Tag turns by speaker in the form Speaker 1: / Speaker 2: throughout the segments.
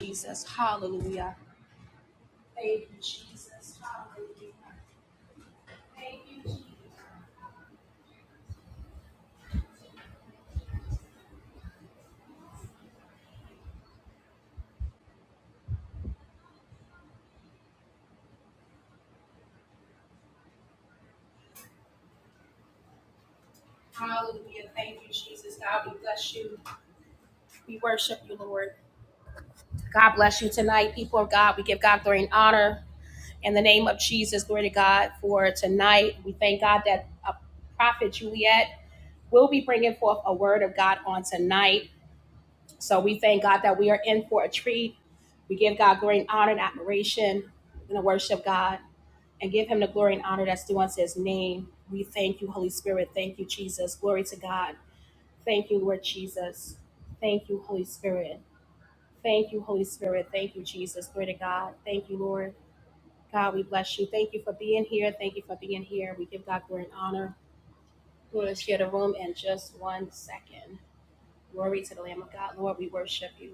Speaker 1: Jesus. Hallelujah. Thank you, Jesus. Hallelujah. Thank you, Jesus. Hallelujah. Thank you, Jesus. God, we bless you. We worship you, Lord. God bless you tonight, people of God. We give God glory and honor in the name of Jesus. Glory to God for tonight. We thank God that uh, Prophet Juliet will be bringing forth a word of God on tonight. So we thank God that we are in for a treat. We give God glory and honor and admiration. We're going to worship God. and give him the glory and honor that's due unto his name. We thank you, Holy Spirit. Thank you, Jesus. Glory to God. Thank you, Lord Jesus. Thank you, Holy Spirit. Thank you, Holy Spirit. Thank you, Jesus. Glory to God. Thank you, Lord. God, we bless you. Thank you for being here. Thank you for being here. We give God glory and honor. We're going to share the room in just one second. Glory to the Lamb of God. Lord, we worship you.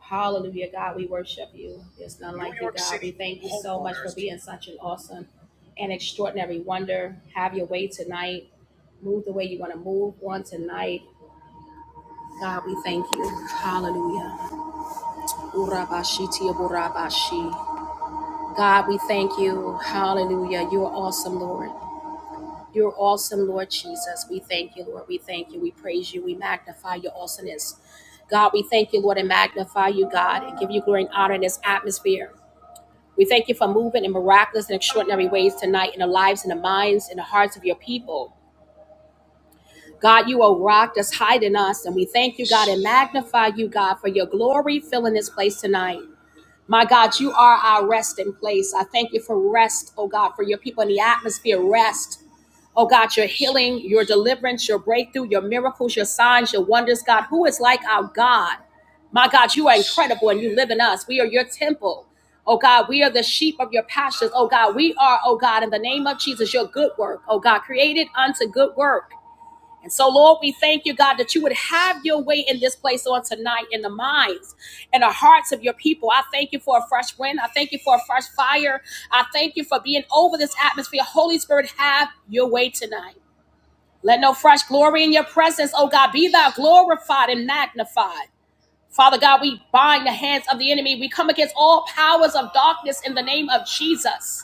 Speaker 1: Hallelujah, God, we worship you. There's none like you, God. We thank you so much for being such an awesome and extraordinary wonder. Have your way tonight. Move the way you want to move on tonight. God, we thank you. Hallelujah. Urabashiti aburabashi. God, we thank you. Hallelujah. You're awesome, Lord. You're awesome, Lord Jesus. We thank you, Lord. We thank you. We praise you. We magnify your awesomeness. God, we thank you, Lord, and magnify you, God, and give you glory and honor in this atmosphere. We thank you for moving in miraculous and extraordinary ways tonight in the lives and the minds and the hearts of your people. God, you are a rock that's hiding us, and we thank you, God, and magnify you, God, for your glory filling this place tonight. My God, you are our resting place. I thank you for rest, oh God, for your people in the atmosphere. Rest. Oh God, your healing, your deliverance, your breakthrough, your miracles, your signs, your wonders, God. Who is like our God? My God, you are incredible and you live in us. We are your temple. Oh God, we are the sheep of your pastures. Oh God, we are, oh God, in the name of Jesus, your good work. Oh God, created unto good work. And so, Lord, we thank you, God, that you would have your way in this place on tonight in the minds and the hearts of your people. I thank you for a fresh wind. I thank you for a fresh fire. I thank you for being over this atmosphere. Holy Spirit, have your way tonight. Let no fresh glory in your presence, oh God, be thou glorified and magnified. Father God, we bind the hands of the enemy. We come against all powers of darkness in the name of Jesus.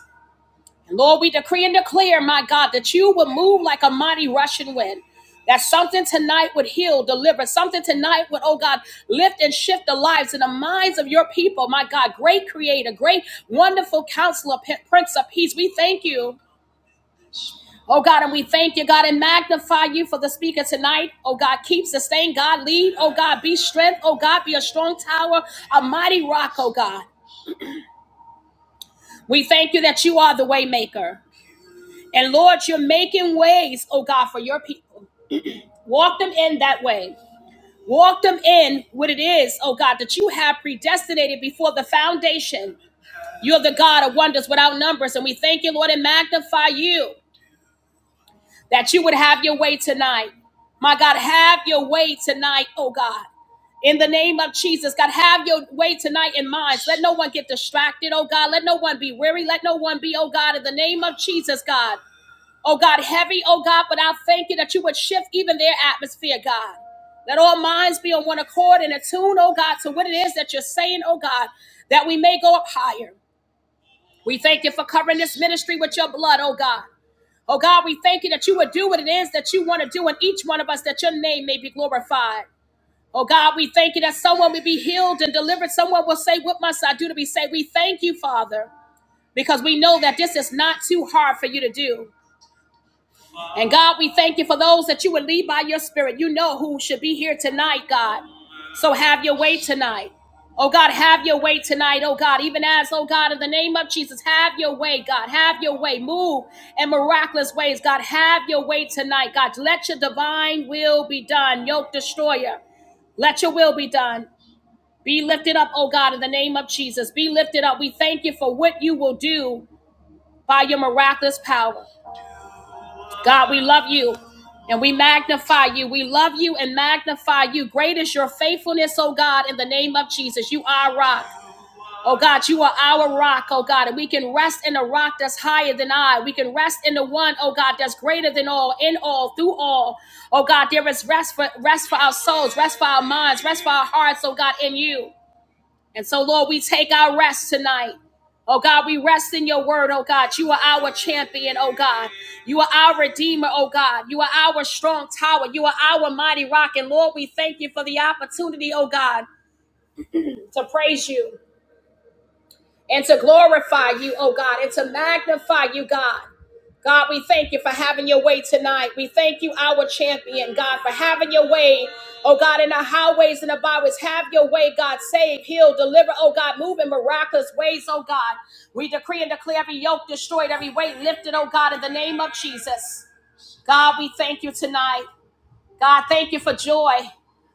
Speaker 1: Lord, we decree and declare, my God, that you would move like a mighty rushing wind. That something tonight would heal, deliver. Something tonight would, oh God, lift and shift the lives and the minds of your people. My God, great creator, great, wonderful counselor, Prince of Peace. We thank you. Oh God, and we thank you, God, and magnify you for the speaker tonight. Oh God, keep, sustain, God, lead. Oh God, be strength. Oh God, be a strong tower, a mighty rock, oh God. We thank you that you are the way maker. And Lord, you're making ways, oh God, for your people. Walk them in that way. Walk them in what it is, oh God, that you have predestinated before the foundation. You're the God of wonders without numbers. And we thank you, Lord, and magnify you that you would have your way tonight. My God, have your way tonight, oh God. In the name of Jesus, God, have your way tonight in minds. Let no one get distracted, oh God. Let no one be weary. Let no one be, oh God, in the name of Jesus, God. oh God, heavy, oh God, but I thank you that you would shift even their atmosphere, God. Let all minds be on one accord and attune, oh God, to what it is that you're saying, oh God, that we may go up higher. We thank you for covering this ministry with your blood, oh God. Oh God, we thank you that you would do what it is that you want to do in each one of us, that your name may be glorified. Oh God, we thank you that someone will be healed and delivered. Someone will say, What must I do to be saved? We thank you, Father, because we know that this is not too hard for you to do. And God, we thank you for those that you would lead by your spirit. You know who should be here tonight, God. So have your way tonight. Oh God, have your way tonight. Oh God, even as, oh God, in the name of Jesus, have your way, God. Have your way. Move in miraculous ways, God. Have your way tonight, God. Let your divine will be done. Yoke destroyer. Let your will be done. Be lifted up, oh God, in the name of Jesus. Be lifted up. We thank you for what you will do by your miraculous power. God, we love you and we magnify you. We love you and magnify you. Great is your faithfulness, oh God, in the name of Jesus. You are our rock. Oh God, you are our rock, oh God, and we can rest in a rock that's higher than I. We can rest in the one, oh God, that's greater than all, in all, through all. Oh God, there is rest for rest for our souls, rest for our minds, rest for our hearts, oh God, in you. And so, Lord, we take our rest tonight. Oh God, we rest in your word, oh God. You are our champion, oh God. You are our redeemer, oh God. You are our strong tower. You are our mighty rock. And Lord, we thank you for the opportunity, oh God, to praise you and to glorify you, oh God, and to magnify you, God. God, we thank you for having your way tonight. We thank you, our champion, God, for having your way. Oh God, in the highways and the byways, have your way, God. Save, heal, deliver, oh God, move in miraculous ways, oh God. We decree and declare every yoke destroyed, every weight lifted, oh God, in the name of Jesus. God, we thank you tonight. God, thank you for joy,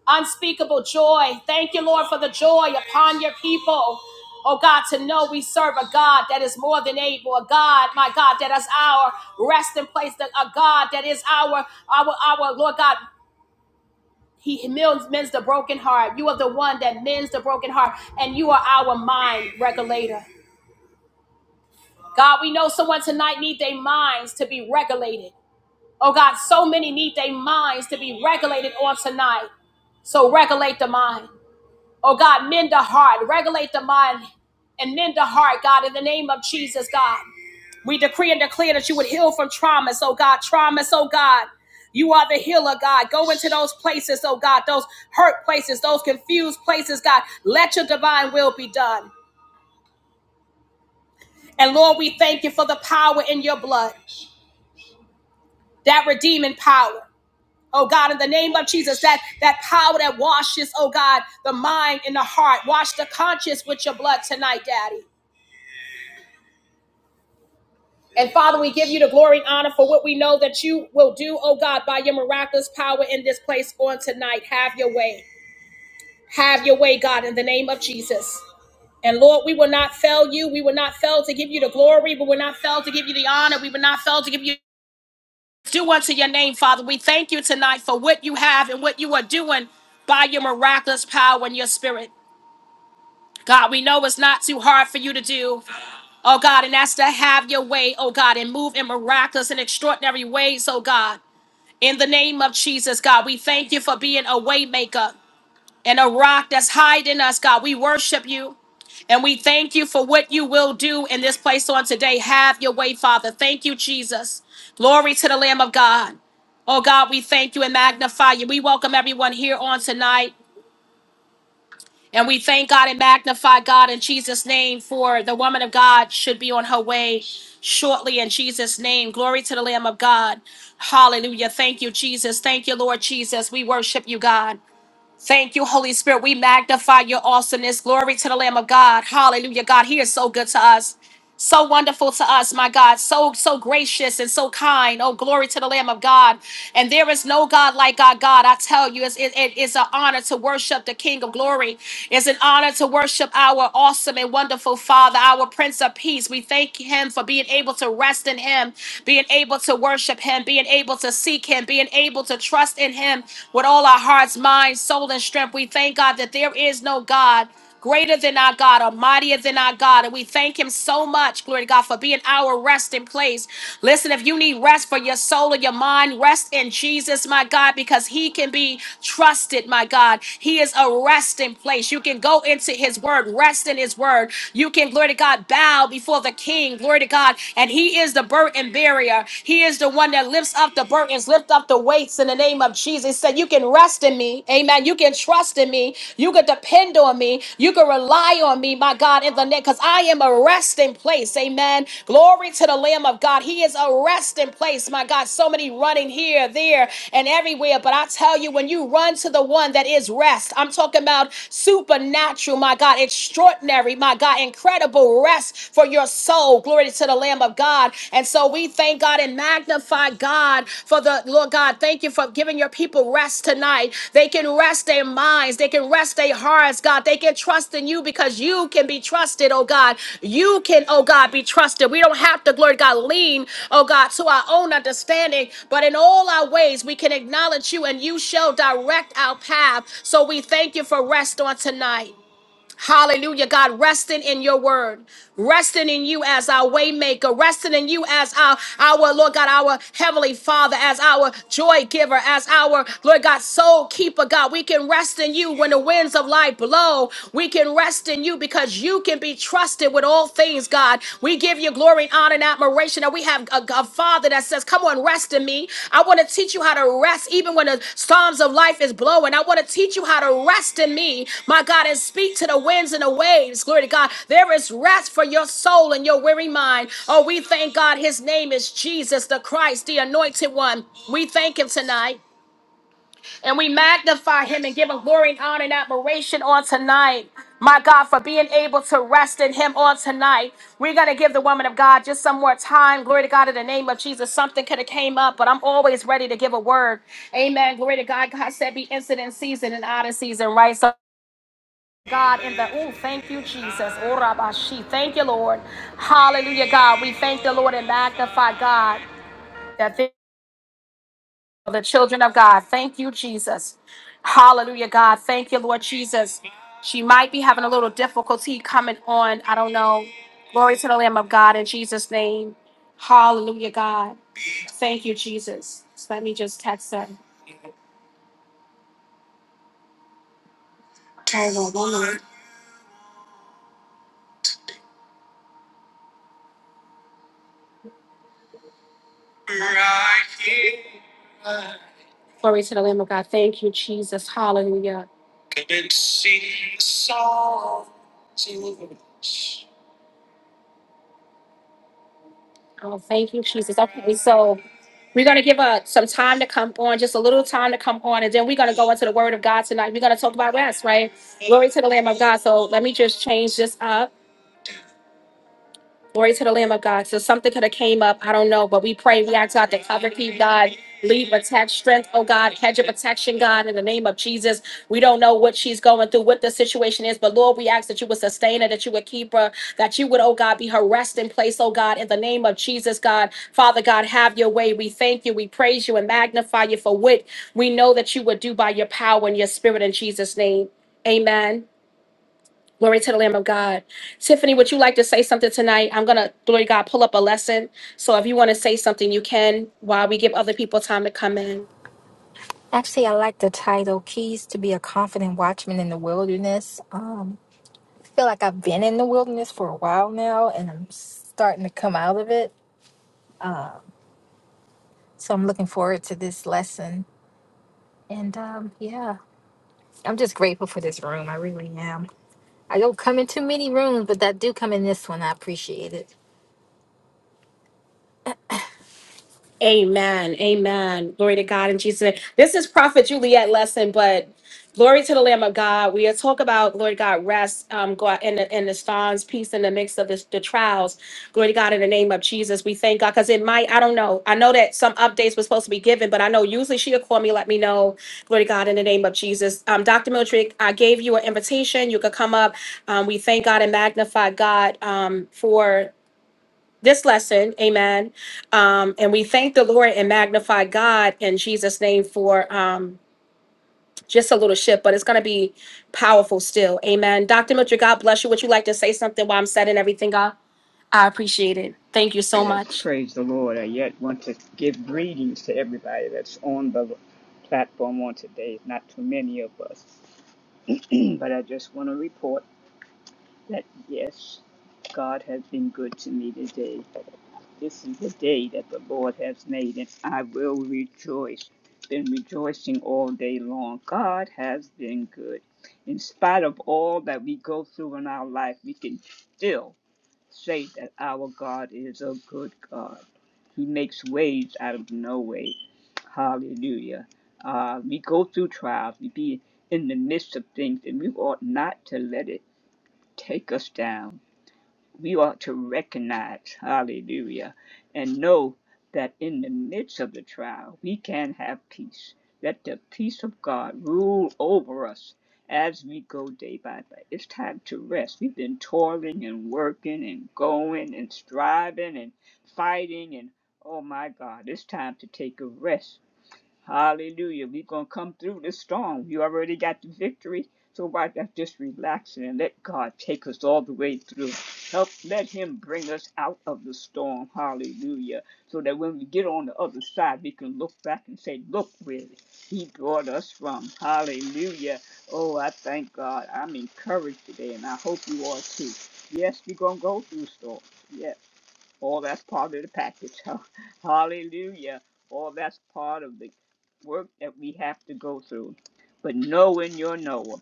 Speaker 1: unspeakable joy. Thank you, Lord, for the joy upon your people. Oh God, to know we serve a God that is more than able, a God, my God, that is our resting place, a God that is our, our, our, Lord God. He mends, mends the broken heart. You are the one that mends the broken heart, and you are our mind regulator. God, we know someone tonight needs their minds to be regulated. Oh God, so many need their minds to be regulated on tonight. So regulate the mind. Oh God, mend the heart, regulate the mind, and mend the heart, God, in the name of Jesus, God. We decree and declare that you would heal from traumas, oh God, traumas, oh God. You are the healer, God. Go into those places, oh God, those hurt places, those confused places, God. Let your divine will be done. And Lord, we thank you for the power in your blood, that redeeming power. Oh God, in the name of Jesus, that that power that washes, oh God, the mind and the heart, wash the conscience with your blood tonight, Daddy. And Father, we give you the glory and honor for what we know that you will do, oh God, by your miraculous power in this place on tonight. Have your way. Have your way, God, in the name of Jesus. And Lord, we will not fail you. We will not fail to give you the glory. We will not fail to give you the honor. We will not fail to give you do unto your name, Father. We thank you tonight for what you have and what you are doing by your miraculous power and your spirit. God, we know it's not too hard for you to do, oh God, and that's to have your way, oh God, and move in miraculous and extraordinary ways, oh God. In the name of Jesus, God, we thank you for being a way maker and a rock that's hiding us, God. We worship you and we thank you for what you will do in this place on today. Have your way, Father. Thank you, Jesus. Glory to the Lamb of God. Oh God, we thank you and magnify you. We welcome everyone here on tonight. And we thank God and magnify God in Jesus' name for the woman of God should be on her way shortly in Jesus' name. Glory to the Lamb of God. Hallelujah. Thank you, Jesus. Thank you, Lord Jesus. We worship you, God. Thank you, Holy Spirit. We magnify your awesomeness. Glory to the Lamb of God. Hallelujah. God, he is so good to us so wonderful to us, my God, so so gracious and so kind. Oh, glory to the Lamb of God! And there is no God like our God. I tell you, it's, it, it- it's an honor to worship the King of Glory. It's an honor to worship our awesome and wonderful Father, our Prince of Peace. We thank Him for being able to rest in Him, being able to worship Him, being able to seek Him, being able to trust in Him with all our hearts, minds, soul, and strength. We thank God that there is no God greater than our God, or mightier than our God. And we thank him so much, glory to God, for being our resting place. Listen, if you need rest for your soul or your mind, rest in Jesus, my God, because he can be trusted, my God. He is a resting place. You can go into his word, rest in his word. You can, glory to God, bow before the king, glory to God. And he is the burden barrier. He is the one that lifts up the burdens, lift up the weights in the name of name of Jesus. He said, You can rest in me. Amen. You can trust in me. You can depend on me. You can rely on me, my God, in the name, because I am a resting place. Amen. Glory to the Lamb of God. He is a resting place, my God. So many running here, there, and everywhere. But I tell you, when you run to the one that is rest, I'm talking about supernatural, my God, extraordinary, my God, incredible rest for your soul. Glory to the Lamb. Lamb of God. And so we thank God and magnify God for the Lord God. Thank you for giving your people rest tonight. They can rest their minds, they can rest their hearts, God. They can trust in you because you can be trusted, oh God. You can, oh God, be trusted. We don't have to, Lord God, lean, oh God, to our own understanding, but in all our ways we can acknowledge you and you shall direct our path. So we thank you for rest on tonight. Hallelujah, God, resting in your word, resting in you as our waymaker, resting in you as our, our Lord God, our heavenly Father, as our joy giver, as our Lord God, soul keeper, God. We can rest in you when the winds of life blow. We can rest in you because you can be trusted with all things, God. We give you glory, honor, and admiration that we have a, a father that says, Come on, rest in me. I want to teach you how to rest even when the storms of life is blowing. I want to teach you how to rest in me, my God, and speak to the winds and the waves. Glory to God. There is rest for your soul and your weary mind. Oh, we thank God. His name is Jesus the Christ, the anointed one. We thank him tonight. And we magnify him and give him glory and honor and admiration on tonight. My God, for being able to rest in him on tonight. We're going to give the woman of God just some more time. Glory to God in the name of Jesus. Something could have came up, but I'm always ready to give a word. Amen. Glory to God. God said be incident season and out of season, right? So God in the oh, thank you, Jesus. Oh, Rabashi. Thank you, Lord. Hallelujah, God. We thank the Lord and magnify God that this the children of God. Thank you, Jesus. Hallelujah, God. Thank you, Lord Jesus. She might be having a little difficulty coming on. I don't know. Glory to the Lamb of God in Jesus' name. Hallelujah, God. Thank you, Jesus. So let me just text her. Hold on one minute. Glory to the Lamb of God. Thank you, Jesus. Hallelujah. Oh, thank you, Jesus. Okay, so we're going to give uh, some time to come on, just a little time to come on, and then we're going to go into the Word of God tonight. We're going to talk about rest, right? Glory to the Lamb of God. So let me just change this up. Glory to the Lamb of God. So something could have came up. I don't know, but we pray. We ask God to cover, keep God, lead, protect, strength, oh God, hedge of protection, God, in the name of Jesus. We don't know what she's going through, what the situation is, but Lord, we ask that you would sustain her, that you would keep her, that you would, oh God, be her resting place, oh God, in the name of Jesus, God. Father God, have your way. We thank you, we praise you, and magnify you for what we know that you would do by your power and your spirit in Jesus' name. Amen. Glory to the Lamb of God. Tiffany, would you like to say something tonight? I'm going to, glory to God, pull up a lesson. So if you want to say something, you can while we give other people time to come in.
Speaker 2: Actually, I like the title Keys to be a confident watchman in the wilderness. Um, I feel like I've been in the wilderness for a while now and I'm starting to come out of it. So I'm looking forward to this lesson. And um, yeah, I'm just grateful for this room. I really am. I don't come in too many rooms, but I do come in this one. I appreciate it.
Speaker 1: Amen. Amen. Glory to God in Jesus' name. This is Prophet Juliet lesson, but glory to the Lamb of God. We are talk about Lord God rest, um, God in the in the storms, peace in the midst of the, the trials. Glory to God in the name of Jesus. We thank God because it might. I don't know. I know that some updates were supposed to be given, but I know usually she'll call me, let me know. Glory to God in the name of Jesus. Um, Dr. Miltrick, I gave you an invitation. You could come up. Um, we thank God and magnify God um, for this lesson. Amen. Um, and we thank the Lord and magnify God in Jesus' name for um, just a little shift, but it's going to be powerful still. Amen. Dr. Mitchell, God bless you. Would you like to say something while I'm setting everything up? I appreciate it. Thank you so
Speaker 3: Yes,
Speaker 1: much.
Speaker 3: praise the Lord. I yet want to give greetings to everybody that's on the platform on today. Not too many of us, but I just want to report that yes, God has been good to me today. this is the day that the Lord has made, and I will rejoice. Been rejoicing all day long. God has been good. In spite of all that we go through in our life, we can still say that our God is a good God. He makes ways out of no way. Hallelujah. Uh, we go through trials, we be in the midst of things, and we ought not to let it take us down we ought to recognize, hallelujah, and know that in the midst of the trial, we can have peace. Let the peace of God rule over us as we go day by day. It's time to rest. We've been toiling and working and going and striving and fighting, and oh my God, it's time to take a rest Hallelujah. We're going to come through this storm. You already got the victory. So why not just relax and let God take us all the way through? Help let Him bring us out of the storm. Hallelujah. So that when we get on the other side, we can look back and say, Look where He brought us from. Hallelujah. Oh, I thank God. I'm encouraged today, and I hope you are too. Yes, we're going to go through storms. Yes. All that's part of the package. Hallelujah. All that's part of the work that we have to go through. But knowing your Noah,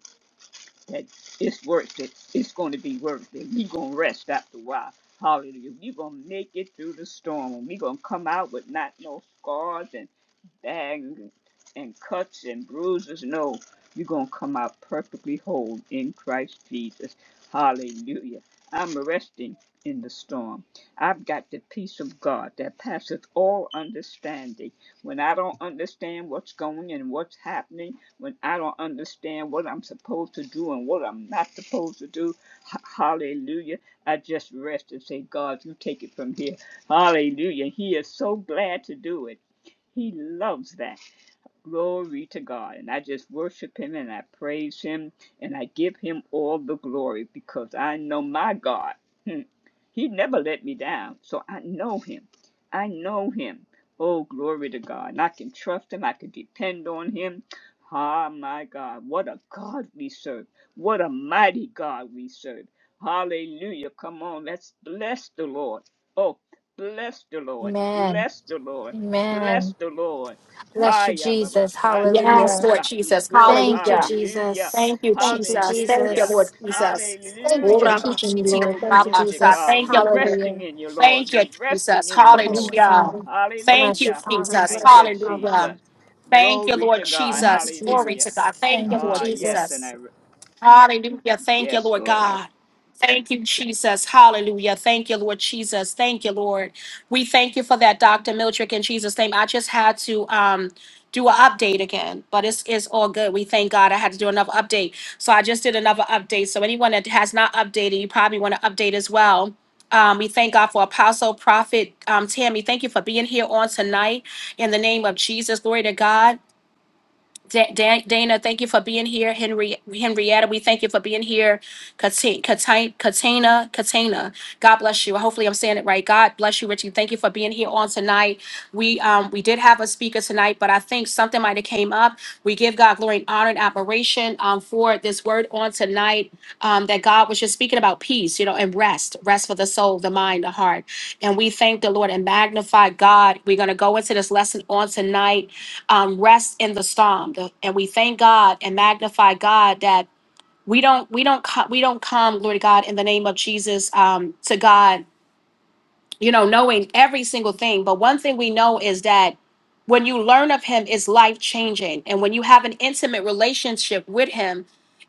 Speaker 3: that it's worth it. It's going to be worth it. We're going to rest after a while. Hallelujah. We're going to make it through the storm. And we're going to come out with not no scars and and, and cuts and bruises. No, you're going to come out perfectly whole in Christ Jesus. Hallelujah. I'm resting in the storm. I've got the peace of God that passeth all understanding. When I don't understand what's going and what's happening, when I don't understand what I'm supposed to do and what I'm not supposed to do, h- hallelujah, I just rest and say, God, you take it from here. Hallelujah. He is so glad to do it. He loves that. Glory to God. And I just worship him and I praise him and I give him all the glory because I know my God. Hmm. He never let me down. So I know him. I know him. Oh, glory to God. And I can trust him. I can depend on him. Ah, my God. What a God we serve. What a mighty God we serve. Hallelujah. Come on. Let's bless the Lord. Oh, bless the Lord.
Speaker 2: Amen.
Speaker 3: Bless the Lord. Bless
Speaker 2: Amen.
Speaker 3: the Lord.
Speaker 2: Bless you,
Speaker 3: Hiya, Baba.
Speaker 2: Jesus.
Speaker 1: Yes,
Speaker 2: Hallelujah.
Speaker 1: Lord
Speaker 3: Sandidiosa. He's
Speaker 1: Jesus.
Speaker 3: good.
Speaker 2: Thank you,
Speaker 1: Hallelujah.
Speaker 3: Hallelujah.
Speaker 2: Jesus.
Speaker 1: Thank you,
Speaker 2: Thank you,
Speaker 1: Jesus. Thank you,
Speaker 3: Hallelujah.
Speaker 2: Jesus.
Speaker 1: Lord Jesus.
Speaker 2: Thank you for
Speaker 3: Hallelujah.
Speaker 2: keeping me, Lord.
Speaker 3: Oh,
Speaker 2: Thank you,
Speaker 3: glory to
Speaker 2: Jesus.
Speaker 3: God.
Speaker 1: Thank you,
Speaker 3: We're
Speaker 1: Lord.
Speaker 3: resting
Speaker 2: Hallelujah.
Speaker 3: in you, Lord.
Speaker 1: Thank you,
Speaker 3: We're resting
Speaker 1: Jesus.
Speaker 3: in you,
Speaker 2: Bless you,
Speaker 3: Lord.
Speaker 1: Hallelujah.
Speaker 2: Father.
Speaker 1: Thank
Speaker 2: Bless you,
Speaker 1: you,
Speaker 3: Hallelujah.
Speaker 2: Father.
Speaker 1: Jesus.
Speaker 3: Thank
Speaker 2: Bless
Speaker 3: you,
Speaker 2: you, Father.
Speaker 1: Hallelujah.
Speaker 3: Jesus.
Speaker 1: Thank you,
Speaker 3: Glory
Speaker 1: Lord
Speaker 3: to God.
Speaker 2: Thank you,
Speaker 1: Jesus. Glory to
Speaker 3: Hallelujah.
Speaker 2: Jesus.
Speaker 1: God. Thank you,
Speaker 2: Thank you,
Speaker 1: Lord
Speaker 3: Ah, yes,
Speaker 1: Jesus.
Speaker 3: and
Speaker 2: Jesus.
Speaker 3: I,
Speaker 1: Hallelujah. Thank you,
Speaker 3: yes,
Speaker 1: Lord
Speaker 3: Lord. I,
Speaker 1: God. Thank you, Jesus. Hallelujah. Thank you, Lord Jesus. Thank you, Lord. We thank you for that, Dr. Mildred, in Jesus' name. I just had to um do an update again, but it's, it's all good. We thank God I had to do another update. So I just did another update. So anyone that has not updated, you probably want to update as well. Um, we thank God for Apostle Prophet um, Tammy. Thank you for being here on tonight in the name of Jesus. Glory to God. Da- Da- Dana, thank you for being here. Henry, Henrietta, we thank you for being here. Kati- Kati- Katina, Katina, God bless you. Hopefully, I'm saying it right. God bless you, Richie. Thank you for being here on tonight. We um we did have a speaker tonight, but I think something might have came up. We give God glory and honor and admiration um for this word on tonight. Um, that God was just speaking about peace, you know, and rest, rest for the soul, the mind, the heart. And we thank the Lord and magnify God. We're gonna go into this lesson on tonight um, rest in the storm, The- and we thank God and magnify God that we don't we don't co- we don't come, Lord God, in the name of Jesus um, to God you know, knowing every single thing. But one thing we know is that when you learn of him, it's life changing. And when you have an intimate relationship with him,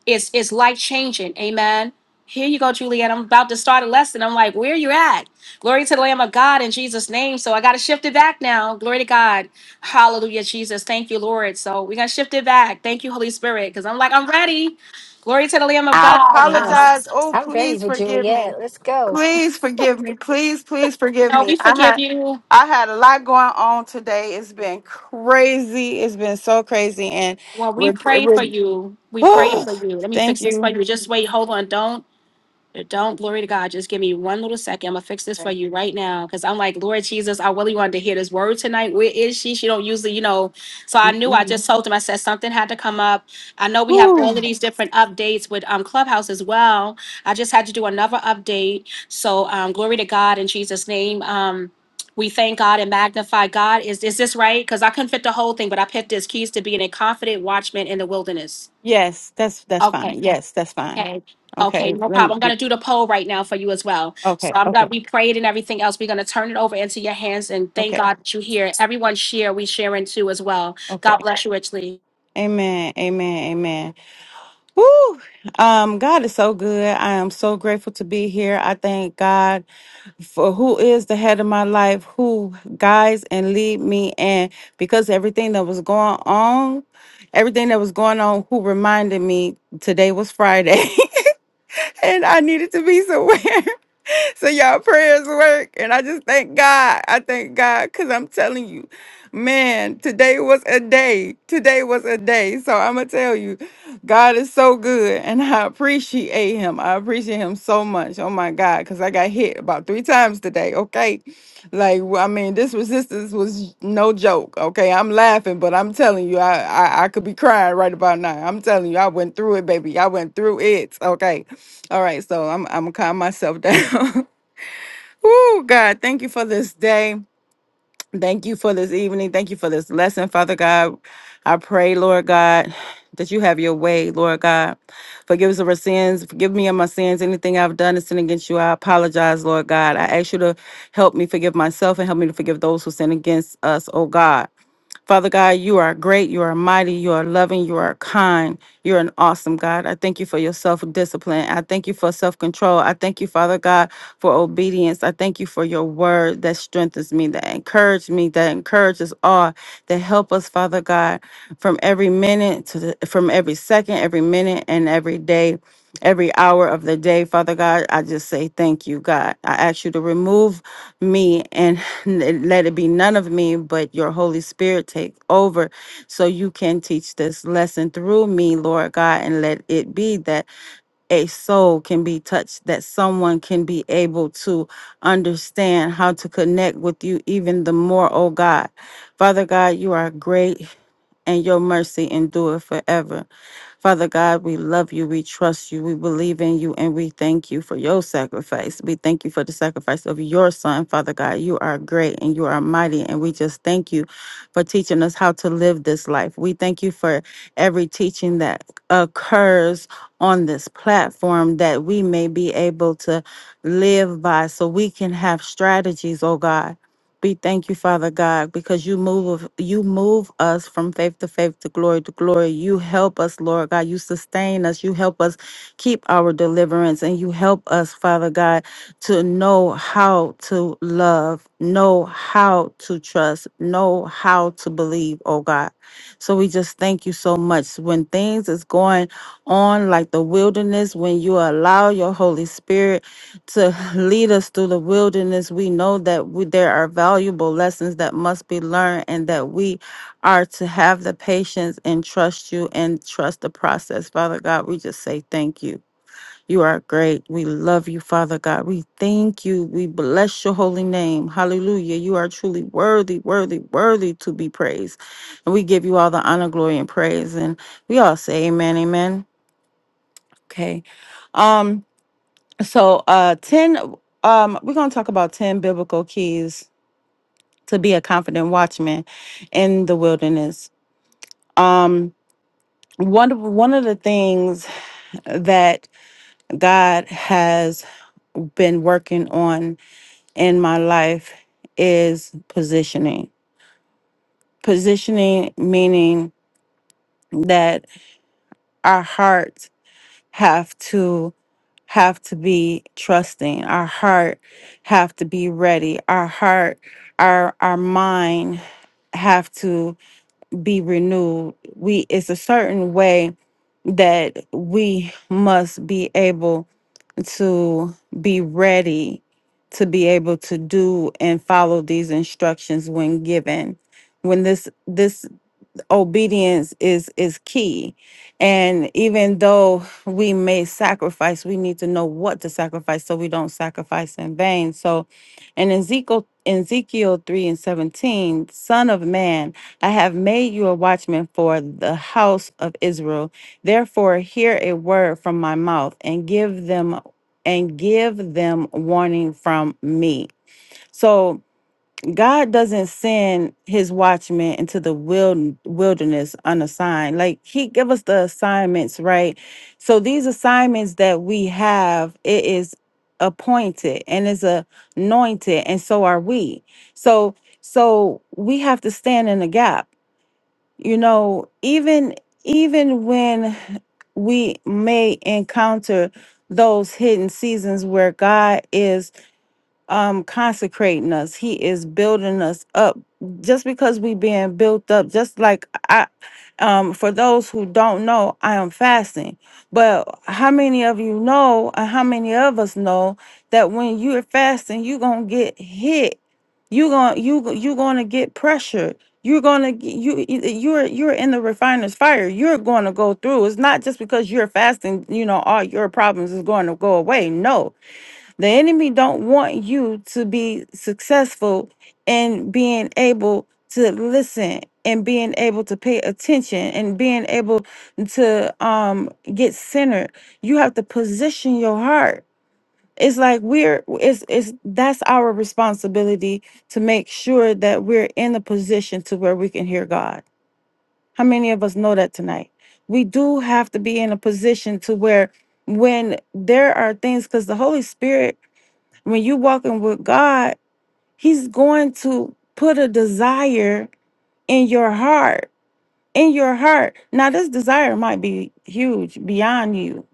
Speaker 1: it's it's life changing. Amen. Here you go, Juliet. I'm about to start a lesson. I'm like, where you at? Glory to the Lamb of God in Jesus' name. So I gotta shift it back now. Glory to God. Hallelujah, Jesus. Thank you, Lord. So we gotta shift it back. Thank you, Holy Spirit. Because I'm like, I'm ready. Glory to the Lamb of
Speaker 4: I
Speaker 1: God. Uh,
Speaker 2: Yes.
Speaker 4: apologize. Oh,
Speaker 2: I'm ready
Speaker 4: please
Speaker 2: for
Speaker 4: forgive me.
Speaker 2: Juliet. Let's go.
Speaker 4: Please forgive me. Please, please forgive
Speaker 1: no,
Speaker 4: me.
Speaker 1: we
Speaker 4: I
Speaker 1: forgive
Speaker 4: had
Speaker 1: you.
Speaker 4: I had a lot going on today. It's been crazy. It's been so crazy. And
Speaker 1: Well, we
Speaker 4: rep-
Speaker 1: pray for
Speaker 4: re-
Speaker 1: you. We pray
Speaker 4: oh,
Speaker 1: for you. Let me
Speaker 4: thank
Speaker 1: fix this for
Speaker 4: you.
Speaker 1: you. Just wait. Hold on. Don't uh, Don't glory to God. Just give me one little second. I'm gonna fix this for you right now. Cause I'm like, Lord Jesus, I really wanted to hear this word tonight. Where is she? She don't usually, you know. So I knew I
Speaker 4: Whew.
Speaker 1: just told him, I said something had to come up. I know we have all of these different updates with um Clubhouse as well. I just had to do another update. So um glory to God in Jesus' name. Um we thank God and magnify God. Is is this right? Because I couldn't fit the whole thing, but I picked this keys to being a confident watchman in the wilderness.
Speaker 4: Yes, that's that's
Speaker 1: Okay.
Speaker 4: fine. Yes, that's fine.
Speaker 1: Okay. Okay,
Speaker 4: Okay.
Speaker 1: no
Speaker 4: Let me
Speaker 1: problem. I'm gonna do the poll right now for you as well. So
Speaker 4: okay,
Speaker 1: I'm gonna
Speaker 4: okay,
Speaker 1: we prayed and everything else. We're gonna turn it over into your hands and thank
Speaker 4: okay,
Speaker 1: God that you hear. Everyone share, we share in too as well. God
Speaker 4: okay.
Speaker 1: bless you richly.
Speaker 4: Amen. Amen. Amen. Woo! Um, God is so good. I am so grateful to be here. I thank God for who is the head of my life, who guides and lead me. And because everything that was going on, everything that was going on, who reminded me today was Friday and I needed to be somewhere. so y'all prayers work and i just thank god i thank god because i'm telling you man today was a day today was a day so i'm gonna tell you god is so good and i appreciate him i appreciate him so much oh my god because i got hit about three times today okay like I mean this resistance was no joke okay i'm laughing but i'm telling you i i, I could be crying right about now i'm telling you i went through it baby i went through it okay all right so i'm i'm gonna calm myself down Oh, God, thank you for this day. Thank you for this evening. Thank you for this lesson, Father God. I pray, Lord God, that you have your way, Lord God. Forgive us of our sins. Forgive me of my sins. Anything I've done is sin against you. I apologize, Lord God. I ask you to help me forgive myself and help me to forgive those who sin against us, oh God. Father God, you are great, you are mighty, you are loving, you are kind, you're an awesome God. I thank you for your self discipline. I thank you for self control. I thank you, Father God, for obedience. I thank you for your word that strengthens me, that encourages me, that encourages all, that help us, Father God, from every minute to the, from every second, every minute, and every day. Every hour of the day, Father God, I just say thank you, God. I ask you to remove me and let it be none of me but your holy spirit take over so you can teach this lesson through me lord god and let it be that a soul can be touched that someone can be able to understand how to connect with you even the more oh god father god you are great and your mercy endure forever. Father God, we love you, we trust you, we believe in you, and we thank you for your sacrifice. We thank you for the sacrifice of your son, Father God. You are great and you are mighty, and we just thank you for teaching us how to live this life. We thank you for every teaching that occurs on this platform that we may be able to live by so we can have strategies, oh God we thank you, Father God, because you move of- you move us from faith to faith to glory to glory. You help us, Lord God. You sustain us. You help us keep our deliverance, and you help us, Father God, to know how to love, know how to trust, know how to believe, oh God. So we just thank you so much. When things is going on like the wilderness, when you allow your Holy Spirit to lead us through the wilderness, we know that we, there are valuable lessons that must be learned and that we are to have the patience and trust you and trust the process. Father God, we just say thank you. You are great. We love you, Father God. We thank you. We bless your holy name. Hallelujah. You are truly worthy, worthy, worthy to be praised. And we give you all the honor, glory, and praise. And we all say amen, amen. Okay. Um, so, uh, 10, um, we're going to talk about 10 biblical keys to be a confident watchman in the wilderness. Um, one of, one of the things that God has been working on in my life is positioning. Positioning meaning that our hearts have to have to be trusting our heart have to be ready our heart our our mind have to be renewed we it's a certain way that we must be able to be ready to be able to do and follow these instructions when given when this this obedience is is key and even though we may sacrifice we need to know what to sacrifice so we don't sacrifice in vain so in ezekiel in ezekiel 3 and 17 son of man i have made you a watchman for the house of israel therefore hear a word from my mouth and give them and give them warning from me so God doesn't send his watchmen into the wild, wilderness unassigned. Like he give us the assignments, right? So these assignments that we have, it is appointed and is anointed, and so are we. So so we have to stand in the gap. You know, even even when we may encounter those hidden seasons where God is um consecrating us he is building us up just because we being built up just like i um for those who don't know i am fasting but how many of you know and how many of us know that when you're fasting you're gonna get hit you're gonna you gon- you gonna get pressured you're gonna g- you you- you're you're in the refiner's fire you're gonna go through it's not just because you're fasting you know all your problems is going to go away no the enemy don't want you to be successful in being able to listen and being able to pay attention and being able to um get centered. You have to position your heart. It's like we're it's it's that's our responsibility to make sure that we're in a position to where we can hear God. How many of us know that tonight? We do have to be in a position to where when there are things because the Holy Spirit when you walking with God, He's going to put a desire in your heart. In your heart. Now this desire might be huge beyond you,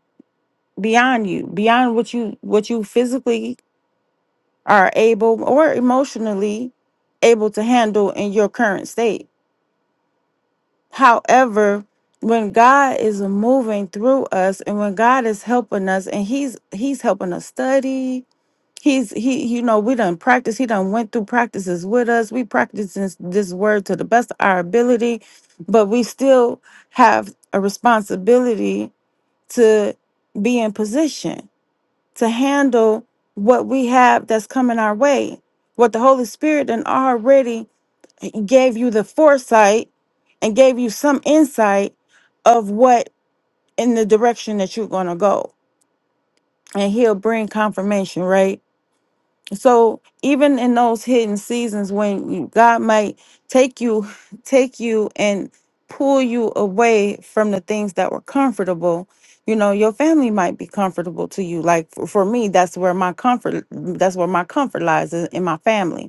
Speaker 4: beyond you, beyond what you what you physically are able or emotionally able to handle in your current state However, when God is moving through us and when God is helping us and he's he's helping us study, he's he you know we done practice he done went through practices with us we practice this, this word to the best of our ability but we still have a responsibility to be in position to handle what we have that's coming our way what the holy spirit and already gave you the foresight and gave you some insight of what in the direction that you're going to go and he'll bring confirmation right so even in those hidden seasons when you, god might take you take you and pull you away from the things that were comfortable you know your family might be comfortable to you like for, for me that's where my comfort that's where my comfort lies is in my family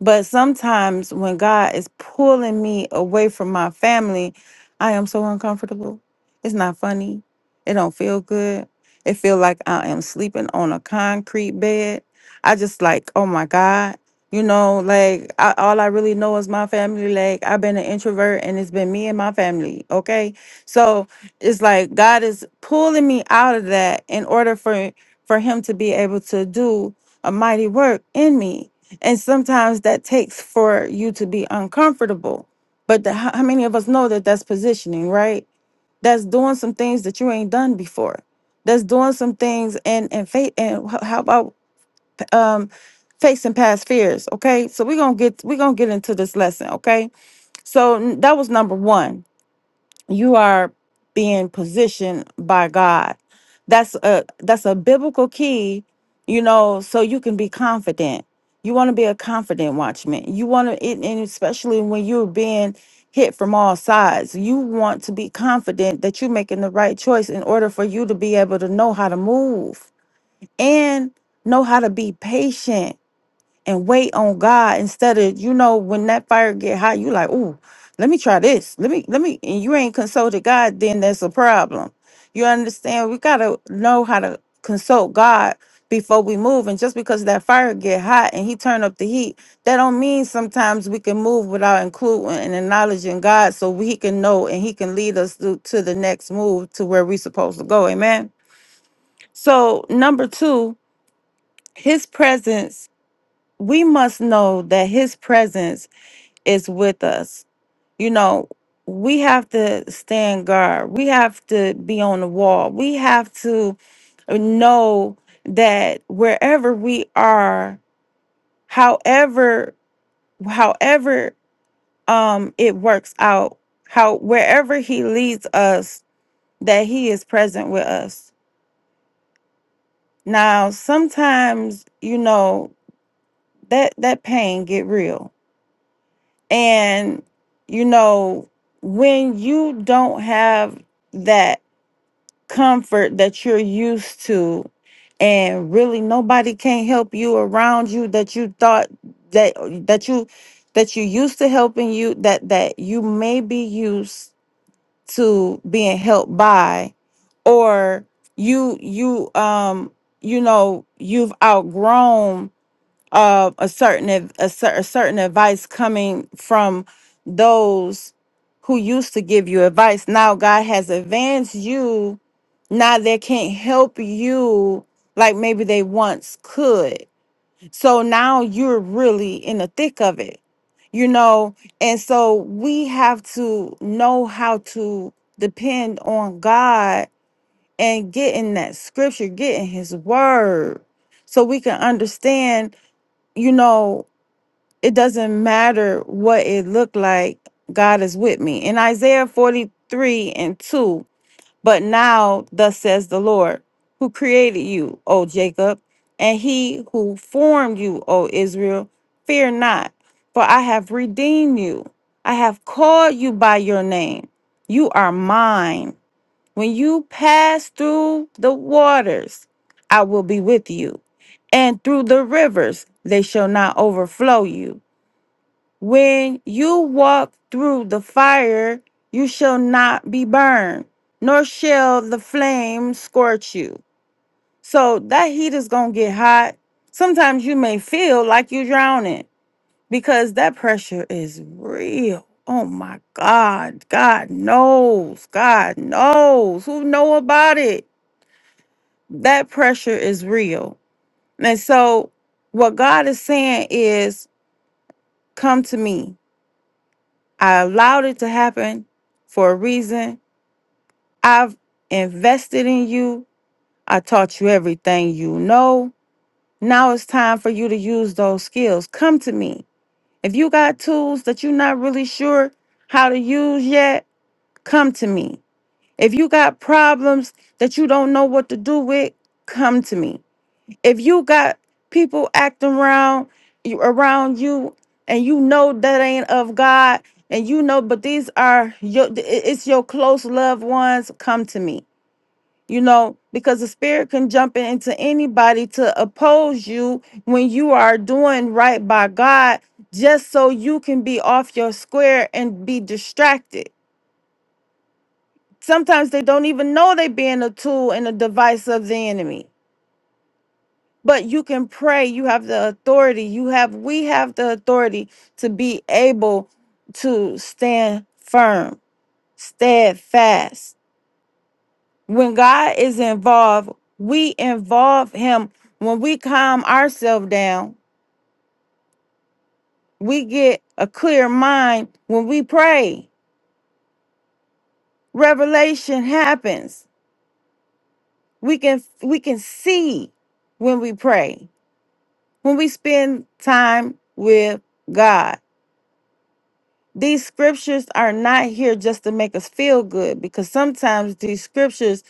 Speaker 4: but sometimes when God is pulling me away from my family, I am so uncomfortable. It's not funny. It don't feel good. It feel like I am sleeping on a concrete bed. I just like, oh my God. You know, like I, all I really know is my family. Like I've been an introvert and it's been me and my family. Okay. So it's like God is pulling me out of that in order for for him to be able to do a mighty work in me and sometimes that takes for you to be uncomfortable. But the, how how many of us know that that's positioning, right? That's doing some things that you ain't done before. That's doing some things and and faith and h- how about um facing past fears, okay? So we're going to get we're going to get into this lesson, okay? So n- that was number 1 you are being positioned by God. That's a that's a biblical key, you know, so you can be confident. You want to be a confident watchman. You want to and and especially when you're being hit from all sides, you want to be confident that you're making the right choice in order for you to be able to know how to move and know how to be patient and wait on God instead of you know when that fire get hot, you like, ooh let me try this. Let me let me and you ain't consulted God, then that's a problem. You understand? We gotta know how to consult God before we move. And just because that fire get hot and he turn up the heat, that don't mean sometimes we can move without including and acknowledging God so we- he can know and he can lead us to, to the next move to where we supposed to go. Amen. So number two, his presence we must know that his presence is with us. You know, we have to stand guard. We have to be on the wall. We have to know that wherever we are, however however um it works out, how wherever he leads us, that he is present with us. Now, sometimes, you know, that that pain get real And, you know, when you don't have that comfort that you're used to, and really nobody can help you around you that you thought that that you that you used to helping you that that you may be used to being helped by or you you um you know you've outgrown uh, a certain ad- a, cer- a certain advice coming from those who used to give you advice. Now God has advanced you. Now they can't help you like maybe they once could. So now you're really in the thick of it, you know. And so we have to know how to depend on God and get in that scripture, get in His Word, so we can understand. You know it doesn't matter what it looked like, God is with me. In Isaiah 43 and 2, but now thus says the Lord, who created you, O Jacob, and he who formed you, O Israel, fear not, for I have redeemed you. I have called you by your name. You are mine. When you pass through the waters, I will be with you, and through the rivers, they shall not overflow you. When you walk through the fire, you shall not be burned, nor shall the flame scorch you. So that heat is going to get hot. Sometimes you may feel like you're drowning because that pressure is real. Oh my God. God knows. God knows. Who know about it? That pressure is real. And so what God is saying is, come to me. I allowed it to happen for a reason. I've invested in you. I taught you everything you know. Now it's time for you to use those skills. Come to me. If you got tools that you're not really sure how to use yet, come to me. If you got problems that you don't know what to do with, come to me if you got people acting around you around you and you know that ain't of god and you know but these are your i- it's your close loved ones come to me you know because the spirit can jump in- into anybody to oppose you when you are doing right by god just so you can be off your square and be distracted sometimes they don't even know they being a tool and a device of the enemy but you can pray you have the authority you have we have the authority to be able to stand firm steadfast when god is involved we involve him when we calm ourselves down we get a clear mind when we pray revelation happens we can we can see when we pray when we spend time with god These scriptures are not here just to make us feel good because sometimes these scriptures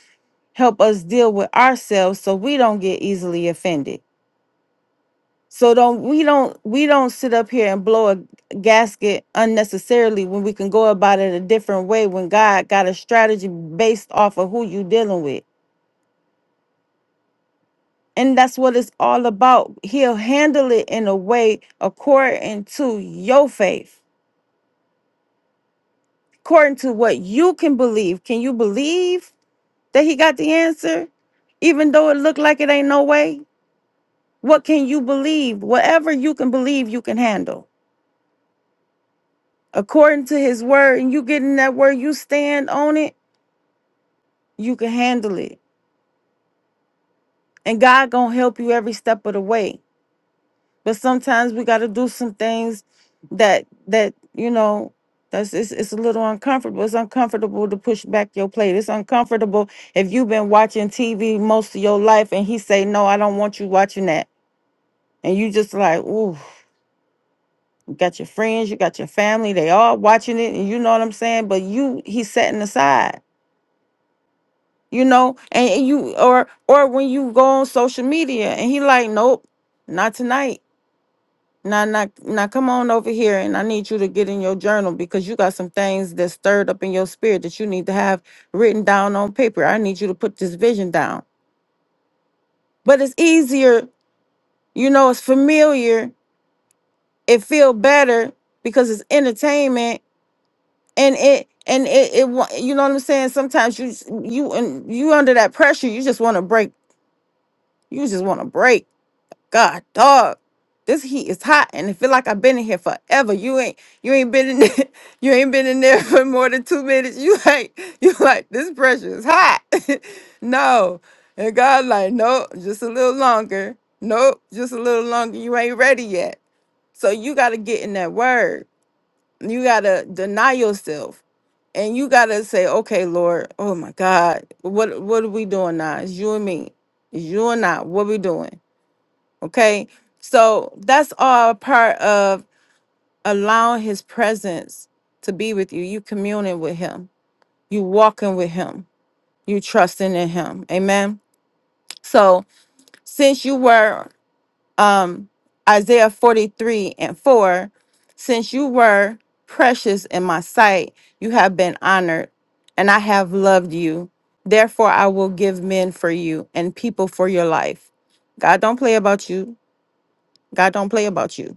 Speaker 4: help us deal with ourselves so we don't get easily offended. So don't we don't we don't sit up here and blow a gasket unnecessarily when we can go about it a different way when God got a strategy based off of who you dealing with. And that's what it's all about. He'll handle it in a way according to your faith, according to what you can believe. Can you believe? that he got the answer, even though it looked like it ain't no way? What can you believe? Whatever you can believe, you can handle. According to his word, and you getting that word, you stand on it, you can handle it. And God gonna help you every step of the way. But sometimes we gotta do some things that that you know that's it's, it's a little uncomfortable. It's uncomfortable to push back your plate. It's uncomfortable if you've been watching TV most of your life and he say, No, I don't want you watching that. And you just like, ooh You got your friends, you got your family, they all watching it, and you know what I'm saying? But you he's setting aside, you know, and, and you or or when you go on social media and he like, Nope, not tonight. Now, now, now, come on over here, and I need you to get in your journal because you got some things that stirred up in your spirit that you need to have written down on paper. I need you to put this vision down. But it's easier, you know, it's familiar, it feel better because it's entertainment and it and it, it wa- you know what i'm saying sometimes you s- you and you under that pressure you just want to break you just want to break god dog this heat is hot and it feel like i've been in here forever you ain't you ain't been in there, you ain't been in there for more than two minutes you like you like this pressure is hot no and god like nope just a little longer nope just a little longer you ain't ready yet so you got to get in that word you gotta deny yourself. And you gotta say, okay, Lord, oh my God, what what are we doing now? It's you and me. It's you and I. What we doing? Okay. So that's all part of allowing his presence to be with you. You communing with him. You walking with him. You trusting in him. Amen. So since you were um, Isaiah 43 and 4 Since you were precious in my sight, you have been honored, and I have loved you. Therefore, I will give men for you and people for your life. God don't play about you. God don't play about you.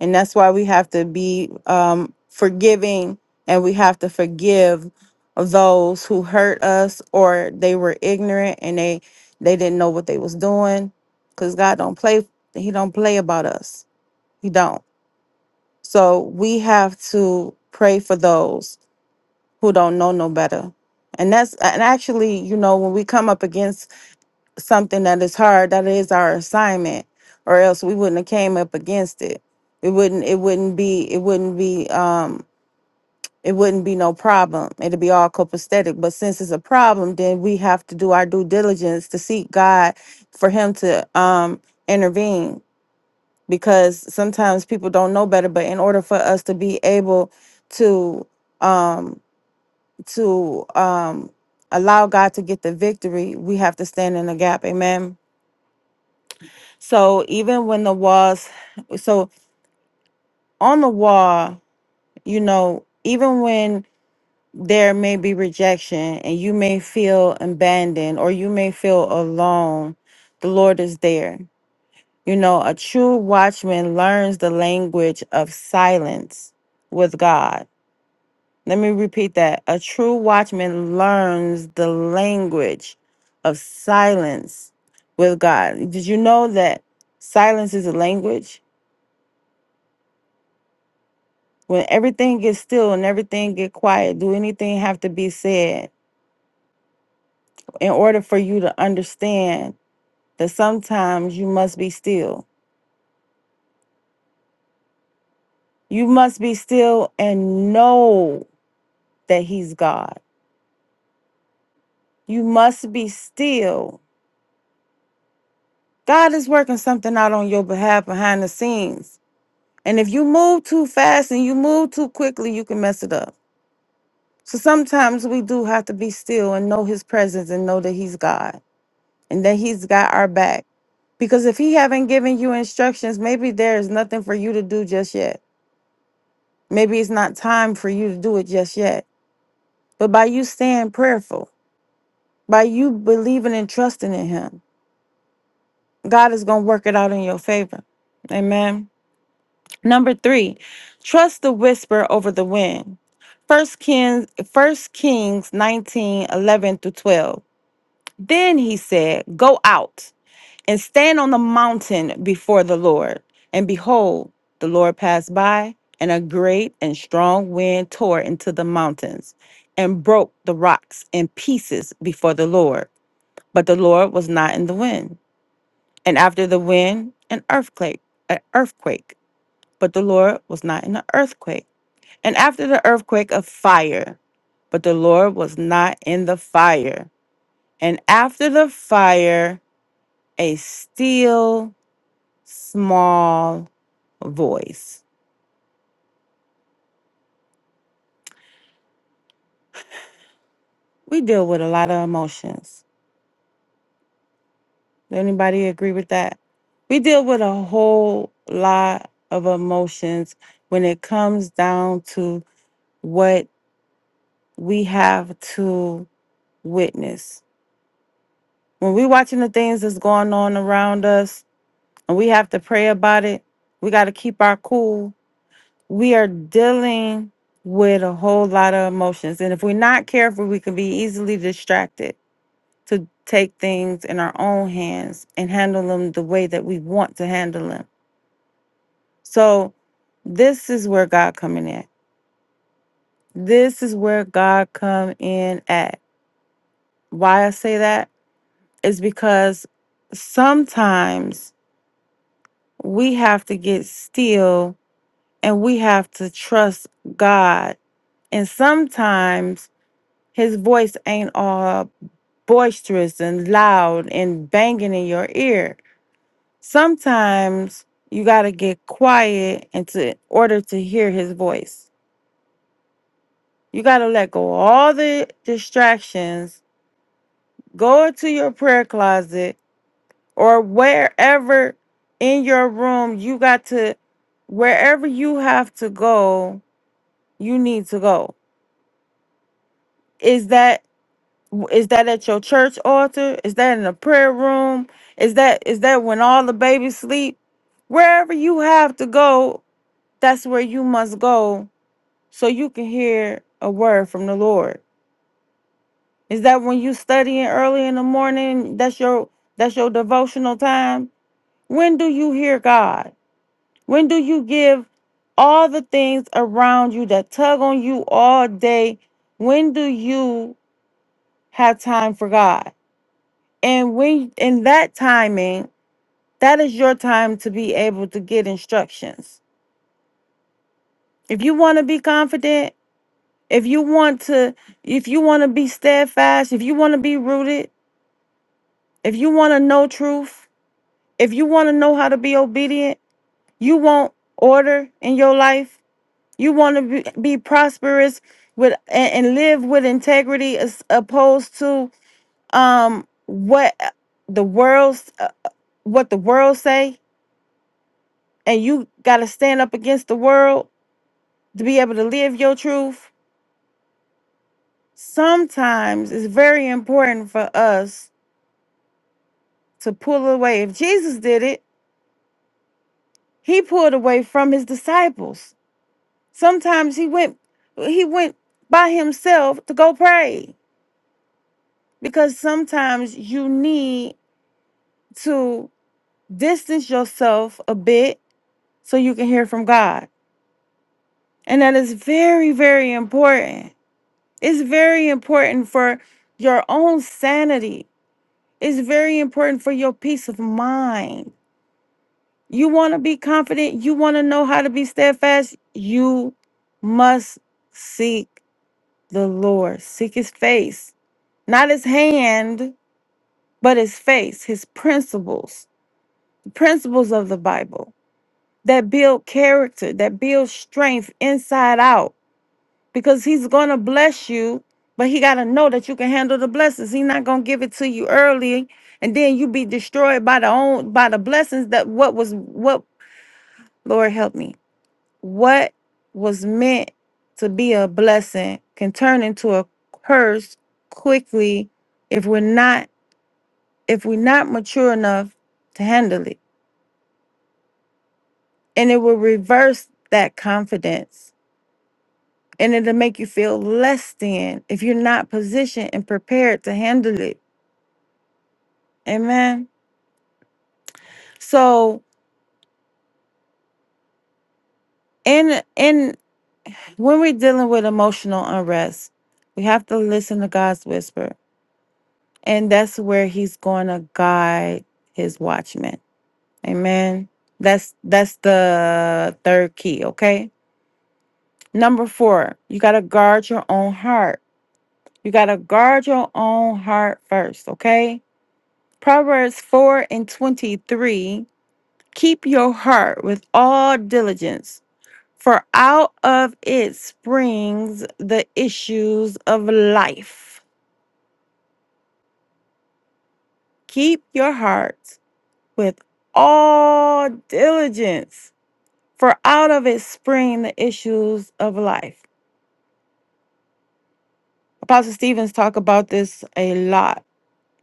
Speaker 4: And that's why we have to be um, forgiving and we have to forgive those who hurt us or they were ignorant and they they didn't know what they was doing because God don't play he don't play about us. He don't. So we have to pray for those who don't know no better. And that's and actually, you know, when we come up against something that is hard that is our assignment or else we wouldn't have came up against it it wouldn't it wouldn't be it wouldn't be um it wouldn't be no problem it'd be all copacetic but since it's a problem then we have to do our due diligence to seek god for him to um intervene because sometimes people don't know better but in order for us to be able to um to um allow god to get the victory we have to stand in the gap amen So even when the walls, so on the wall, you know, even when there may be rejection and you may feel abandoned or you may feel alone, the Lord is there. You know, a true watchman learns the language of silence with God. Let me repeat that. A true watchman learns the language of silence with God. Did you know that silence is a language? when everything gets still and everything get quiet do anything have to be said in order for you to understand that sometimes you must be still you must be still and know that he's god you must be still god is working something out on your behalf behind the scenes and if you move too fast and you move too quickly you can mess it up so sometimes we do have to be still and know his presence and know that he's god and that he's got our back Because if he haven't given you instructions, maybe there is nothing for you to do just yet. Maybe it's not time for you to do it just yet. But by you staying prayerful, by you believing and trusting in him, God is going to work it out in your favor. Amen. Number 3, trust the whisper over the wind. First Kings, First Kings nineteen, eleven 11 through 12. Then he said, Go out. and stand on the mountain before the Lord. And behold, the Lord passed by, and a great and strong wind tore into the mountains and broke the rocks in pieces before the Lord. But the Lord was not in the wind. And after the wind, an earthquake, an earthquake. But the Lord was not in the earthquake. And after the earthquake, a fire. But the Lord was not in the fire. And after the fire, a still small voice. We deal with a lot of emotions. Does anybody agree with that? We deal with a whole lot of emotions when it comes down to what we have to witness. When we're watching the things that's going on around us and we have to pray about it, we got to keep our cool. We are dealing with a whole lot of emotions. And if we're not careful, we can be easily distracted to take things in our own hands and handle them the way that we want to handle them. So this is where God come in at. This is where God come in at. Why I say that is because sometimes we have to get still and we have to trust God. And sometimes his voice ain't all boisterous and loud and banging in your ear Sometimes you got to get quiet and to, in order to hear his voice. You got to let go of all the distractions, go into your prayer closet or wherever in your room you got to, wherever you have to go, you need to go. Is that is that at your church altar? Is that in a prayer room? Is that is that when all the babies sleep? Wherever you have to go, that's where you must go so you can hear a word from the Lord. Is that when you studying early in the morning? That's your that's your devotional time. When do you hear God? When do you give all the things around you that tug on you all day? When do you have time for God? And when in that timing, that is your time to be able to get instructions. If you want to be confident, if you want to if you want to be steadfast, if you want to be rooted, If you want to know truth, if you want to know how to be obedient, you want order in your life. You want to be, be prosperous with and, and live with integrity as opposed to um what uh, the world's uh, what the world say and you got to stand up against the world to be able to live your truth. Sometimes it's very important for us to pull away. If Jesus did it, he pulled away from his disciples Sometimes he went he went by himself to go pray because sometimes you need to distance yourself a bit so you can hear from God. And that is very very important. It's very important for your own sanity. It's very important for your peace of mind. You want to be confident, you want to know how to be steadfast, you must seek the Lord. Seek his face Not his hand, but his face, his principles, the principles of the Bible that build character, that build strength inside out. Because he's going to bless you, but he got to know that you can handle the blessings. He's not going to give it to you early and then you be destroyed by the own by the blessings that what was what Lord help me. What was meant to be a blessing can turn into a curse quickly if we're not if we're not mature enough to handle it. And it will reverse that confidence and it'll make you feel less than if you're not positioned and prepared to handle it. Amen. So in in when we're dealing with emotional unrest, we have to listen to God's whisper. And that's where He's gonna guide his watchmen. Amen. That's that's the third key, okay? Number four, you gotta guard your own heart You got to guard your own heart first, okay? Proverbs 4 and 23 Keep your heart with all diligence, for out of it springs the issues of life. Keep your heart with all diligence, for out of it spring the issues of life. Apostle Stevens talk about this a lot.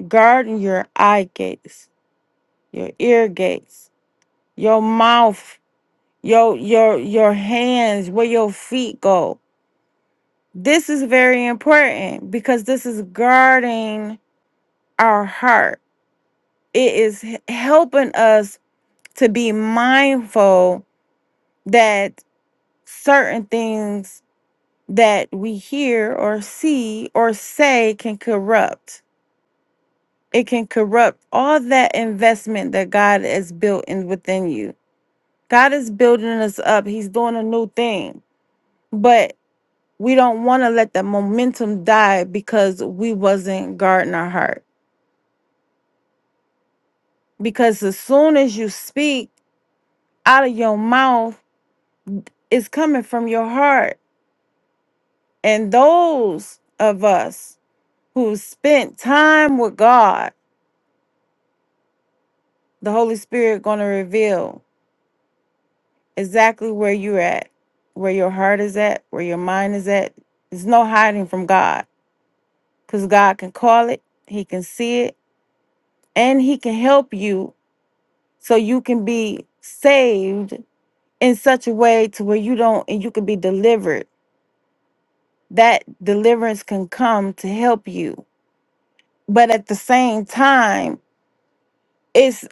Speaker 4: Guard your eye gates, your ear gates, your mouth your your your hands where your feet go this is very important because this is guarding our heart it is h- helping us to be mindful that certain things that we hear or see or say can corrupt it can corrupt all that investment that god has built in within you god is building us up he's doing a new thing but we don't want to let that momentum die because we wasn't guarding our heart because as soon as you speak out of your mouth it's coming from your heart and those of us who spent time with god the holy spirit going to reveal exactly where you're at where your heart is at where your mind is at there's no hiding from god because god can call it he can see it and he can help you so you can be saved in such a way to where you don't and you can be delivered that deliverance can come to help you but at the same time it's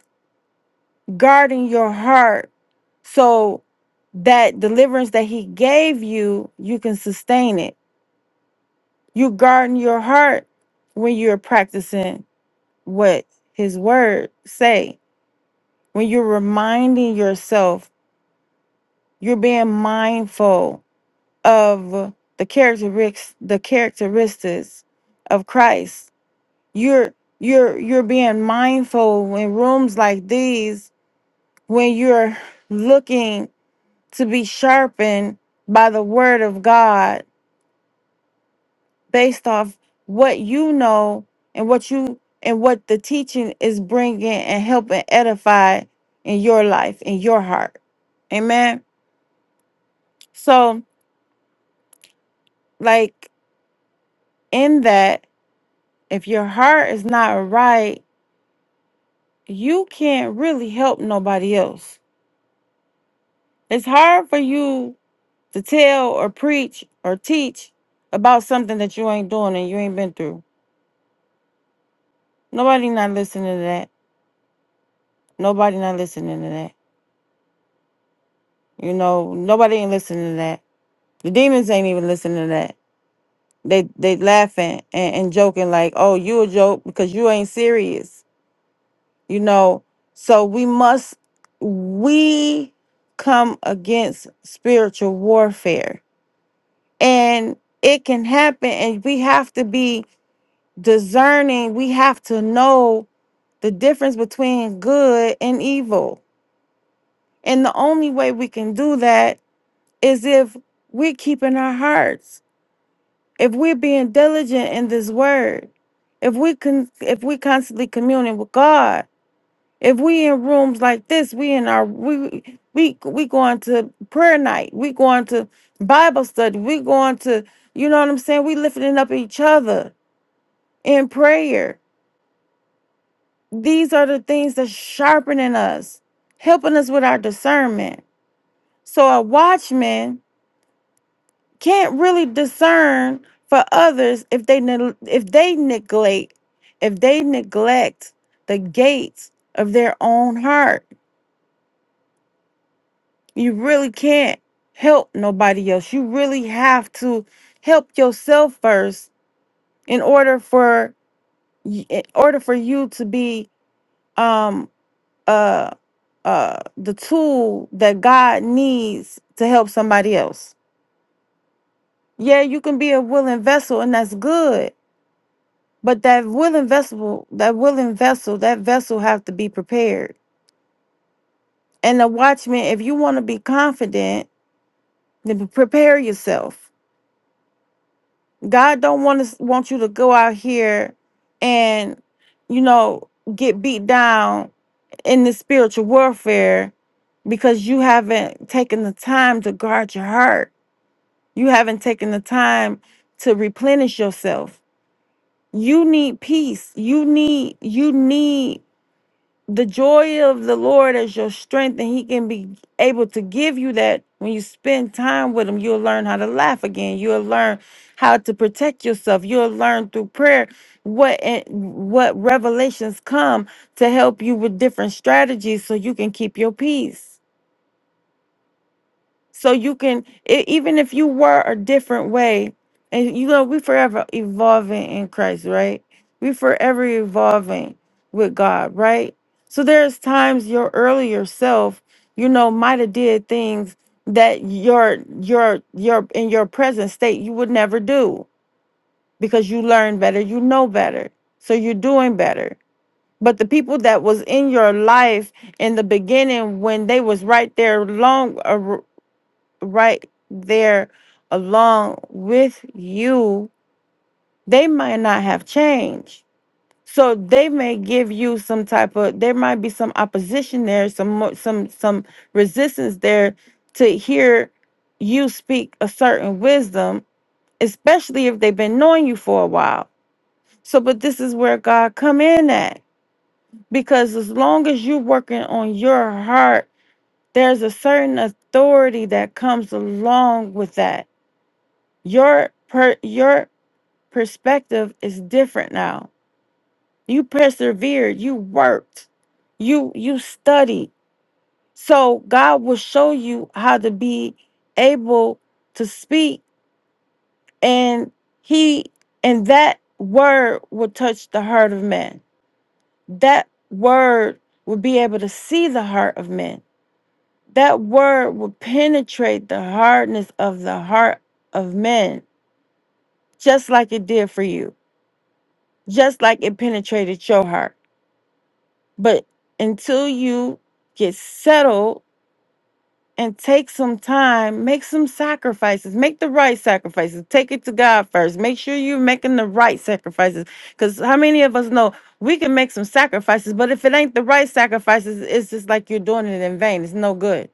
Speaker 4: guarding your heart so that deliverance that he gave you you can sustain it you guarding your heart when you're practicing what his word say when you're reminding yourself you're being mindful of the characteristics the characteristics of Christ. You're you're you're being mindful in rooms like these when you're looking to be sharpened by the word of God based off what you know and what you and what the teaching is bringing and helping edify in your life in your heart. Amen. So like in that if your heart is not right you can't really help nobody else. It's hard for you to tell or preach or teach about something that you ain't doing and you ain't been through. Nobody not listening to that. Nobody not listening to that. You know, nobody ain't listening to that. The demons ain't even listening to that. They they laughing and, and joking like, oh, you a joke because you ain't serious. You know, so we must we come against spiritual warfare and it can happen and we have to be discerning we have to know the difference between good and evil and the only way we can do that is if we're keeping our hearts if we're being diligent in this word if we can if we constantly communing with god if we in rooms like this we in our we we we going to prayer night we going to bible study we going to you know what i'm saying we lifting up each other in prayer. These are the things that sharpening us, helping us with our discernment. So a watchman can't really discern for others if they neg- if they neglect if they neglect the gates of their own heart. You really can't help nobody else. You really have to help yourself first in order for y- in order for you to be um, uh uh the tool that God needs to help somebody else. Yeah, you can be a willing vessel and that's good, but that willing vessel, that willing vessel, that vessel have to be prepared. And the watchman, if you want to be confident, then pre- prepare yourself. God don't want to want you to go out here and you know get beat down in the spiritual warfare because you haven't taken the time to guard your heart You haven't taken the time to replenish yourself. You need peace. You need you need the joy of the Lord as your strength, and He can be able to give you that when you spend time with Him. You'll learn how to laugh again. You'll learn how to protect yourself. You'll learn through prayer what and what revelations come to help you with different strategies so you can keep your peace. So you can, e- even if you were a different way, and you know, we forever evolving in Christ, right? We forever evolving with God, right? So there's times your earlier self, you know, might have did things that your your your in your present state you would never do because you learn better, you know better, so you're doing better. But the people that was in your life in the beginning when they was right there long right there along with you, they might not have changed. So they may give you some type of there might be some opposition there, some mo- some some resistance there to hear you speak a certain wisdom, especially if they've been knowing you for a while. So but this is where God come in at because as long as you're working on your heart, there's a certain authority that comes along with that Your per, your perspective is different now. You persevered, you worked, you you studied. So God will show you how to be able to speak and he and that word will touch the heart of men. That word will be able to see the heart of men. That word will penetrate the hardness of the heart of men, just like it did for you just like it penetrated your heart. But until you get settled and take some time, make some sacrifices, make the right sacrifices, take it to God first. Make sure you're making the right sacrifices. Because how many of us know we can make some sacrifices, but if it ain't the right sacrifices, it's just like you're doing it in vain. It's no good.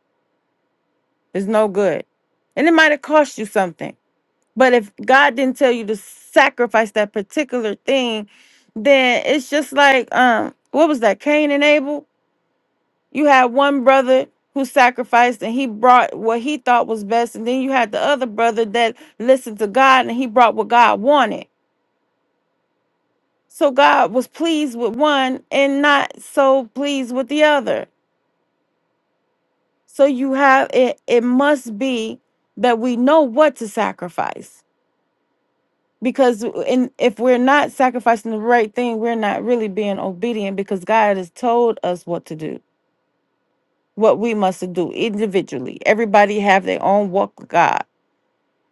Speaker 4: It's no good. And it might have cost you something. But if God didn't tell you to sacrifice that particular thing, then it's just like um what was that? Cain and Abel? You had one brother who sacrificed and he brought what he thought was best and then you had the other brother that listened to God and he brought what God wanted. So God was pleased with one and not so pleased with the other. So you have it it must be that we know what to sacrifice because in, if we're not sacrificing the right thing we're not really being obedient because god has told us what to do what we must do individually everybody have their own walk with god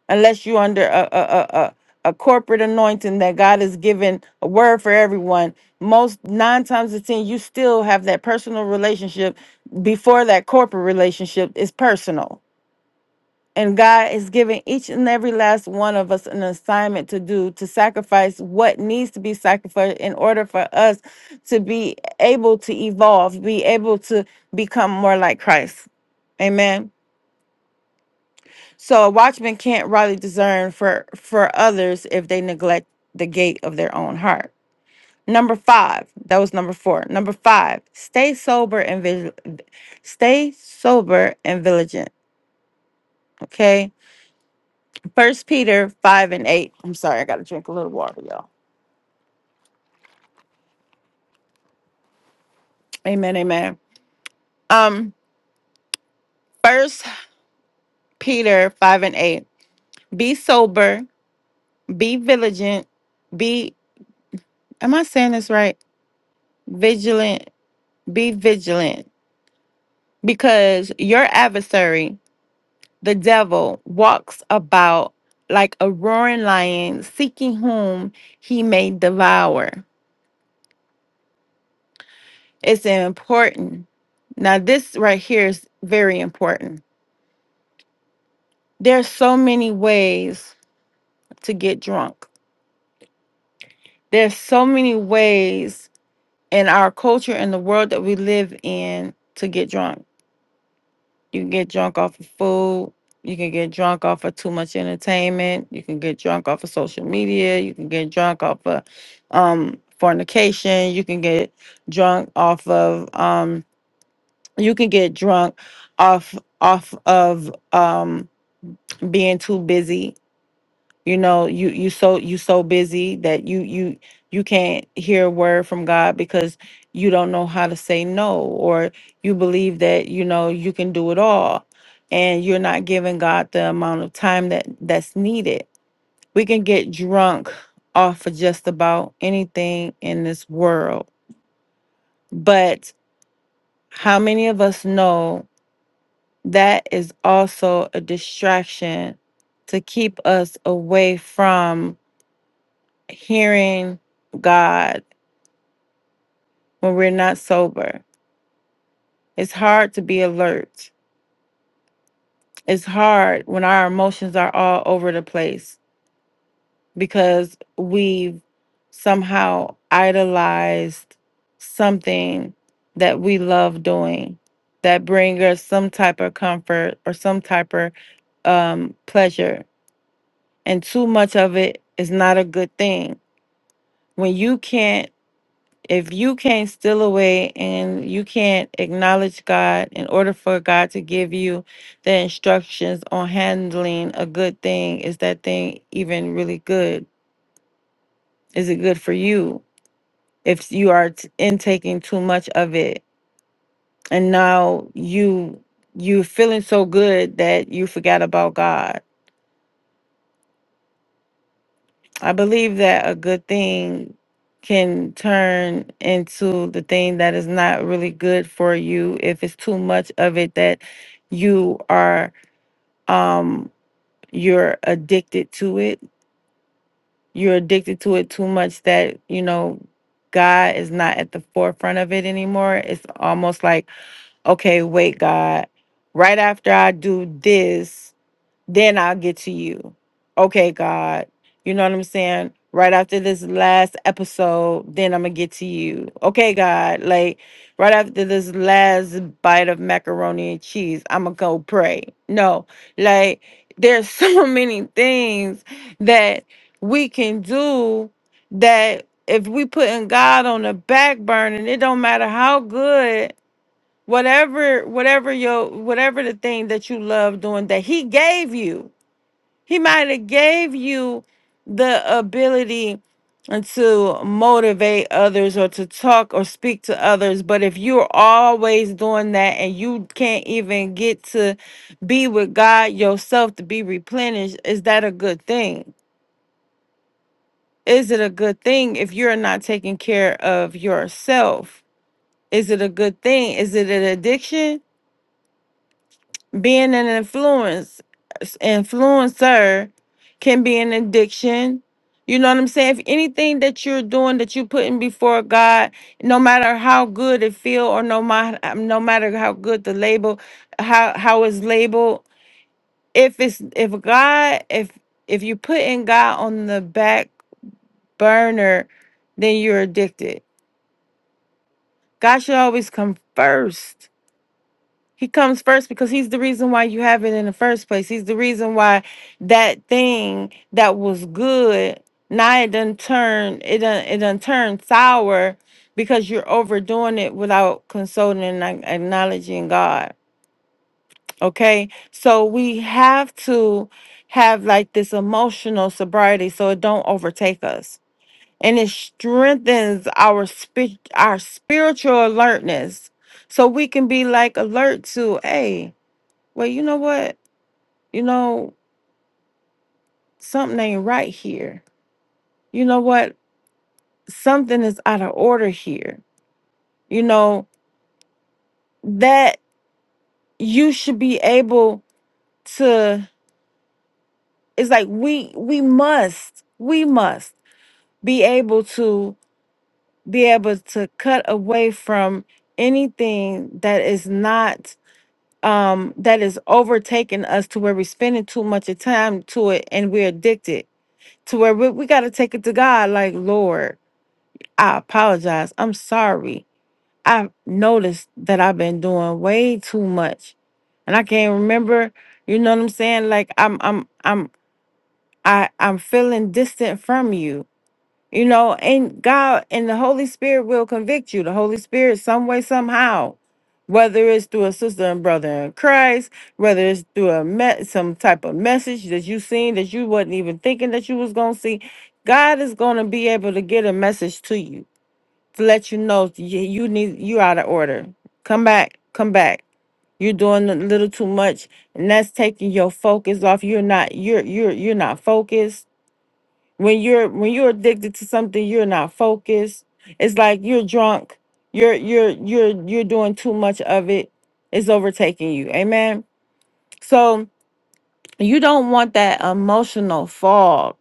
Speaker 4: unless you're under a, a, a, a a corporate anointing that god has given a word for everyone most nine times of ten you still have that personal relationship before that corporate relationship is personal and God is giving each and every last one of us an assignment to do, to sacrifice what needs to be sacrificed in order for us to be able to evolve, be able to become more like Christ. Amen. So a watchman can't rightly discern for, for others if they neglect the gate of their own heart. Number five, that was number four. Number five, stay sober and vigil- stay sober and vigilant. Okay First Peter five and eight. I'm sorry, I gotta drink a little water, y'all. Amen, amen. Um, First Peter five and eight. Be sober, be vigilant, be. Am I saying this right? Vigilant, be vigilant, because your adversary, the devil, walks about like a roaring lion, seeking whom he may devour. It's important. Now, this right here is very important There's so many ways to get drunk. There's so many ways in our culture and the world that we live in to get drunk. You can get drunk off of food. You can get drunk off of too much entertainment. You can get drunk off of social media. You can get drunk off of um, fornication. You can get drunk off of. Um, you can get drunk off off of um, being too busy you know you you so you so busy that you you you can't hear a word from god because you don't know how to say no or you believe that you know you can do it all and you're not giving god the amount of time that that's needed we can get drunk off of just about anything in this world but how many of us know that is also a distraction to keep us away from hearing God when we're not sober. It's hard to be alert. It's hard when our emotions are all over the place because we've somehow idolized something that we love doing that bring us some type of comfort or some type of um, pleasure. And too much of it is not a good thing. When you can't if you can't steal away and you can't acknowledge God in order for God to give you the instructions on handling a good thing, is that thing even really good? Is it good for you if you are t- intaking too much of it and now you you are feeling so good that you forgot about God? I believe that a good thing can turn into the thing that is not really good for you if it's too much of it that you are um you're addicted to it. You're addicted to it too much that, you know, God is not at the forefront of it anymore. It's almost like, okay, wait, God, right after I do this, then I'll get to you. Okay, God. You know what I'm saying? Right after this last episode, then I'm gonna get to you. Okay, God. Like right after this last bite of macaroni and cheese, I'm gonna go pray. No, like there's so many things that we can do that if we putting God on the back burner, it don't matter how good whatever whatever your whatever the thing that you love doing that he gave you he might have gave you the ability to motivate others or to talk or speak to others, but if you're always doing that and you can't even get to be with God yourself to be replenished, is that a good thing? Is it a good thing if you're not taking care of yourself? Is it a good thing? Is it an addiction? Being an influence influencer can be an addiction. You know what I'm saying? If anything that you're doing that you're putting before God, no matter how good it feel or no matter no matter how good the label, how how it's labeled, if it's if God if if you are putting God on the back burner, then you're addicted. God should always come first. He comes first because he's the reason why you have it in the first place. He's the reason why that thing that was good now it done turn it done it done turn sour because you're overdoing it without consulting and ac- acknowledging God. Okay, so we have to have like this emotional sobriety so it don't overtake us, and it strengthens our spirit our spiritual alertness, so we can be like alert to a well, you know what? You know, something ain't right here. You know what? Something is out of order here. You know, that you should be able to it's like we we must we must be able to be able to cut away from anything that is not um that is overtaking us to where we're spending too much of time to it and we're addicted to where we, we got to take it to god like lord I apologize. I'm sorry. I noticed that I've been doing way too much and I can't remember, you know what I'm saying? Like I'm I'm I'm I I'm feeling distant from you. You know, and God and the Holy Spirit will convict you. The Holy Spirit some way somehow whether it's through a sister and brother in Christ, whether it's through a met some type of message that you seen that you wasn't even thinking that you was gonna see, God is gonna be able to get a message to you to let you know you, you need you out of order. Come back, come back. You're doing a little too much, and that's taking your focus off. You're not you're you're you're not focused. When you're when you're addicted to something, you're not focused. It's like you're drunk. You're you're you're you're doing too much of it. It's overtaking you. Amen. So you don't want that emotional fog.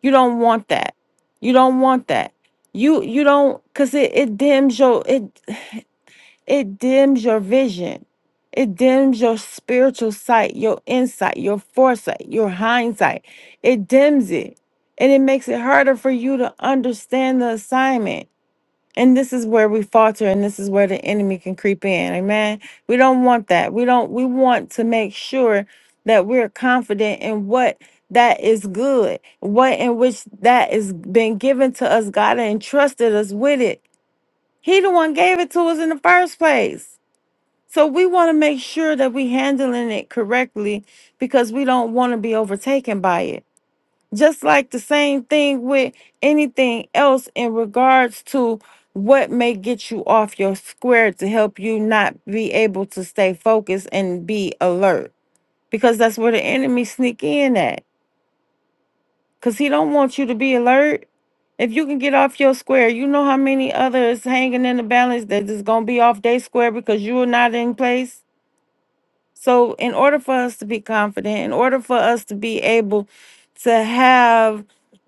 Speaker 4: You don't want that. You don't want that you you don't because it, it dims your it It dims your vision. It dims your spiritual sight, your insight, your foresight, your hindsight. It dims it. And it makes it harder for you to understand the assignment. And this is where we falter and this is where the enemy can creep in. Amen. We don't want that. We don't we want to make sure that we're confident in what that is good, what in which that is been given to us. God entrusted us with it. He the one gave it to us in the first place. So we want to make sure that we handling it correctly because we don't want to be overtaken by it. Just like the same thing with anything else in regards to what may get you off your square to help you not be able to stay focused and be alert because that's where the enemy sneak in at cuz he don't want you to be alert. If you can get off your square, you know how many others hanging in the balance that is going to be off their square because you are not in place So, in order for us to be confident, in order for us to be able to have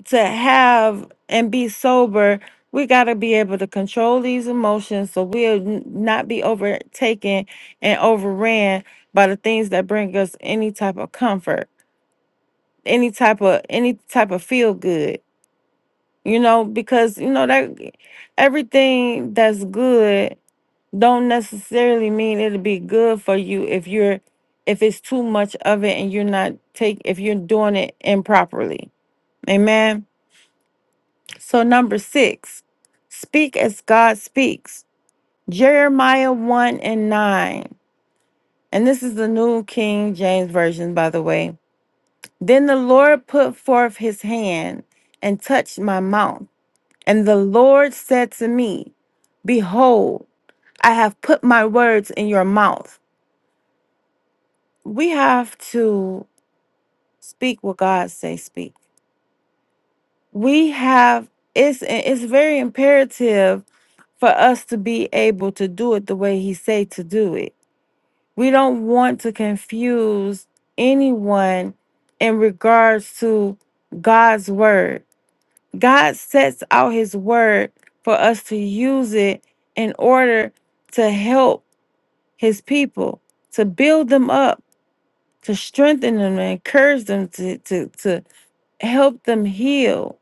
Speaker 4: to have and be sober, we got to be able to control these emotions so we'll n- not be overtaken and overran by the things that bring us any type of comfort, any type of any type of feel good. You know, because you know that everything that's good don't necessarily mean it'll be good for you if you're if it's too much of it and you're not take if you're doing it improperly. Amen. So number 6. Speak as God speaks. Jeremiah 1 and 9. And this is the New King James version by the way. Then the Lord put forth his hand and touched my mouth. And the Lord said to me, behold, I have put my words in your mouth. we have to speak what God say speak. We have it's it's very imperative for us to be able to do it the way he say to do it. We don't want to confuse anyone in regards to God's word. God sets out his word for us to use it in order to help his people, to build them up, to strengthen them, and encourage them to to to help them heal.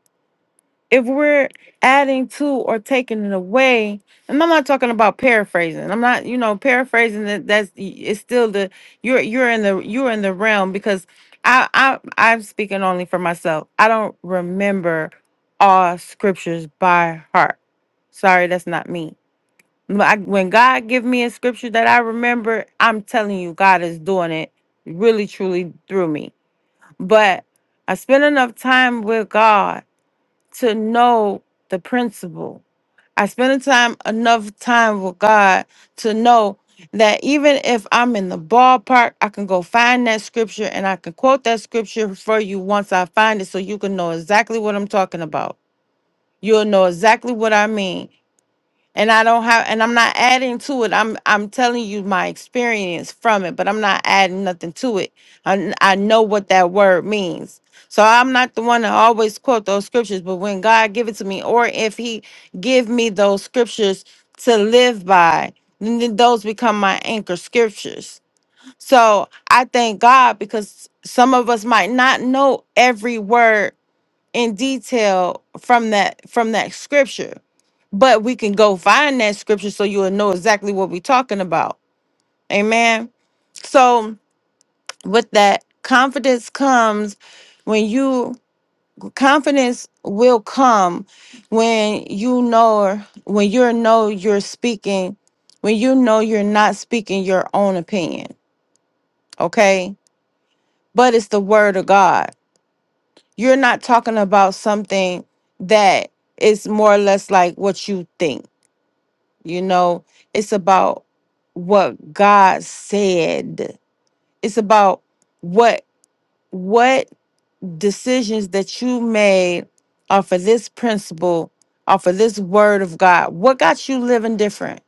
Speaker 4: If we're adding to or taking it away, and I'm not talking about paraphrasing. I'm not, you know, paraphrasing that that's it's still the you're you're in the you're in the realm because I I I'm speaking only for myself. I don't remember all scriptures by heart. Sorry, that's not me. When I, when God give me a scripture that I remember, I'm telling you, God is doing it really truly through me. But I spend enough time with God to know the principle. I spend a time enough time with God to know that even if I'm in the ballpark, I can go find that scripture and I can quote that scripture for you once I find it so you can know exactly what I'm talking about. You'll know exactly what I mean and I don't have and I'm not adding to it. I'm I'm telling you my experience from it, but I'm not adding nothing to it. I I know what that word means. So I'm not the one to always quote those scriptures, but when God give it to me or if he give me those scriptures to live by, then th- those become my anchor scriptures. So I thank God because some of us might not know every word in detail from that from that scripture but we can go find that scripture so you'll know exactly what we're talking about. Amen. So, with that, confidence comes when you confidence will come when you know when you know you're speaking when you know you're not speaking your own opinion okay but it's the word of god you're not talking about something that is more or less like what you think You know, it's about what God said. It's about what what decisions that you made off of this principle, off of this word of God. What got you living different?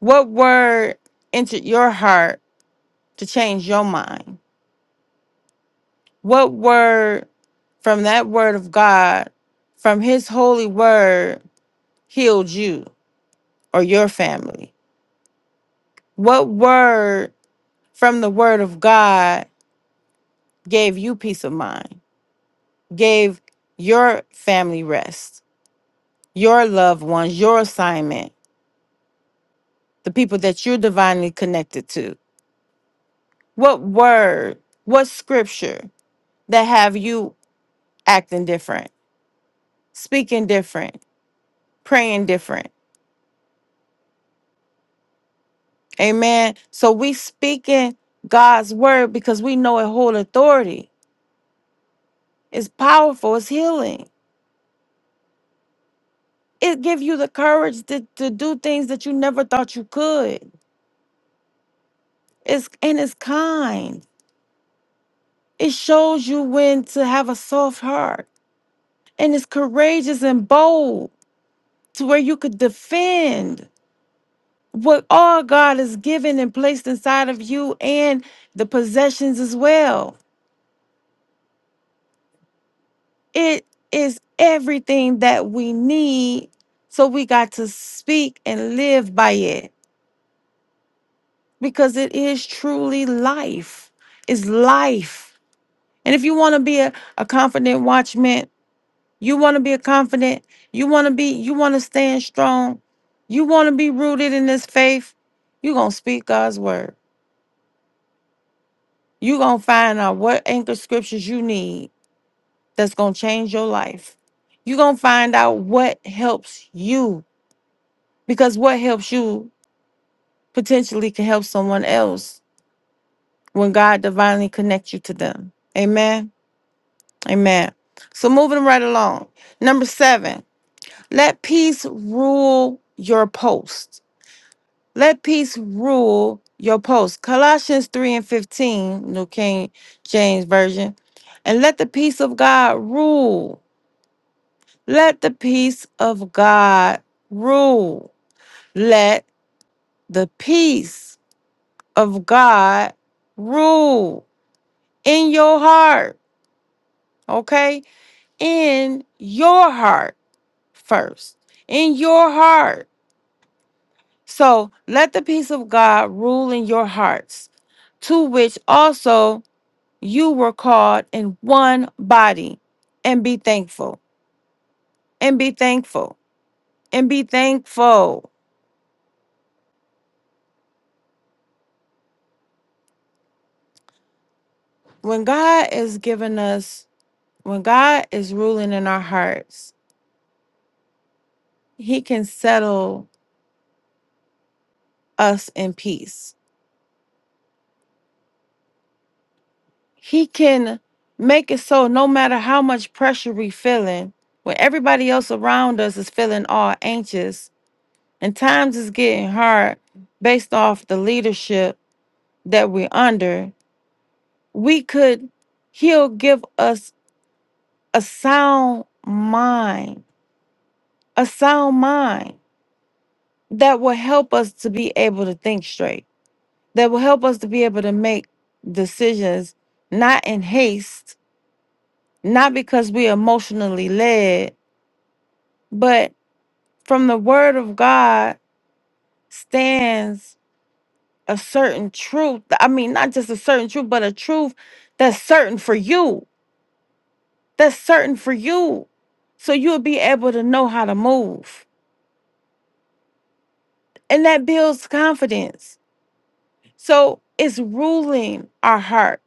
Speaker 4: What word entered your heart to change your mind? What word from that word of God, from his holy word, healed you or your family? What word from the word of God gave you peace of mind, gave your family rest, your loved ones, your assignment, the people that you're divinely connected to? What word, what scripture that have you acting different, speaking different, praying different? Amen. So we speaking God's word because we know it hold authority. It's powerful, it's healing. It give you the courage to, to do things that you never thought you could. It's and it's kind It shows you when to have a soft heart and it's courageous and bold to where you could defend what all God has given and placed inside of you and the possessions as well. It is everything that we need. So we got to speak and live by it because it is truly life. It's life. And if you want to be a, a confident watchman You want to be confident. You want to be, you want to stand strong. You want to be rooted in this faith. You're going to speak God's word. You're going to find out what anchor scriptures you need that's going to change your life. You're going to find out what helps you because what helps you potentially can help someone else when God divinely connects you to them. Amen. Amen. So moving right along. Number seven, let peace rule your post. Let peace rule your posts, Colossians 3 and 15, New King James Version. And let the peace of God rule. Let the peace of God rule. Let the peace of God rule in your heart. Okay? In your heart first. In your heart. So let the peace of God rule in your hearts, to which also You were called in one body and be thankful and be thankful and be thankful. When God is giving us, when God is ruling in our hearts, He can settle us in peace. He can make it so no matter how much pressure we are feeling, when everybody else around us is feeling all anxious and times is getting hard based off the leadership that we're under, we could he'll give us a sound mind a sound mind that will help us to be able to think straight that will help us to be able to make decisions not in haste not because we're emotionally led but from the word of god stands a certain truth i mean not just a certain truth but a truth that's certain for you that's certain for you so you'll be able to know how to move and that builds confidence. So it's ruling our heart.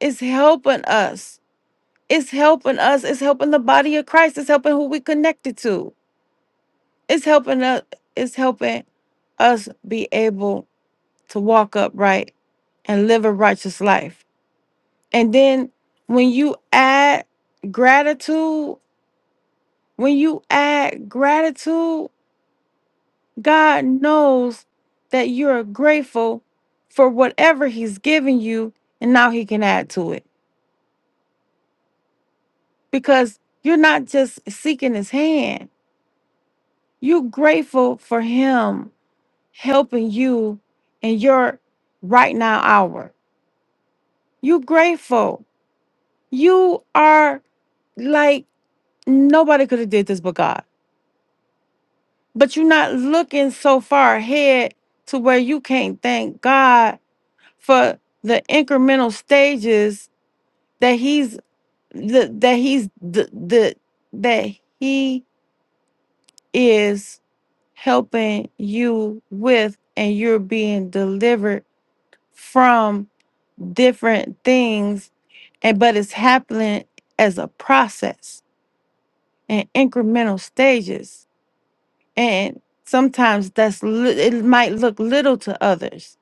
Speaker 4: It's helping us. It's helping us. It's helping the body of Christ. It's helping who we connected to. It's helping us. It's helping us be able to walk upright and live a righteous life. And then when you add gratitude, when you add gratitude God knows that you're grateful for whatever He's given you, and now He can add to it because you're not just seeking His hand. You're grateful for Him helping you in your right now hour. You're grateful. You are like nobody could have did this but God. But you're not looking so far ahead to where you can't thank God for the incremental stages that he's the that he's the the that he is helping you with and you're being delivered from different things and but it's happening as a process and incremental stages and sometimes that's li- it might look little to others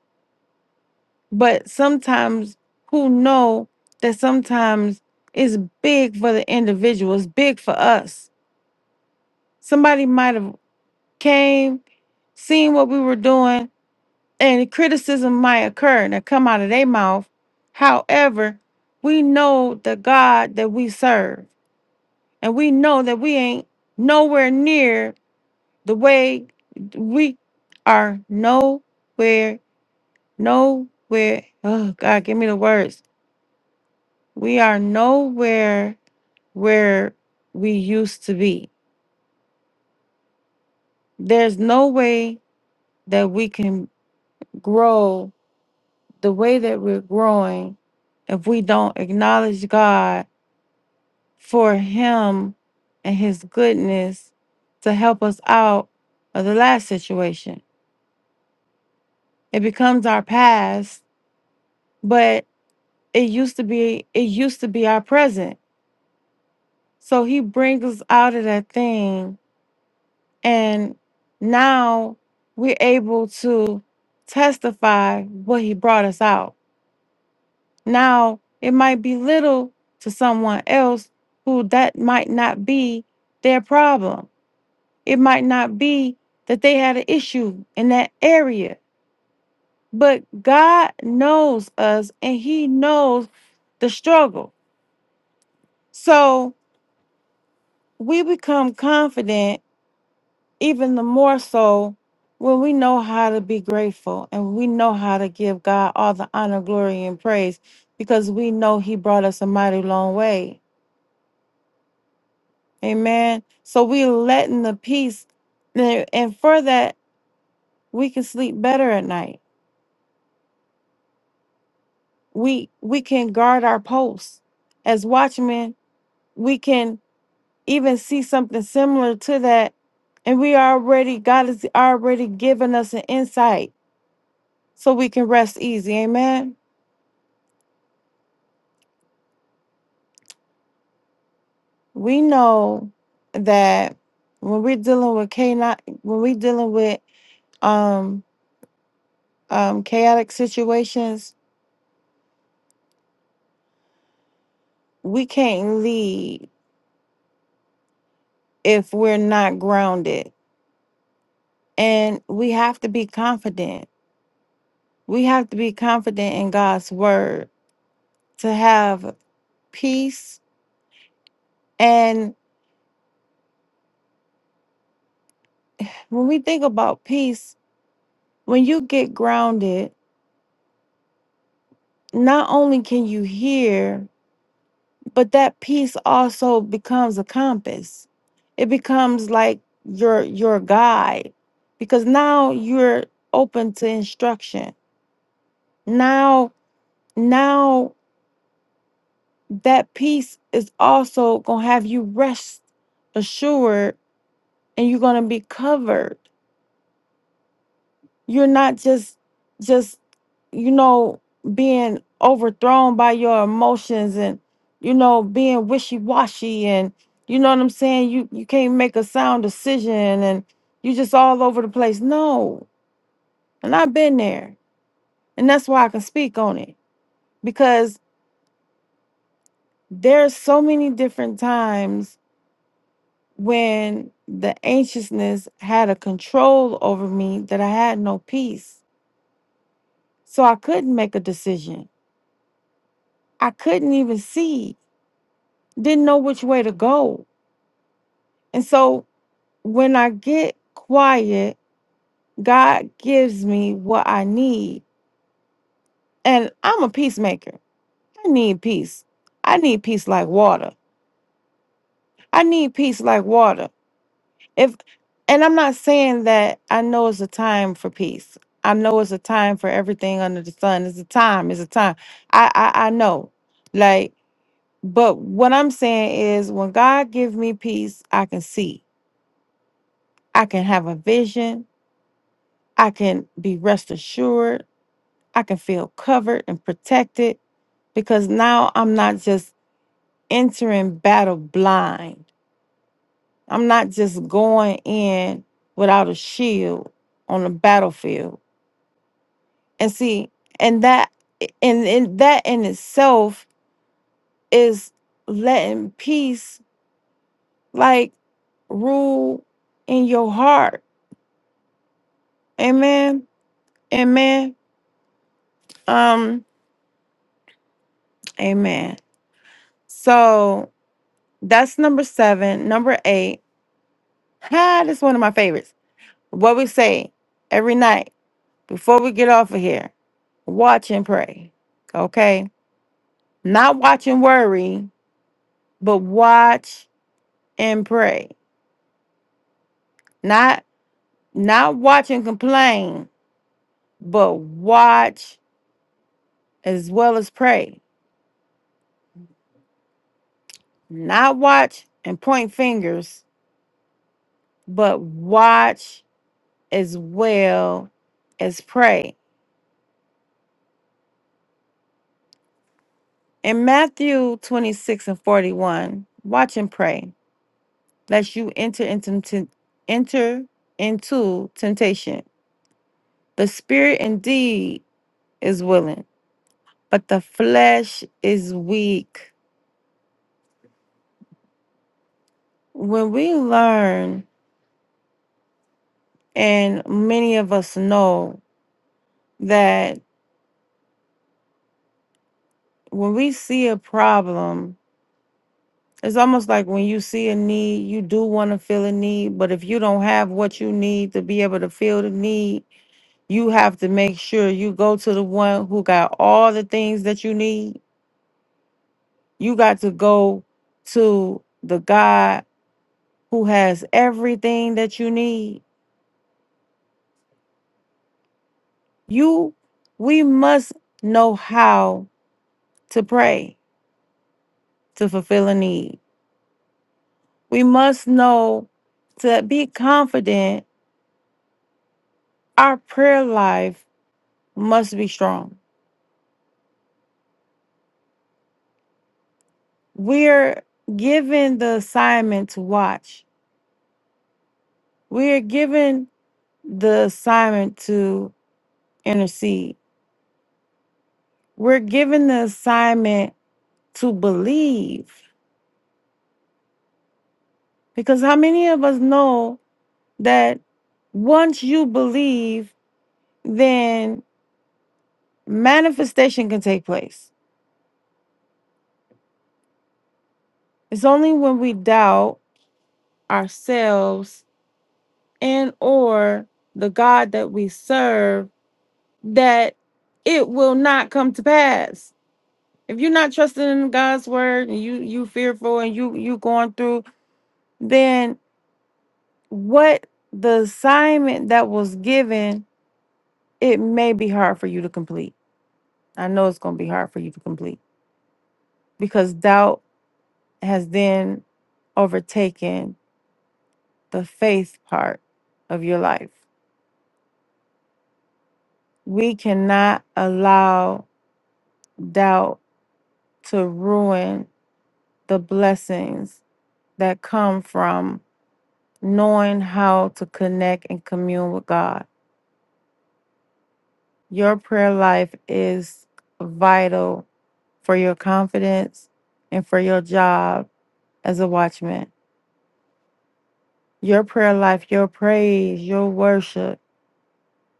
Speaker 4: but sometimes who know that sometimes it's big for the individual it's big for us Somebody might have came, seen what we were doing, and criticism might occur and come out of their mouth. However, we know the God that we serve, and we know that we ain't nowhere near the way we are nowhere, nowhere. Oh God, give me the words. We are nowhere where we used to be. There's no way that we can grow the way that we're growing, if we don't acknowledge God for Him and His goodness to help us out of the last situation, it becomes our past, but it used to be it used to be our present. So He brings us out of that thing, and now we're able to testify what He brought us out Now, it might be little to someone else who that might not be their problem. It might not be that they had an issue in that area. But God knows us and He knows the struggle. So we become confident even the more so when we know how to be grateful and we know how to give God all the honor, glory, and praise because we know He brought us a mighty long way. Amen. So we're letting the peace and and for that we can sleep better at night. We we can guard our posts. As watchmen, we can even see something similar to that. And we already, God has already given us an insight so we can rest easy. Amen. We know that when we're dealing with chaotic, when we're dealing with um um chaotic situations, we can't lead if we're not grounded. And we have to be confident. We have to be confident in God's word to have peace. And when we think about peace, when you get grounded, not only can you hear, but that peace also becomes a compass. It becomes like your your guide because now you're open to instruction. Now now that peace is also going to have you rest assured and you're going to be covered you're not just just you know being overthrown by your emotions and you know being wishy-washy and you know what i'm saying you you can't make a sound decision and you just all over the place no and i've been there and that's why i can speak on it because there's so many different times when the anxiousness had a control over me that I had no peace. So I couldn't make a decision. I couldn't even see, didn't know which way to go. And so when I get quiet, God gives me what I need. And I'm a peacemaker. I need peace. I need peace like water. I need peace like water. if and i'm not saying that i know it's a time for peace i know it's a time for everything under the sun it's a time it's a time i i, I know like but what i'm saying is when god give me peace i can see i can have a vision i can be rest assured i can feel covered and protected because now i'm not just entering battle blind i'm not just going in without a shield on the battlefield And see, and that and, and that in itself is letting peace like rule in your heart. Amen. Amen. Um, amen. So that's number seven. Number eight. Ha, this is one of my favorites. What we say every night before we get off of here. Watch and pray. Okay. Not watch and worry, but watch and pray. Not Not watch and complain, but watch as well as pray. Not watch and point fingers, but watch as well as pray. In Matthew 26 and 41, watch and pray, lest you enter into, tem- enter into temptation. The spirit indeed is willing, but the flesh is weak. When we learn, and many of us know that when we see a problem, it's almost like when you see a need, you do want to feel a need, but if you don't have what you need to be able to feel the need, you have to make sure you go to the one who got all the things that you need. You got to go to the God who has everything that you need. You, we must know how to pray to fulfill a need. We must know to be confident our prayer life must be strong. We're given the assignment to watch. We're given the assignment to intercede. We're given the assignment to believe. Because how many of us know that once you believe, then manifestation can take place. It's only when we doubt ourselves and or the God that we serve that it will not come to pass. If you're not trusting in God's word and you you fearful and you you going through, then what the assignment that was given, it may be hard for you to complete. I know it's going to be hard for you to complete because doubt has then overtaken the faith part of your life. We cannot allow doubt to ruin the blessings that come from knowing how to connect and commune with God. Your prayer life is vital for your confidence and for your job as a watchman. Your prayer life, your praise, your worship,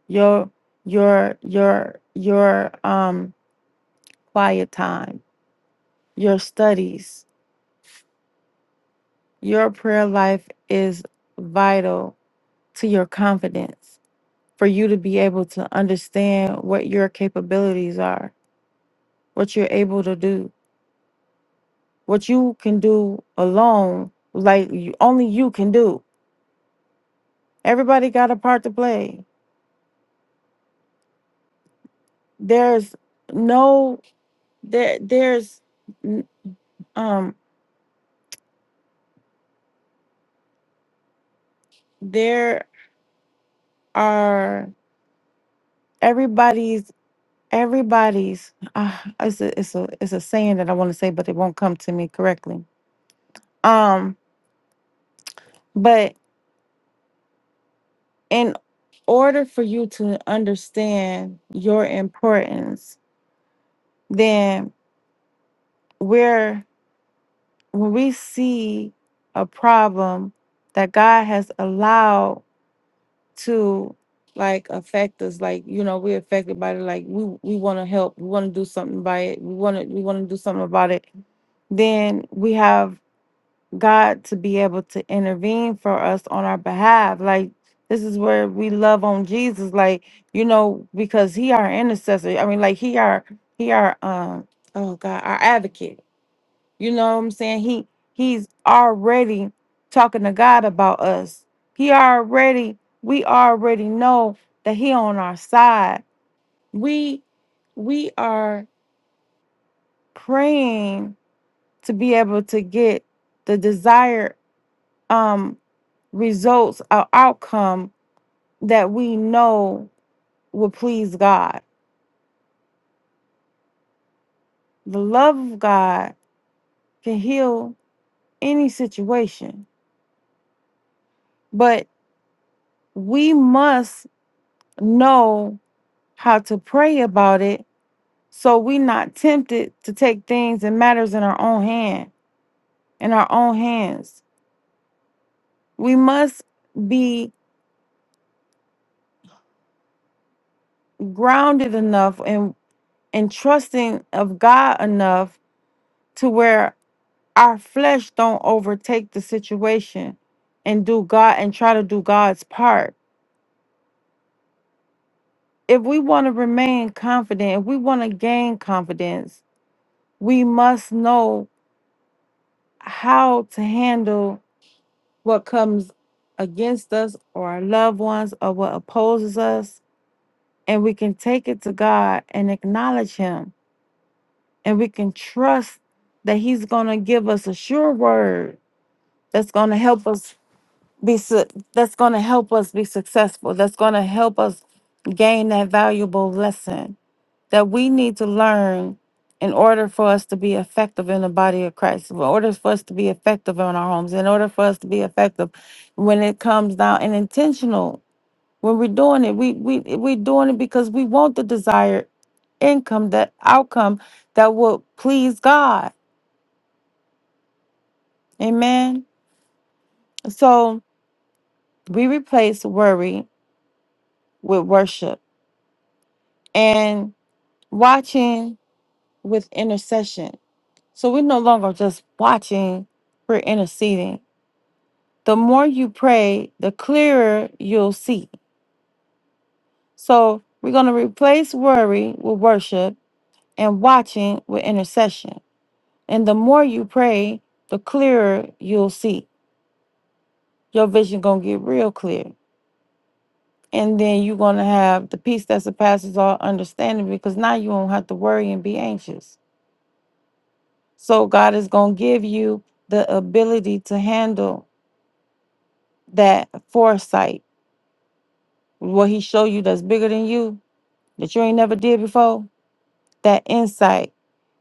Speaker 4: your your your your um quiet time, your studies. Your prayer life is vital to your confidence for you to be able to understand what your capabilities are what you're able to do, what you can do alone, like you, only you can do. Everybody got a part to play. There's no there there's n- um there are everybody's everybody's uh, it's a it's a it's a saying that I want to say but it won't come to me correctly. Um but in order for you to understand your importance, then we're when we see a problem that God has allowed to like affect us, like you know, we're affected by it, like we we want to help, we want to do something by it, we want to we want to do something about it, then we have God to be able to intervene for us on our behalf. Like this is where we love on Jesus, like you know, because he our intercessor. I mean, like he our he our um oh God, our advocate you know what I'm saying? He he's already talking to God about us. He already we already know that he on our side. We we are praying to be able to get the desired um results or outcome that we know will please God. The love of God can heal any situation, but we must know how to pray about it so we are not tempted to take things and matters in our own hand in our own hands we must be grounded enough and and trusting of god enough to where our flesh don't overtake the situation and do god and try to do god's part if we want to remain confident if we want to gain confidence we must know how to handle what comes against us or our loved ones or what opposes us. And we can take it to God and acknowledge Him. And we can trust that He's going to give us a sure word that's going to help us be su- that's going to help us be successful that's going to help us gain that valuable lesson that we need to learn in order for us to be effective in the body of Christ, in order for us to be effective in our homes, in order for us to be effective when it comes down and intentional. When we're doing it, we we we're doing it because we want the desired income, that outcome that will please God. Amen. So we replace worry with worship and watching with intercession. So we're no longer just watching, we're interceding the more you pray, the clearer you'll see. So we're going to replace worry with worship and watching with intercession. And the more you pray, the clearer you'll see. Your vision going to get real clear. And then you're going to have the peace that surpasses all understanding because now you won't have to worry and be anxious. So God is going to give you the ability to handle that foresight. What he showed you that's bigger than you that you ain't never did before that insight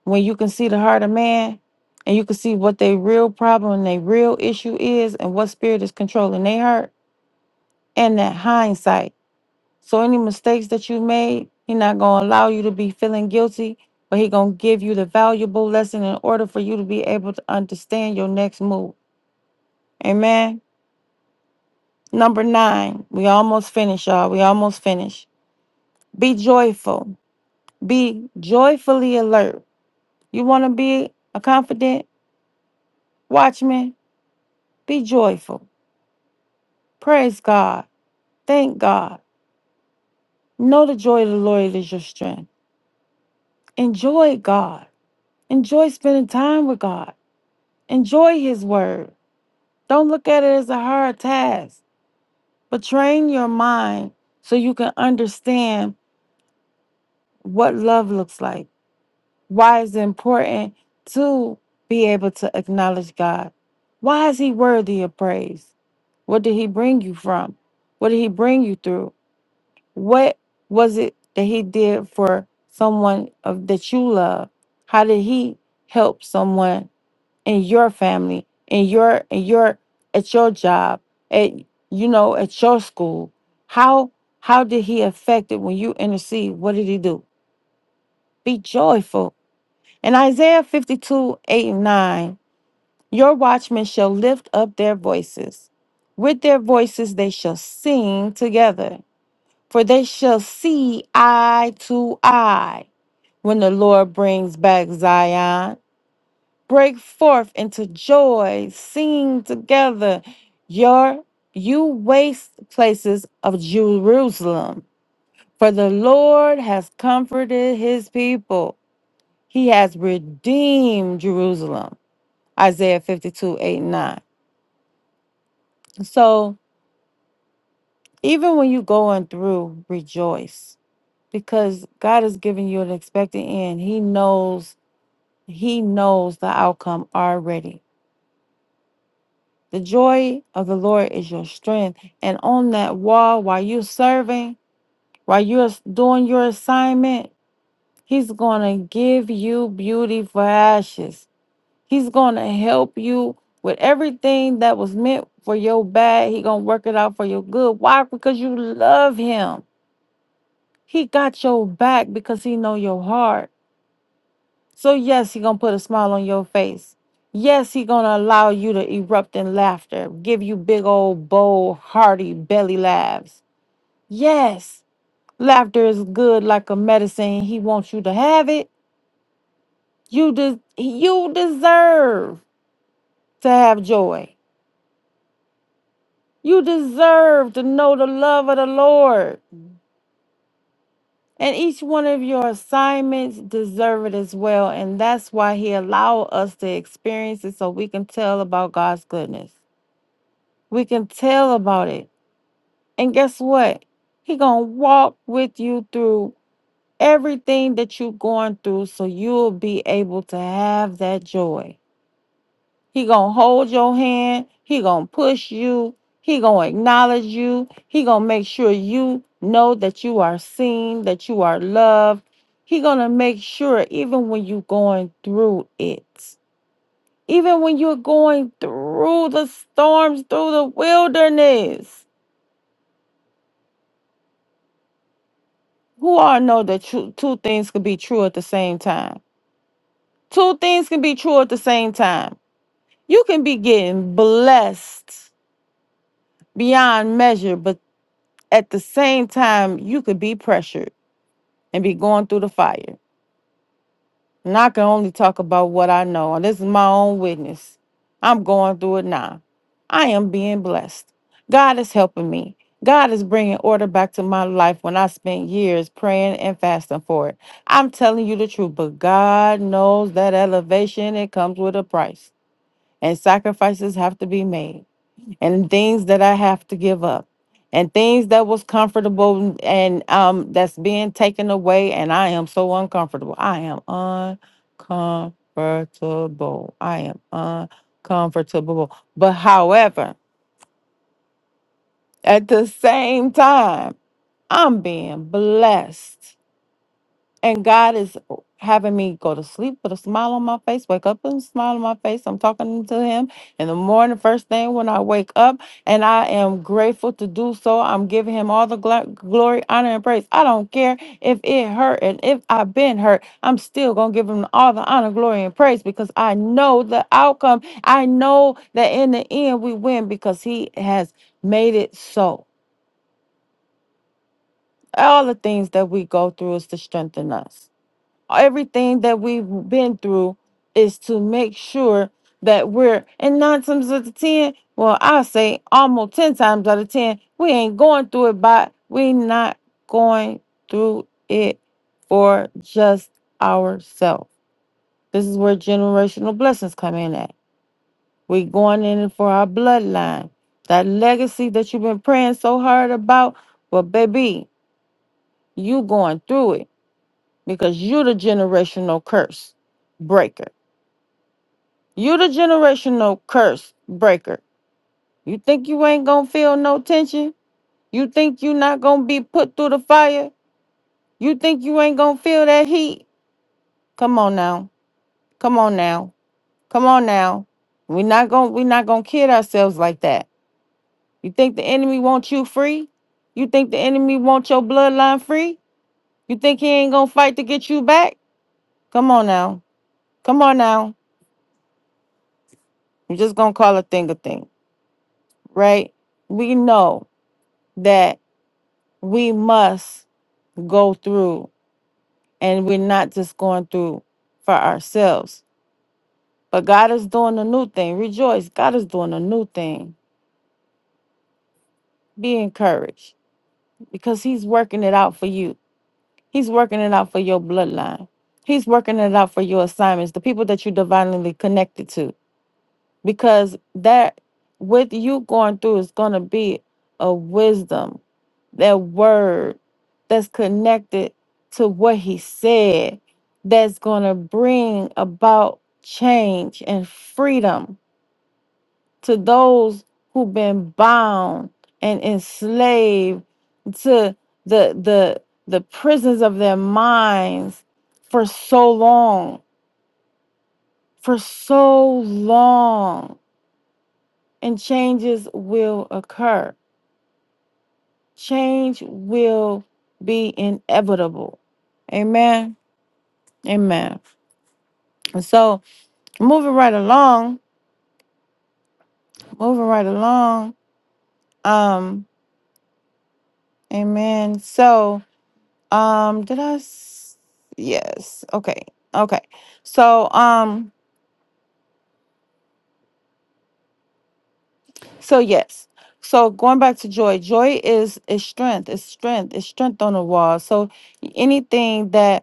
Speaker 4: when you can see the heart of man and you can see what their real problem and their real issue is and what spirit is controlling their heart and that hindsight. So any mistakes that you made, he not gonna allow you to be feeling guilty, but he gonna give you the valuable lesson in order for you to be able to understand your next move. Amen. Number nine, we almost finished, y'all. We almost finished. Be joyful. Be joyfully alert. You want to be a confident watchman? Be joyful. Praise God. Thank God. Know the joy of the Lord is your strength. Enjoy God. Enjoy spending time with God. Enjoy His Word. Don't look at it as a hard task, but train your mind so you can understand what love looks like, why is it important to be able to acknowledge God. Why is He worthy of praise? What did He bring you from? What did He bring you through? What was it that he did for someone of that you love? How did he help someone in your family, in your in your at your job, at you know, at your school? How how did he affect it when you intercede? What did he do? Be joyful. In Isaiah 52, 8 and 9, your watchmen shall lift up their voices. With their voices they shall sing together for they shall see eye to eye when the Lord brings back Zion. Break forth into joy, sing together, your you waste places of Jerusalem. For the Lord has comforted his people. He has redeemed Jerusalem. Isaiah 52 8 9. So even when you're going through, rejoice because God is giving you an expected end. He knows He knows the outcome already. The joy of the Lord is your strength. And on that wall, while you're serving, while you're doing your assignment, He's going to give you beauty for ashes. He's going to help you with everything that was meant for your bad. He going to work it out for your good. Why? Because you love Him. He got your back because He know your heart. So yes, he gonna put a smile on your face. Yes, he gonna allow you to erupt in laughter, give you big old bold, hearty belly laughs. Yes, laughter is good like a medicine. He wants you to have it. You des- you deserve to have joy. You deserve to know the love of the Lord. And each one of your assignments deserve it as well. And that's why he allow us to experience it so we can tell about God's goodness. We can tell about it. And guess what? He going to walk with you through everything that you going through so you'll be able to have that joy. He going to hold your hand. He going to push you. He going to acknowledge you. He going to make sure you know that you are seen, that you are loved. He going to make sure even when you are going through it. Even when you're going through the storms, through the wilderness, Who all know that tru- two things can be true at the same time? Two things can be true at the same time. You can be getting blessed beyond measure, but at the same time, you could be pressured and be going through the fire. And I can only talk about what I know. And this is my own witness. I'm going through it now. I am being blessed. God is helping me. God is bringing order back to my life when I spent years praying and fasting for it. I'm telling you the truth, but God knows that elevation, it comes with a price. And sacrifices have to be made and things that I have to give up and things that was comfortable and um that's being taken away and I am so uncomfortable. I am uncomfortable. I am uncomfortable. But however, at the same time, I'm being blessed and God is having me go to sleep with a smile on my face, wake up with a smile on my face. I'm talking to Him in the morning, first thing when I wake up, and I am grateful to do so. I'm giving Him all the gla- glory, honor, and praise. I don't care if it hurt and if I've been hurt, I'm still going to give Him all the honor, glory, and praise because I know the outcome. I know that in the end we win because He has made it so. All the things that we go through is to strengthen us everything that we've been through is to make sure that we're and nine times out of ten, well, I say almost ten times out of ten, we ain't going through it by we not going through it for just ourselves. This is where generational blessings come in at. We going in it for our bloodline. That legacy that you've been praying so hard about, well, baby, you going through it because you the generational curse breaker You the generational curse breaker. You think you ain't gonna feel no tension? You think you not gonna be put through the fire? You think you ain't gonna feel that heat? Come on now. Come on now. Come on now. we not gonna we not gonna kid ourselves like that. You think the enemy wants you free? You think the enemy wants your bloodline free? You think he ain't gonna fight to get you back? Come on now. Come on now. I'm just gonna call a thing a thing, right? We know that we must go through and we're not just going through for ourselves. But God is doing a new thing. Rejoice. God is doing a new thing. Be encouraged because He's working it out for you. He's working it out for your bloodline. He's working it out for your assignments, the people that you divinely connected to. Because that with you going through is gonna be a wisdom that word that's connected to what he said that's going to bring about change and freedom to those who've been bound and enslaved to the the the prisons of their minds for so long for so long and changes will occur change will be inevitable amen Amen. And So moving right along, moving right along. Um, amen. So, um, did I? S- yes. Okay. Okay. So, um, so yes. So going back to joy, joy is is strength. It's strength. It's strength on the wall. So anything that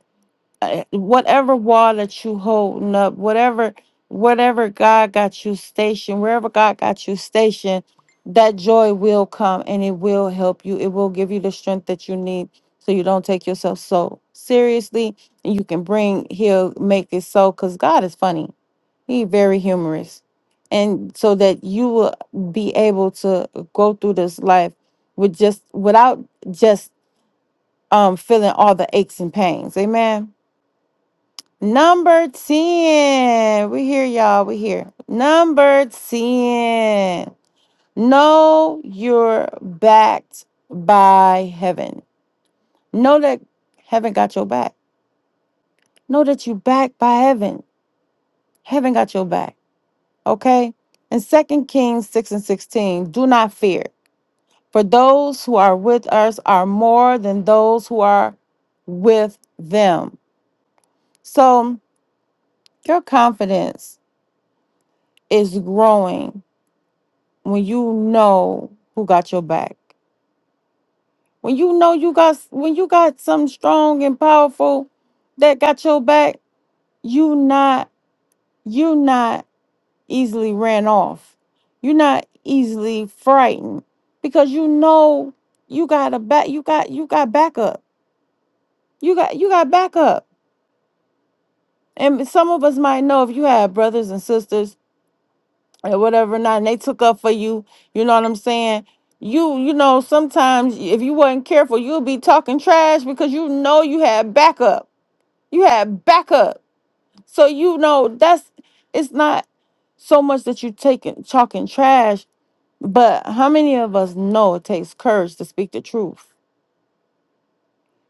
Speaker 4: uh, whatever wall that you holding up, whatever whatever God got you stationed, wherever God got you stationed, that joy will come and it will help you. It will give you the strength that you need so you don't take yourself so seriously. And you can bring he'll make it so because God is funny. He very humorous. And so that you will be able to go through this life with just without just um feeling all the aches and pains. Amen. Number 10. We here, y'all. We here. Number 10. Know you're backed by heaven. Know that heaven got your back. Know that you backed by heaven. Heaven got your back. Okay? In Second Kings 6 and 16, do not fear. For those who are with us are more than those who are with them. So your confidence is growing when you know who got your back when you know you got when you got something strong and powerful that got your back you not you not easily ran off you're not easily frightened because you know you got a back you got you got backup you got you got backup and some of us might know if you have brothers and sisters or whatever or not and they took up for you you know what i'm saying you you know sometimes if you wasn't careful you'll be talking trash because you know you had backup you had backup so you know that's it's not so much that you taking talking trash but how many of us know it takes courage to speak the truth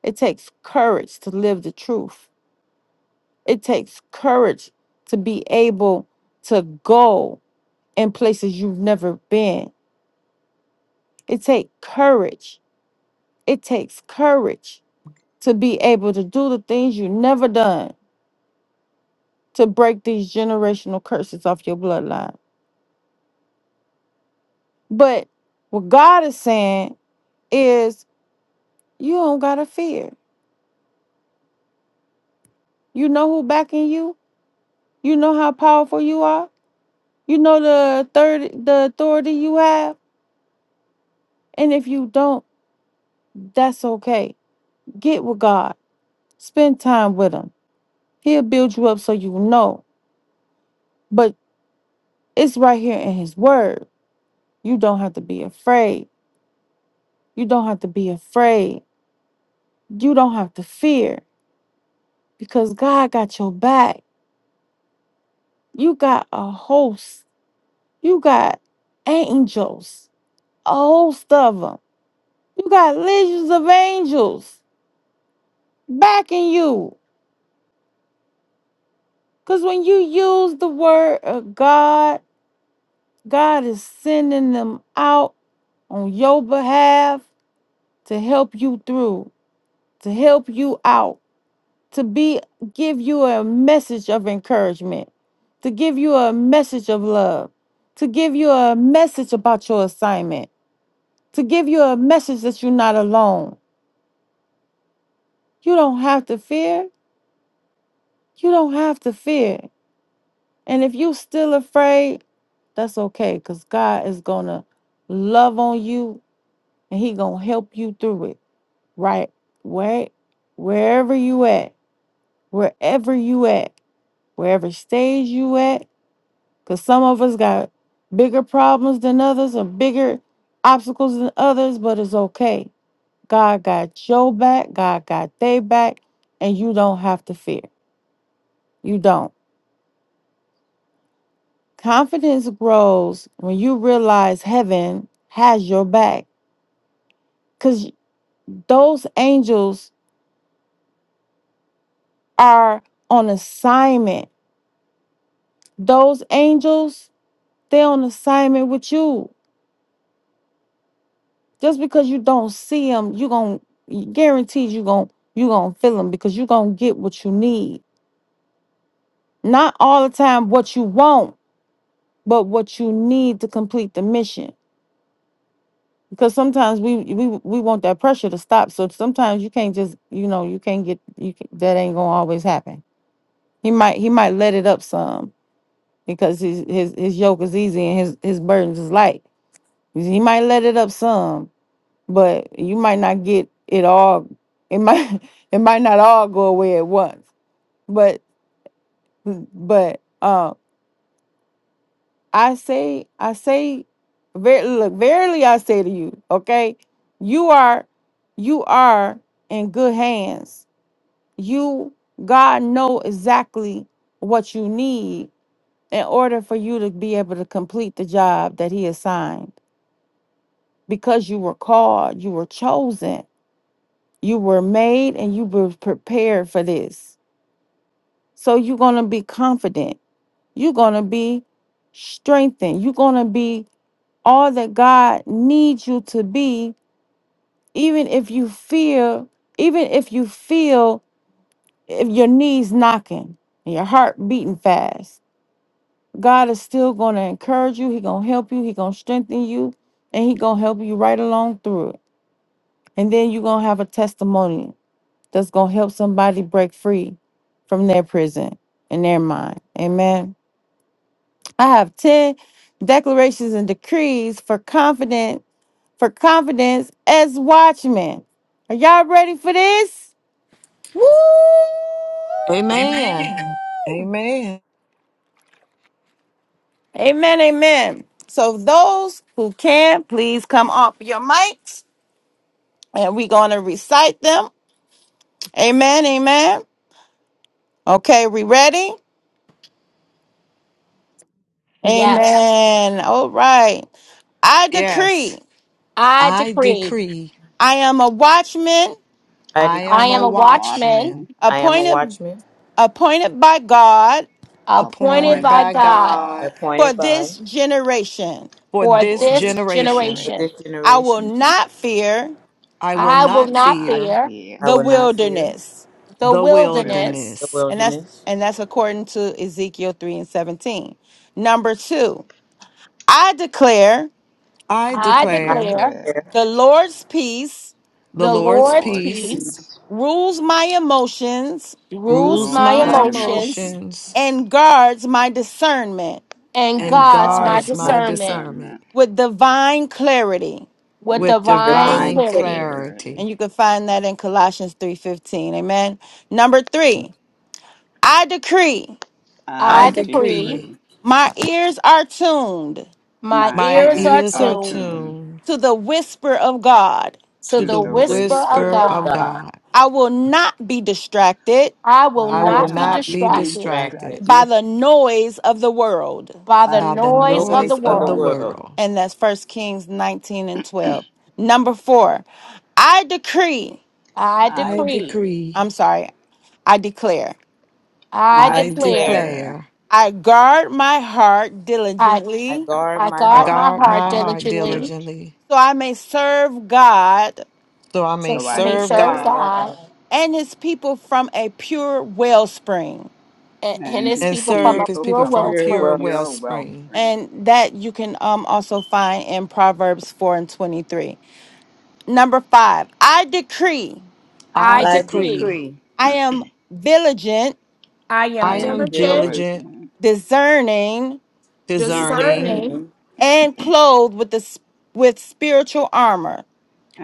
Speaker 4: it takes courage to live the truth it takes courage to be able to go in places you've never been it takes courage It takes courage to be able to do the things you never done to break these generational curses off your bloodline. But what God is saying is you don't gotta fear. You know who backing you. You know how powerful you are. You know the third the authority you have. And if you don't, that's okay. Get with God. Spend time with him. He'll build you up so you know. But it's right here in his word. You don't have to be afraid. You don't have to be afraid. You don't have to fear because God got your back. You got a host. You got angels, a host of them. You got legions of angels backing you. Because when you use the word of God, God is sending them out on your behalf to help you through, to help you out. to be give you a message of encouragement, to give you a message of love, to give you a message about your assignment, to give you a message that you're not alone. You don't have to fear. You don't have to fear. And if you're still afraid, that's okay cuz God is going to love on you and he going to help you through it. Right? Where wherever you at, wherever you at, wherever stage you at, Because some of us got bigger problems than others and bigger obstacles than others, but it's okay. God got your back, God got their back, and you don't have to fear. You don't. Confidence grows when you realize heaven has your back because those angels are on assignment. Those angels, they're on assignment with you. Just because you don't see them, you gon' guaranteed you gon' you gonna feel them because you gonna get what you need. Not all the time what you want, but what you need to complete the mission. Because sometimes we we we want that pressure to stop. So sometimes you can't just you know you can't get you can, that ain't gonna always happen. He might he might let it up some because his his his yoke is easy and his his burdens is light. He might let it up some, but you might not get it all it might it might not all go away at once but but um i say i say ver- look verily i say to you okay you are you are in good hands you god know exactly what you need in order for you to be able to complete the job that he assigned because you were called you were chosen You were made and you were prepared for this. So you're going to be confident. You're going to be strengthened. You're going to be all that God needs you to be, even if you feel, even if you feel if your knees knocking and your heart beating fast. God is still going to encourage you. He's going to help you. He's going to strengthen you and he's going to help you right along through it. And then you're going to have a testimony that's going to help somebody break free from their prison in their mind. Amen. I have 10 declarations and decrees for confident for confidence as watchmen. Are y'all ready for this?
Speaker 1: Woo!
Speaker 5: Amen.
Speaker 4: Amen.
Speaker 5: Amen.
Speaker 4: Amen. Amen. So those who can, please come off your mics and we're going to recite them. Amen. Amen. Okay, we ready?
Speaker 1: Yes,
Speaker 4: Amen. All right. I
Speaker 5: Yes,
Speaker 4: decree
Speaker 1: I
Speaker 5: I
Speaker 1: decree
Speaker 5: decree
Speaker 4: I am a watchman
Speaker 6: I
Speaker 5: I
Speaker 3: I
Speaker 6: decree
Speaker 1: I
Speaker 5: am
Speaker 1: am
Speaker 5: a
Speaker 3: am
Speaker 1: a
Speaker 3: a
Speaker 1: watchman
Speaker 3: watchman
Speaker 5: watchman
Speaker 6: I am a
Speaker 4: appointed
Speaker 6: watchman
Speaker 4: appointed by God
Speaker 1: appointed
Speaker 5: appointed
Speaker 1: by
Speaker 3: appointed
Speaker 5: by
Speaker 3: by
Speaker 1: God
Speaker 3: God
Speaker 5: God
Speaker 4: for
Speaker 6: appointed
Speaker 4: this
Speaker 6: by
Speaker 4: generation.
Speaker 5: for
Speaker 1: for
Speaker 5: this
Speaker 3: for
Speaker 1: this
Speaker 3: this
Speaker 5: generation.
Speaker 6: for
Speaker 1: generation.
Speaker 6: this
Speaker 3: generation.
Speaker 4: I will
Speaker 6: generation.
Speaker 4: not fear
Speaker 5: I will
Speaker 1: I
Speaker 3: I
Speaker 1: will
Speaker 3: will
Speaker 5: not
Speaker 1: not
Speaker 3: not
Speaker 5: fear
Speaker 1: fear
Speaker 3: fear.
Speaker 6: I
Speaker 4: the
Speaker 6: will not fear
Speaker 4: wilderness.
Speaker 1: the
Speaker 5: the
Speaker 3: Will
Speaker 1: wilderness.
Speaker 6: the
Speaker 5: wilderness.
Speaker 4: And that's
Speaker 6: wilderness.
Speaker 4: and that's according to Ezekiel 3 and 17. Number 2. I declare
Speaker 5: I
Speaker 1: I
Speaker 3: I
Speaker 6: I
Speaker 5: declare
Speaker 1: declare
Speaker 6: declare
Speaker 3: declare
Speaker 4: the Lord's peace
Speaker 5: the
Speaker 1: the
Speaker 3: the
Speaker 5: Lord's
Speaker 1: Lord's
Speaker 3: Lord's
Speaker 5: peace
Speaker 6: peace,
Speaker 1: peace
Speaker 3: peace
Speaker 4: rules my emotions
Speaker 1: rules
Speaker 5: rules
Speaker 3: rules
Speaker 1: my
Speaker 6: my
Speaker 5: my
Speaker 3: my
Speaker 6: most
Speaker 1: emotions
Speaker 3: emotion
Speaker 5: emotions
Speaker 4: and guards my discernment
Speaker 1: and
Speaker 5: and
Speaker 3: and
Speaker 1: God's my
Speaker 5: guards
Speaker 3: guards
Speaker 6: my
Speaker 5: my
Speaker 3: my
Speaker 1: discernment.
Speaker 5: discernment
Speaker 3: discernment
Speaker 4: with divine clarity.
Speaker 1: with
Speaker 3: with
Speaker 5: with
Speaker 1: divine
Speaker 6: divine
Speaker 3: divine
Speaker 5: divine
Speaker 1: clarity.
Speaker 6: clarity.
Speaker 3: clarity.
Speaker 4: And
Speaker 5: clarity.
Speaker 4: you can find that in Colossians 3:15. Amen. Number 3. I decree
Speaker 5: I
Speaker 6: I
Speaker 3: I
Speaker 1: I
Speaker 6: decree
Speaker 1: decree
Speaker 5: decree
Speaker 3: decree
Speaker 4: My ears are tuned
Speaker 1: my
Speaker 3: my
Speaker 6: my
Speaker 5: my
Speaker 1: ears
Speaker 6: ears
Speaker 1: are
Speaker 3: ends
Speaker 5: ears
Speaker 6: are
Speaker 3: are
Speaker 5: are
Speaker 6: attuned
Speaker 1: tuned
Speaker 6: to
Speaker 3: tuned
Speaker 5: tuned
Speaker 4: to the whisper of God.
Speaker 1: to
Speaker 5: to
Speaker 3: to
Speaker 5: the
Speaker 1: the
Speaker 3: the
Speaker 1: whisper
Speaker 6: the word
Speaker 1: of
Speaker 3: whisper
Speaker 5: whisper
Speaker 3: of
Speaker 6: of
Speaker 5: of
Speaker 1: God.
Speaker 6: God.
Speaker 3: God.
Speaker 5: God.
Speaker 4: I will not be distracted
Speaker 1: I
Speaker 3: I
Speaker 1: will
Speaker 5: I
Speaker 6: I
Speaker 3: will
Speaker 5: will
Speaker 6: will
Speaker 1: not be
Speaker 3: not
Speaker 6: not
Speaker 5: not
Speaker 6: be
Speaker 5: be
Speaker 3: be
Speaker 1: distracted
Speaker 5: distracted
Speaker 6: distracted.
Speaker 4: by
Speaker 3: distracted
Speaker 4: the noise of the world.
Speaker 1: by the
Speaker 3: by
Speaker 5: by
Speaker 3: the
Speaker 5: the
Speaker 1: noise of
Speaker 6: Noise
Speaker 1: the
Speaker 3: noise
Speaker 5: noise
Speaker 6: of
Speaker 3: of
Speaker 5: of
Speaker 6: the
Speaker 3: the
Speaker 5: the
Speaker 1: world.
Speaker 3: world.
Speaker 6: world.
Speaker 5: world.
Speaker 4: And that's First Kings 19 and 12. Number four, I decree,
Speaker 1: I
Speaker 3: I
Speaker 5: I
Speaker 1: decree,
Speaker 3: decree,
Speaker 5: decree,
Speaker 4: I'm sorry, I declare,
Speaker 1: I
Speaker 6: I
Speaker 5: I
Speaker 3: I
Speaker 1: declare,
Speaker 6: declare
Speaker 3: declare,
Speaker 5: declare,
Speaker 4: I guard my heart
Speaker 1: I,
Speaker 6: I
Speaker 4: diligently
Speaker 3: I
Speaker 6: guard
Speaker 1: I
Speaker 6: my
Speaker 5: I
Speaker 1: guard
Speaker 6: heart,
Speaker 3: guard
Speaker 1: my
Speaker 5: guard
Speaker 3: my
Speaker 1: heart
Speaker 5: my
Speaker 3: heart
Speaker 5: heart
Speaker 1: diligently
Speaker 3: diligently
Speaker 5: diligently
Speaker 4: so I may serve God
Speaker 5: so I may
Speaker 1: so
Speaker 3: so
Speaker 1: I
Speaker 3: I
Speaker 1: may
Speaker 3: may
Speaker 5: serve
Speaker 1: serve
Speaker 6: serve
Speaker 3: serve
Speaker 5: God
Speaker 1: God
Speaker 6: God,
Speaker 3: God
Speaker 4: and his people from a pure wellspring.
Speaker 1: and, and
Speaker 3: and
Speaker 1: his
Speaker 3: his
Speaker 5: and
Speaker 1: people from
Speaker 5: serve
Speaker 1: a
Speaker 6: pure-
Speaker 5: his
Speaker 3: people
Speaker 1: pure
Speaker 6: and
Speaker 5: people
Speaker 3: from a
Speaker 5: from
Speaker 6: pure
Speaker 1: wellspring.
Speaker 5: pure
Speaker 3: pure
Speaker 6: wealth.
Speaker 3: well
Speaker 5: wellspring.
Speaker 3: stream.
Speaker 4: And that you can um, also find in Proverbs 4 and 23. Number five, I decree
Speaker 3: I
Speaker 1: I
Speaker 5: I
Speaker 6: I
Speaker 1: decree,
Speaker 5: decree,
Speaker 3: decree,
Speaker 6: decree
Speaker 4: I am vigilant,
Speaker 1: I am
Speaker 3: I
Speaker 6: I
Speaker 5: I am
Speaker 6: am
Speaker 3: am
Speaker 1: diligent,
Speaker 6: diligent
Speaker 5: diligent,
Speaker 3: diligent,
Speaker 4: discerning,
Speaker 5: discerning,
Speaker 1: discerning,
Speaker 6: discerning
Speaker 3: discerning,
Speaker 4: and clothed with the sp- with spiritual armor.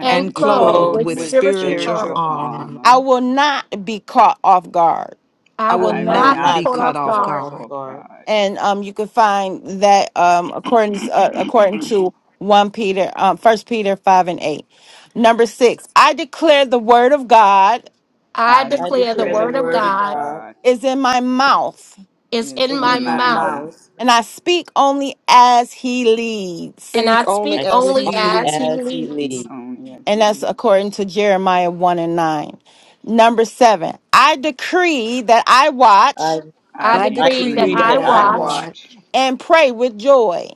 Speaker 1: and
Speaker 5: and
Speaker 6: and
Speaker 1: clothed
Speaker 5: clothed
Speaker 6: clothed
Speaker 3: clothed
Speaker 1: with
Speaker 5: with
Speaker 3: with
Speaker 6: with
Speaker 1: spiritual
Speaker 5: spiritual
Speaker 6: spiritual
Speaker 3: spiritual
Speaker 1: armor.
Speaker 5: armor.
Speaker 3: armor.
Speaker 4: I
Speaker 6: armor.
Speaker 4: will not be caught off guard.
Speaker 1: I
Speaker 5: I will
Speaker 1: will
Speaker 3: I
Speaker 6: I
Speaker 3: will
Speaker 6: will
Speaker 1: not
Speaker 5: not
Speaker 1: be
Speaker 3: not
Speaker 5: be
Speaker 6: not
Speaker 1: caught
Speaker 6: be
Speaker 3: be
Speaker 5: cut
Speaker 1: off
Speaker 5: off
Speaker 6: caught
Speaker 3: caught
Speaker 1: guard
Speaker 6: off
Speaker 5: guard.
Speaker 3: off
Speaker 6: guard.
Speaker 3: guard.
Speaker 4: And um, you can find that um, according uh, according to one Peter, um, First Peter five and eight. Number six, I declare the word of God
Speaker 1: I
Speaker 3: I
Speaker 6: I
Speaker 1: declare the
Speaker 6: declare the
Speaker 3: declare
Speaker 1: word
Speaker 3: the
Speaker 1: of
Speaker 6: word
Speaker 3: word
Speaker 6: of
Speaker 3: of
Speaker 1: God
Speaker 6: God
Speaker 3: God
Speaker 4: is in my mouth,
Speaker 1: is
Speaker 3: is
Speaker 1: in
Speaker 6: is in
Speaker 1: my
Speaker 3: in
Speaker 6: my
Speaker 3: my
Speaker 1: mouth,
Speaker 3: mouth.
Speaker 6: mouth.
Speaker 4: and I speak only as He leads.
Speaker 1: and I
Speaker 5: Speak only
Speaker 1: speak
Speaker 6: I
Speaker 5: as
Speaker 6: speak
Speaker 1: only
Speaker 5: he
Speaker 6: only
Speaker 1: as he
Speaker 5: leads.
Speaker 6: as he
Speaker 3: Speak
Speaker 1: leads.
Speaker 6: leads.
Speaker 3: only as
Speaker 4: And
Speaker 3: it
Speaker 4: that's
Speaker 3: is.
Speaker 4: according to Jeremiah 1 and 9. Number seven, I decree that I
Speaker 6: I,
Speaker 4: watch
Speaker 1: I
Speaker 3: I
Speaker 5: I
Speaker 6: I
Speaker 1: decree
Speaker 5: decree
Speaker 1: that
Speaker 6: decree
Speaker 3: decree
Speaker 5: that
Speaker 1: I
Speaker 6: that
Speaker 3: that
Speaker 5: I
Speaker 6: I
Speaker 3: I
Speaker 1: watch
Speaker 6: watch
Speaker 5: want
Speaker 3: watch
Speaker 4: and pray with joy,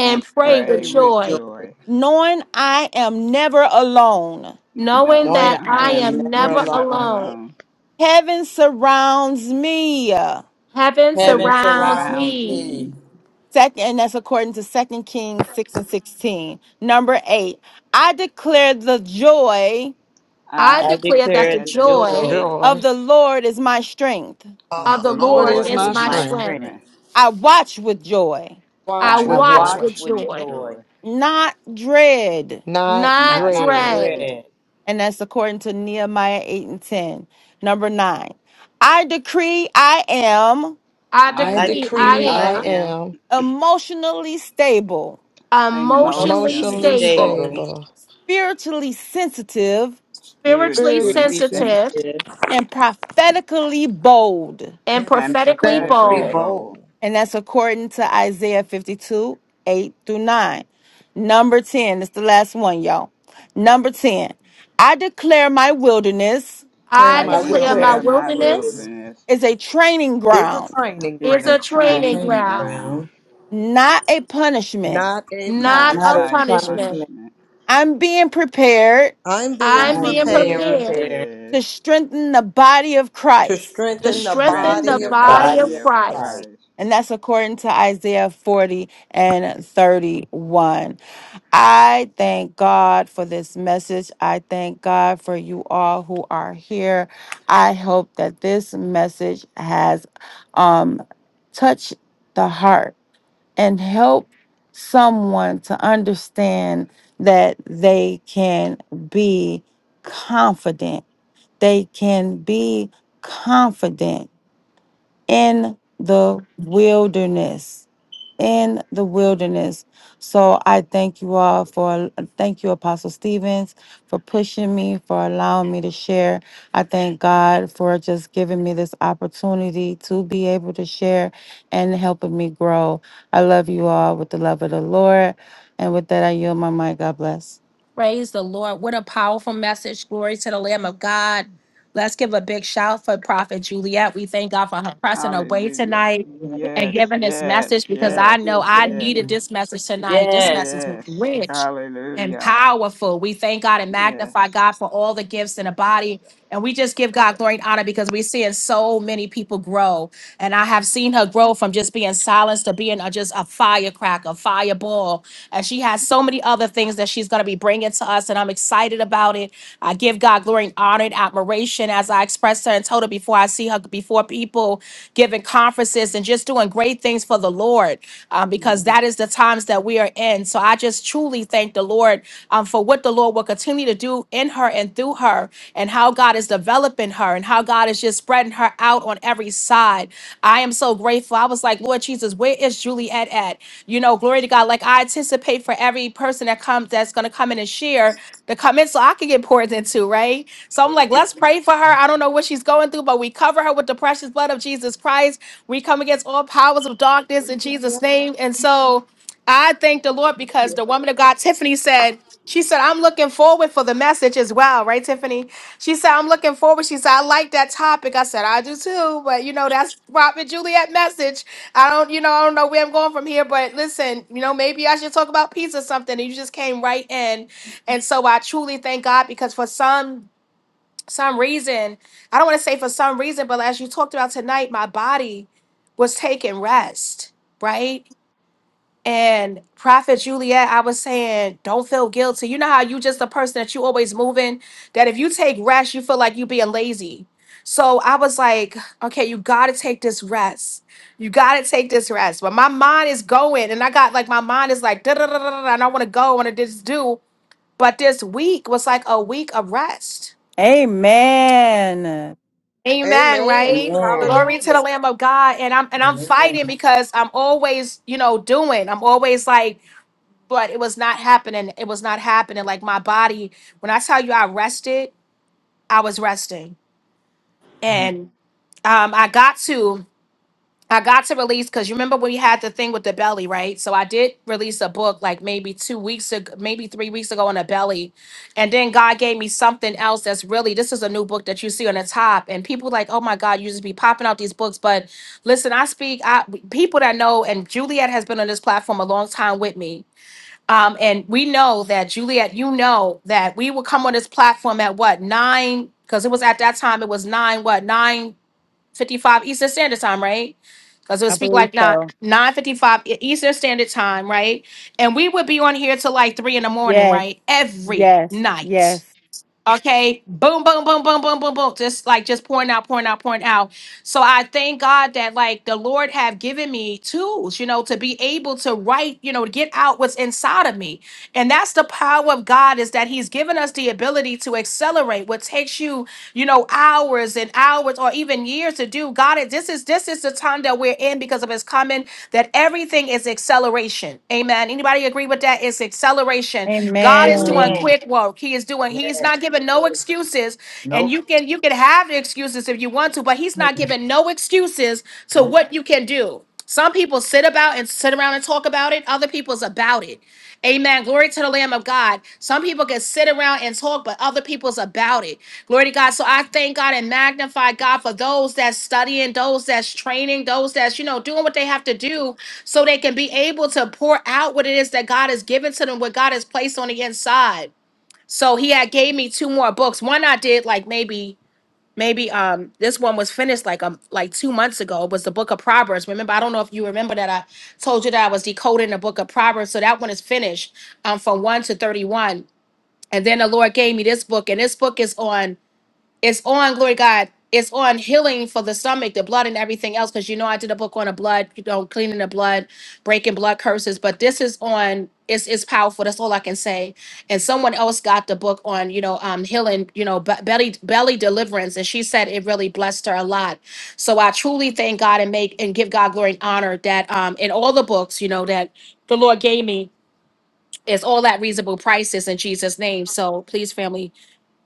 Speaker 3: and
Speaker 6: and
Speaker 1: pray with
Speaker 3: pray
Speaker 6: pray with
Speaker 3: with
Speaker 6: joy,
Speaker 1: joy,
Speaker 3: joy,
Speaker 4: knowing I am never alone.
Speaker 1: knowing
Speaker 3: knowing
Speaker 6: knowing
Speaker 1: that
Speaker 6: I
Speaker 3: I
Speaker 1: I
Speaker 3: am
Speaker 6: am
Speaker 1: am
Speaker 6: never
Speaker 1: never
Speaker 3: never
Speaker 6: alone.
Speaker 1: alone.
Speaker 3: alone.
Speaker 4: Heaven surrounds me.
Speaker 1: Heaven
Speaker 3: Heaven
Speaker 6: Heaven
Speaker 1: surrounds
Speaker 6: surrounds
Speaker 3: surrounds
Speaker 1: me.
Speaker 6: me.
Speaker 3: me.
Speaker 4: Second, and that's according to Second Kings 6 and 16. Number eight, I declare the joy
Speaker 1: I
Speaker 6: I
Speaker 3: I
Speaker 1: declare that
Speaker 6: declare
Speaker 1: the
Speaker 3: declare
Speaker 6: the
Speaker 3: the
Speaker 1: joy
Speaker 6: joy,
Speaker 3: joy
Speaker 4: of
Speaker 5: joy
Speaker 4: the Lord is my strength.
Speaker 5: Oh,
Speaker 3: of
Speaker 1: of
Speaker 5: the
Speaker 1: the
Speaker 3: the
Speaker 5: Lord
Speaker 6: the
Speaker 1: Lord
Speaker 5: is
Speaker 3: Lord
Speaker 6: Lord
Speaker 1: is
Speaker 5: my
Speaker 3: is
Speaker 6: is
Speaker 1: my
Speaker 6: my
Speaker 3: my
Speaker 5: strength.
Speaker 1: strength.
Speaker 6: strength.
Speaker 3: strength.
Speaker 4: I watch with joy,
Speaker 1: I
Speaker 5: Watch
Speaker 3: I
Speaker 6: I
Speaker 5: with
Speaker 1: watch
Speaker 6: watch
Speaker 5: joy,
Speaker 1: with
Speaker 3: watch
Speaker 6: with
Speaker 3: with
Speaker 1: joy,
Speaker 6: joy,
Speaker 3: joy,
Speaker 4: not dread.
Speaker 5: not
Speaker 1: not
Speaker 3: not
Speaker 6: not
Speaker 5: dread.
Speaker 1: dread.
Speaker 3: dread.
Speaker 6: dread.
Speaker 4: And that's according to Nehemiah 8 and 10. Number nine, I decree I am
Speaker 1: I
Speaker 3: I
Speaker 5: I
Speaker 6: I
Speaker 1: decree I
Speaker 6: decree
Speaker 5: decree
Speaker 3: decree
Speaker 6: I
Speaker 5: I
Speaker 1: am
Speaker 3: I
Speaker 6: am
Speaker 5: am
Speaker 4: emotionally stable,
Speaker 3: am
Speaker 1: emotionally
Speaker 6: emotionally
Speaker 3: emotionally
Speaker 5: emotionally
Speaker 1: stable,
Speaker 3: stable,
Speaker 6: stable
Speaker 5: stable.
Speaker 4: spiritually sensitive,
Speaker 1: spiritually
Speaker 5: spiritually
Speaker 6: Spirit
Speaker 3: spiritually
Speaker 6: be
Speaker 1: sensitive
Speaker 3: sensitive,
Speaker 6: sensitive.
Speaker 4: and prophetically bold.
Speaker 1: and
Speaker 5: and
Speaker 3: and
Speaker 1: prophetically
Speaker 6: I,
Speaker 3: prophetically
Speaker 5: prophetically
Speaker 1: bold.
Speaker 5: bold.
Speaker 3: bold.
Speaker 4: And that's according to Isaiah 52, 8 through 9. Number 10, it's the last one, y'all. Number 10, I declare my wilderness
Speaker 5: Declare
Speaker 1: I
Speaker 3: I
Speaker 5: my
Speaker 6: I
Speaker 1: declare
Speaker 5: will.
Speaker 1: my
Speaker 6: declare
Speaker 3: declare
Speaker 6: my
Speaker 3: my
Speaker 1: wilderness
Speaker 6: wilderness
Speaker 3: wilderness
Speaker 4: is a training
Speaker 5: is a
Speaker 4: ground,
Speaker 5: training
Speaker 3: is
Speaker 1: is
Speaker 3: a
Speaker 5: ground,
Speaker 1: a
Speaker 6: the
Speaker 1: training
Speaker 6: training
Speaker 3: training
Speaker 1: ground,
Speaker 3: ground,
Speaker 6: ground,
Speaker 4: not a punishment.
Speaker 5: not a
Speaker 1: not
Speaker 3: not
Speaker 6: not
Speaker 1: a
Speaker 6: a
Speaker 5: punishment.
Speaker 3: a
Speaker 1: punishment.
Speaker 6: punishment.
Speaker 3: punishment.
Speaker 4: I'm being prepared
Speaker 5: I'm being
Speaker 1: I'm
Speaker 3: I'm
Speaker 6: I'm
Speaker 1: being
Speaker 6: being
Speaker 3: being
Speaker 5: prepared
Speaker 1: prepared
Speaker 6: repaired
Speaker 3: prepared.
Speaker 4: to strengthen the body of
Speaker 5: to
Speaker 4: Christ.
Speaker 1: to
Speaker 3: to
Speaker 5: strengthen the
Speaker 6: and sent
Speaker 1: strengthen
Speaker 3: strengthen
Speaker 6: in
Speaker 1: the
Speaker 5: body
Speaker 3: the
Speaker 6: the
Speaker 5: of
Speaker 1: body of
Speaker 6: body
Speaker 3: body
Speaker 6: of
Speaker 3: of
Speaker 5: Christ.
Speaker 1: Christ.
Speaker 6: Christ.
Speaker 3: Christ.
Speaker 4: And that's according to Isaiah 40 and 31. I thank God for this message. I thank God for you all who are here. I hope that this message has um, touched the heart and helped someone to understand that they can be confident. They can be confident in the wilderness in the wilderness so i thank you all for thank you apostle stevens for pushing me for allowing me to share i thank god for just giving me this opportunity to be able to share and helping me grow i love you all with the love of the lord and with that i yield my mind god bless
Speaker 1: Praise the Lord. What a powerful message. Glory to the Lamb of God. Let's give a big shout for Prophet Juliet. We thank God for her pressing away
Speaker 3: Hallelujah.
Speaker 1: tonight and
Speaker 3: Yes,
Speaker 1: giving this
Speaker 3: yes,
Speaker 1: message because
Speaker 6: Thank
Speaker 1: I
Speaker 3: yes,
Speaker 6: you,
Speaker 1: know I
Speaker 6: thank
Speaker 3: yes,
Speaker 1: needed
Speaker 6: you.
Speaker 1: this message tonight. This
Speaker 6: Yes.
Speaker 1: message was
Speaker 3: yes.
Speaker 6: yes.
Speaker 1: rich and
Speaker 3: Hallelujah.
Speaker 1: powerful. We thank God and magnify
Speaker 3: Yes.
Speaker 1: God for all the gifts in the body. And we just give God glory and honor because we're seeing so many people grow. And I have seen her grow from just being silenced to being a, just a firecracker, a fireball and she has so many other things that she's going to be bringing to us, and I'm excited about it. I give God glory and honor and admiration as I express will give
Speaker 3: Mhm.
Speaker 1: word um, her and just spreading her out. I am so grateful. I was like, Lord Jesus, that you know, glory to God. Like I anticipate for a person that comes that's going to come in and share. I could get poured into, right? So I'm
Speaker 6: Amen.
Speaker 1: like, let's pray for her. I don't know what she's going through, but we cover her with the precious blood of Jesus Christ. We come against all powers of darkness in Jesus' name. And so I thank the Lord because the woman of God, Tiffany, said, she said, I'm looking forward for the message as well, right, Tiffany? She said, I'm looking forward. She said, I like that topic. I said, I do too, but you know, that's Prophet Juliet message. I don't, you know, I don't know where I'm going from here, but listen, you know, maybe I should talk about peace or something. And you just came right in and so I truly thank God because for some some reason, I don't want to say for some reason, but as you talked about tonight, my body was taking rest, right? And Prophet Juliet, I was saying, don't feel guilty. You know how you just the person that you always moving, that if you take rest, you feel like you being lazy. So I was like, okay, you gotta take this rest. You gotta take this rest. But my mind is going, and I got like my mind is like da da da da da, and I want to go, and I want to just do. But this week was like a week of rest.
Speaker 4: amen
Speaker 1: Amen,
Speaker 5: Amen.
Speaker 1: right?
Speaker 6: Amen.
Speaker 1: Glory to the
Speaker 5: Hallelujah.
Speaker 1: Lamb of God. And I'm and I'm fighting
Speaker 6: Amen.
Speaker 1: because I'm always, you know, doing. I'm always like, but it was not happening. It was not happening. Like my body, when I tell you I rested, I was resting. And um I got to. I got to release because you remember when we had the thing with the belly, right? So I did release a book like maybe two weeks ago, maybe three weeks ago on a belly. And then God gave me something else that's really this is a new book that you see on the top. And people like, oh my God, you just be popping out these books. But listen, I speak I people that know, and Juliet has been on this platform a long time with me. Um, and we know that Juliet, you know that we would come on this platform at what nine? Because it was at that time, it was nine, what, nine fifty six standard time, right? Cause it'll
Speaker 4: i
Speaker 1: speak
Speaker 4: believe
Speaker 1: like nine,
Speaker 4: so
Speaker 1: nine fifty fifth standard, right? And we on here till like three in the morning,
Speaker 4: yes
Speaker 1: right? Every
Speaker 4: yes
Speaker 1: night.
Speaker 4: yes
Speaker 1: Okay. Boom, boom, boom, boom, boom, boom, boom. Just like just pouring out, pouring out, pouring out. So I thank God that like the Lord have given me tools, you know, to be able to write, you know, to get out what's inside of me. And that's the power of God is that He's given us the ability to accelerate what takes you you know, hours and hours or even years to do. God, it- this is this is the time that we're in because of his coming, that everything is acceleration. Amen. Anybody agree with that? It's acceleration. God is doing
Speaker 4: amen
Speaker 6: Amen.
Speaker 1: quick work. He is doing, he's
Speaker 6: Yes.
Speaker 1: not giving no
Speaker 6: yes.
Speaker 1: excuses. And
Speaker 6: Nope.
Speaker 1: you can you can have the excuses if you want to, but he's not giving no excuses to
Speaker 6: Nope.
Speaker 1: what you can do. Some people sit about and sit around and talk about it. Other people's about it. Amen. Glory to the Lamb of God. Some people can sit around and talk, but other people's about it. Glory to God. So I thank God and magnify God for those that's studying, those that's training, those that's, you know, doing what they have to do so they can be able to pour out what it is that God has given to them, what God has placed on the inside. So he had gave me two more books. One I did like maybe, maybe um this one was finished like um like two months ago. It was the book of Proverbs. Remember, I don't know if you remember that I told you that I was decoding the book of Proverbs. So that one is finished um from one to thirty-one. And then the Lord gave me this book, and this book is on. It's on, glory to God. It's on healing for the stomach, the blood, and everything else. Because you know, I did a book on the blood, you know, cleaning the blood, breaking blood curses. But this is on. It's it's powerful. That's all I can say. And someone else got the book on, you know, um, healing, you know, be- belly belly deliverance, and she said it really blessed her a lot. So I truly thank God and make and give God glory and honor that um in all the books, you know, that the Lord gave me is all at reasonable prices in Jesus' name. So please, family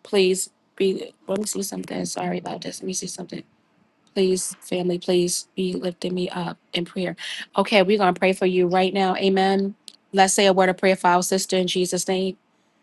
Speaker 1: Please be, let me see something. Sorry about this. Let me see something. Please, family, please be lifting me up in prayer. Okay, we're going to pray for you right now. Amen. Let's say a word of prayer for our sister in Jesus' name.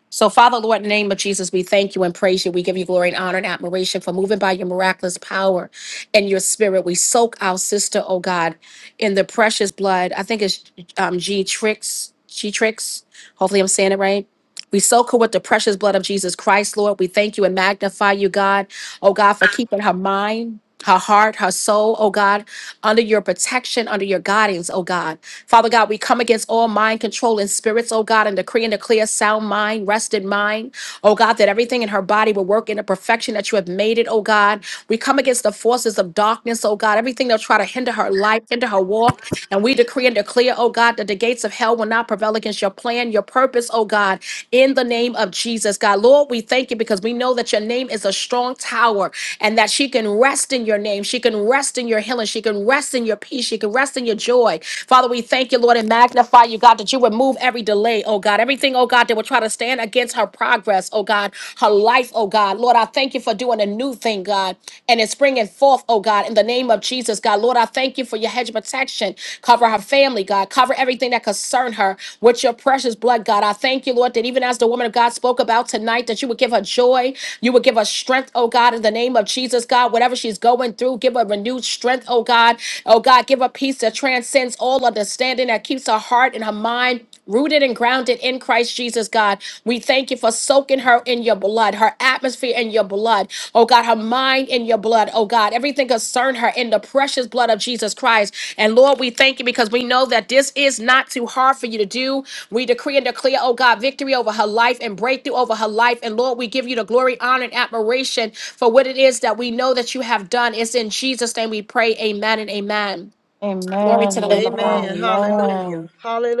Speaker 1: So, Father, Lord, in the name of Jesus, we thank you and praise you. We give you glory and honor and admiration for moving by your miraculous power and your spirit. We soak our sister, oh God, in the precious blood. I think it's um, G Tricks. G Tricks. Hopefully, I'm saying it right. We soak her with the precious blood of Jesus Christ, Lord. We thank you and magnify you, God. Oh God, for keeping her mind, her heart, her soul, oh God, under your protection, under your guidance, oh God. Father God, we come against all mind controlling spirits, oh God, and decree and declare sound mind, rested mind, oh God, that everything in her body will work in the perfection that you have made it, oh God. We come against the forces of darkness, oh God, everything that'll try to hinder her life, hinder her walk. And we decree and declare, oh God, that the gates of hell will not prevail against your plan, your purpose, oh God, in the name of Jesus, God. Lord, we thank you because we know that your name is a strong tower and that she can rest in your name. She can rest in your healing. She can rest in your peace. She can rest in your joy. Father, we thank you, Lord, and magnify you, God, that you would move every delay, oh God, everything, oh God, that would try to stand against her progress, oh God, her life, oh God. Lord, I thank you for doing a new thing, God, and it's springing forth, oh God, in the name of Jesus, God. Lord, I thank you for your hedge of protection Cover her family, God. Cover everything that concern her with your precious blood, God. I thank you, Lord, that even as the woman of God spoke about tonight, that you would give her joy. You would give her strength, oh God, in the name of Jesus, God. Whatever she's going through, give her renewed strength, oh God. Oh God, give her peace that transcends all understanding, that keeps her heart and her mind rooted and grounded in Christ Jesus, God. We thank you for soaking her in your blood, her atmosphere in your blood. Oh God, her mind in your blood. Oh God, everything concern her in the precious blood of Jesus Christ. And Lord, we thank you because we know that this is not too hard for you to do. We decree and declare, oh God, victory over her life and breakthrough over her life. And Lord, we give you the glory, honor, and admiration for what it is that we know that you have done. It's in Jesus' name we pray. Amen and amen.
Speaker 4: Amen.
Speaker 1: Glory to the Lamb
Speaker 4: Amen.
Speaker 1: of God.
Speaker 5: Amen. Hallelujah.
Speaker 4: Amen.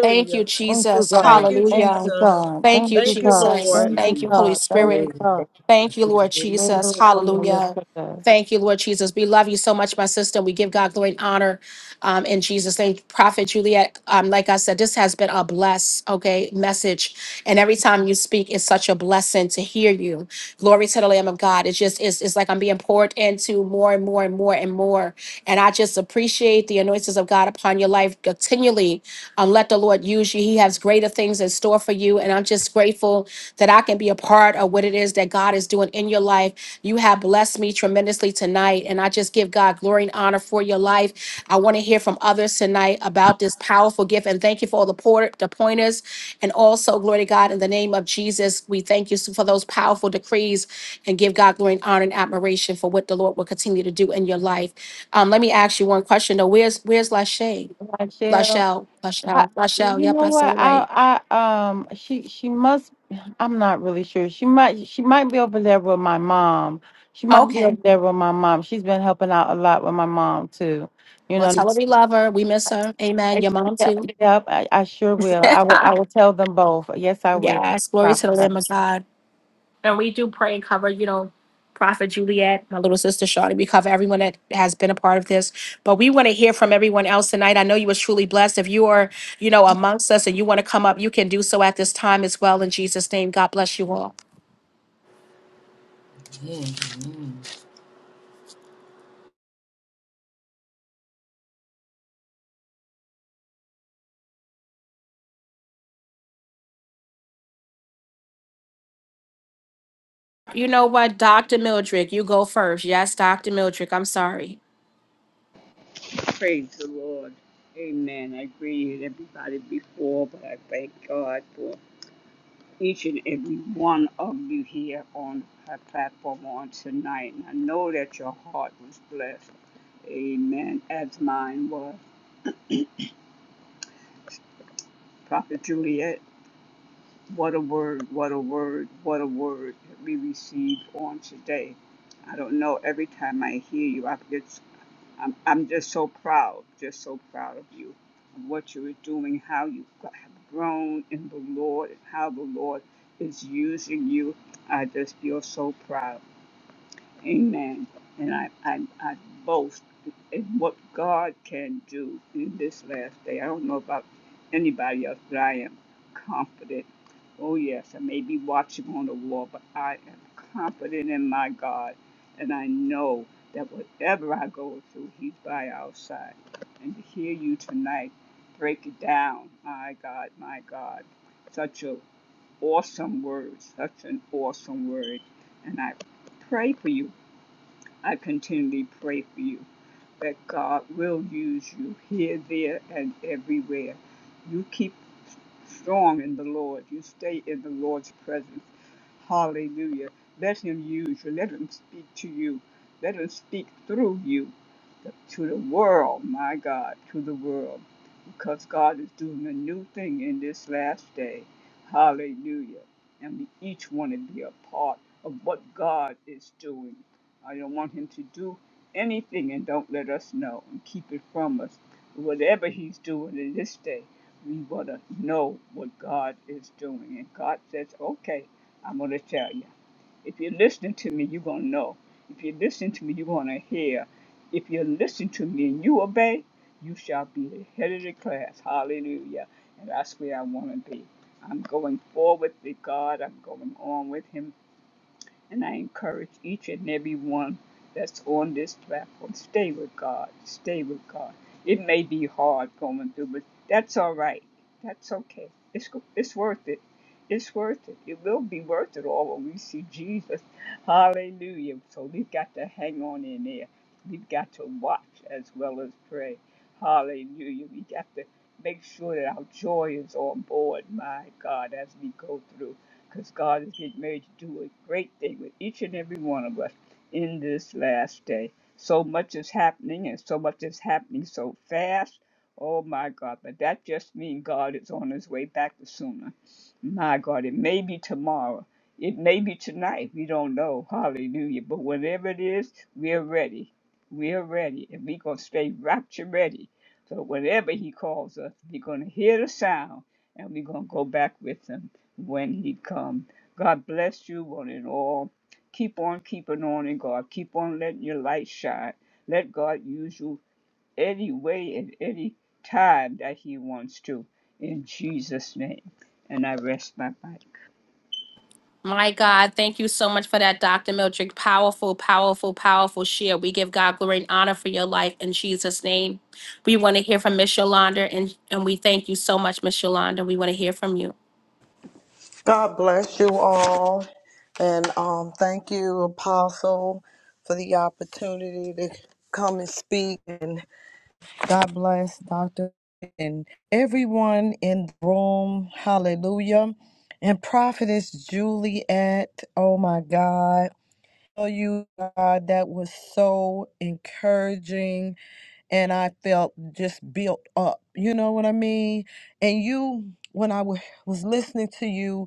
Speaker 1: Thank you,
Speaker 4: Thank you,
Speaker 1: Jesus.
Speaker 5: Thank
Speaker 4: God.
Speaker 5: you,
Speaker 4: Thank
Speaker 1: Hallelujah.
Speaker 4: you,
Speaker 5: Jesus.
Speaker 4: God.
Speaker 1: Thank
Speaker 4: Thank
Speaker 1: you,
Speaker 4: you,
Speaker 5: Thank you,
Speaker 4: God.
Speaker 6: Thank
Speaker 1: Jesus.
Speaker 5: Lord.
Speaker 4: Thank
Speaker 6: you,
Speaker 4: you,
Speaker 1: Thank you, Holy
Speaker 6: Jesus.
Speaker 4: God. Thank
Speaker 1: Spirit.
Speaker 6: Hallelujah.
Speaker 4: you, God.
Speaker 6: Thank
Speaker 1: Thank you, Lord
Speaker 6: you.
Speaker 1: Jesus.
Speaker 4: Literally from the
Speaker 1: Hallelujah.
Speaker 4: yesterday.
Speaker 1: Thank you, Lord Jesus. We love you so much, my sister. We give God glory and honor um, in Jesus' name. Prophet Juliet, um, like I said, this has been a bless, okay, message. And every time you speak, it's such a blessing to hear you. Glory to the Lamb of God. It's just, it's, it's like I'm being poured into more and more and more and more. And I just appreciate the anointings of God upon your life continually. Um, let the Lord use you. He has greater things in store for you. And I'm just grateful that I can be a part of what it is that God is doing in your life. You have blessed me tremendously tonight. And I just give God glory and honor for your life. I want to hear from others tonight about this powerful gift. And thank you for all the, por- the pointers. And also, glory to God, in the name of Jesus, we thank you for those powerful decrees and give God glory and honor and admiration for what the Lord will continue to do in your life. Um, let me ask you one question though. Where's where's Lachey?
Speaker 4: Michelle,
Speaker 1: Lachelle,
Speaker 4: I,
Speaker 1: Lachelle, Lachelle.
Speaker 4: you
Speaker 1: Yep,
Speaker 4: know
Speaker 1: I said
Speaker 4: what?
Speaker 1: it right.
Speaker 4: I, I, um, she, she must. I'm not really sure. She might, she might be over there with my mom. She might be
Speaker 1: Okay.
Speaker 4: over there with my mom. She's been helping out a lot with my mom too. You
Speaker 1: Well,
Speaker 4: know,
Speaker 1: tell her we love her. We miss her. Amen.
Speaker 4: I,
Speaker 1: Your mom
Speaker 4: yeah,
Speaker 1: too.
Speaker 4: yeah, I, I sure will. I will. I will tell them both. Yes, I will.
Speaker 1: yes. Glory to the
Speaker 4: Promise.
Speaker 1: Lamb of God. And we do pray and cover, you know, Prophet Juliet, my little sister Shawty. We cover everyone that has been a part of this. But we want to hear from everyone else tonight. I know you was truly blessed. If you are, you know, amongst us and you want to come up, you can do so at this time as well. In Jesus' name, God bless you all.
Speaker 6: Amen. Amen.
Speaker 1: You know what, Dr. Mildred, you go first. Yes, Dr. Mildred, I'm sorry.
Speaker 3: Praise the Lord. Amen. I agree with everybody before, but I thank God for each and every one of you here on our platform on tonight. And I know that your heart was blessed. Amen. As mine was. Prophet Juliet. What a word, what a word, what a word that we received on today. I don't know, every time I hear you, I get, I'm, I'm just so proud, just so proud of you, of what you are doing, how you have grown in the Lord, and how the Lord is using you. I just feel so proud. Amen. And I, I, I boast in what God can do in this last day. I don't know about anybody else, but I am confident. Oh, yes, I may be watching on the wall, but I am confident in my God. And I know that whatever I go through, He's by our side. And to hear you tonight break it down, my God, my God, such an awesome word, such an awesome word. And I pray for you I continually pray for you that God will use you here, there, and everywhere. You keep strong in the Lord. You stay in the Lord's presence. Hallelujah. Let Him use you. Let Him speak to you. Let Him speak through you to the world, my God, to the world. Because God is doing a new thing in this last day. Hallelujah. And we each want to be a part of what God is doing. I don't want him to do anything and don't let us know and keep it from us. Whatever he's doing in this day, we want to know what God is doing. And God says, okay, I'm going to tell you. If you're listening to me, you're going to know. If you listen to me, you're going to hear. If you listen to me and you obey, you shall be the head of the class. Hallelujah. And that's where I want to be. I'm going forward with God. I'm going on with Him. And I encourage each and every one that's on this platform stay with God. Stay with God. It may be hard going through, but that's all right. That's okay. It's, go- it's worth it. It's worth it. It will be worth it all when we see Jesus. Hallelujah. So we've got to hang on in there. We've got to watch as well as pray. Hallelujah. We got to make sure that our joy is on board, my God, as we go through because God is getting ready to do a great thing with each and every one of us in this last day. So much is happening, and so much is happening so fast. Oh my God, but that just means God is on his way back to sooner. My God, it may be tomorrow. It may be tonight. We don't know. Hallelujah. But whenever it is, we're ready. We're ready. And we're going to stay rapture ready. So whenever he calls us, we're going to hear the sound and we're going to go back with him when he comes. God bless you on it all. Keep on keeping on in God. Keep on letting your light shine. Let God use you any way and any time that he wants to. In Jesus' name. And I rest my mind.
Speaker 1: My God, thank you so much for that, Dr. Mildred. Powerful, powerful, powerful share. We give God glory and honor for your life in Jesus' name. We want to hear from Miss Yolanda, and, and we thank you so much, Miss Yolanda. We want to hear from you.
Speaker 5: God bless you all. And um, thank you, Apostle, for the opportunity to come and speak. And God bless Dr. and everyone in the room. Hallelujah. And Prophetess Juliet, oh my God. Tell you, God, that was so encouraging. And I felt just built up. You know what I mean? And you, when I wa- was listening to you,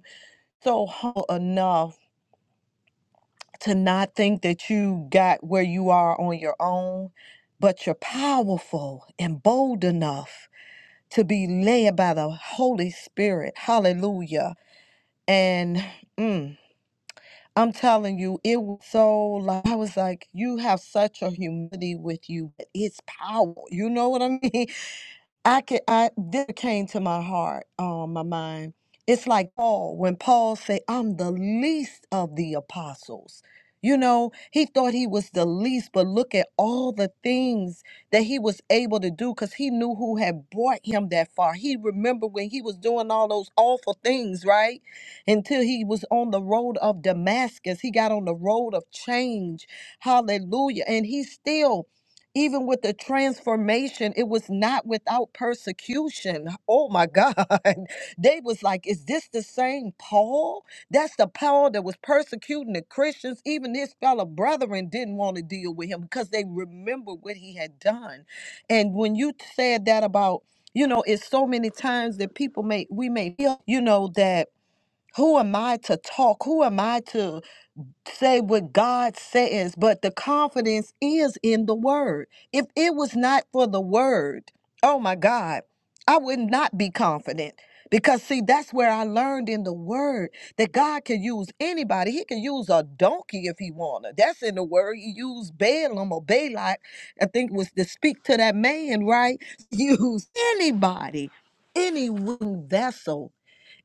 Speaker 5: so humble enough to not think that you got where you are on your own, but you're powerful and bold enough to be led by the Holy Spirit. Hallelujah. And mm, I'm telling you, it was so like, I was like, you have such a humility with you, but it's power. You know what I mean? I could I this came to my heart, um, my mind. It's like Paul, when Paul say, I'm the least of the apostles. You know, he thought he was the least, but look at all the things that he was able to do because he knew who had brought him that far. He remembered when he was doing all those awful things, right? Until he was on the road of Damascus. He got on the road of change. Hallelujah. And he still even with the transformation it was not without persecution oh my god they was like is this the same paul that's the paul that was persecuting the christians even his fellow brethren didn't want to deal with him because they remember what he had done and when you said that about you know it's so many times that people may we may feel you know that who am i to talk who am i to say what God says, but the confidence is in the word. If it was not for the word, oh my God, I would not be confident. Because see, that's where I learned in the word that God can use anybody. He can use a donkey if he wanted. That's in the word. He used Balaam or Balak, I think it was to speak to that man, right? Use anybody, any wooden vessel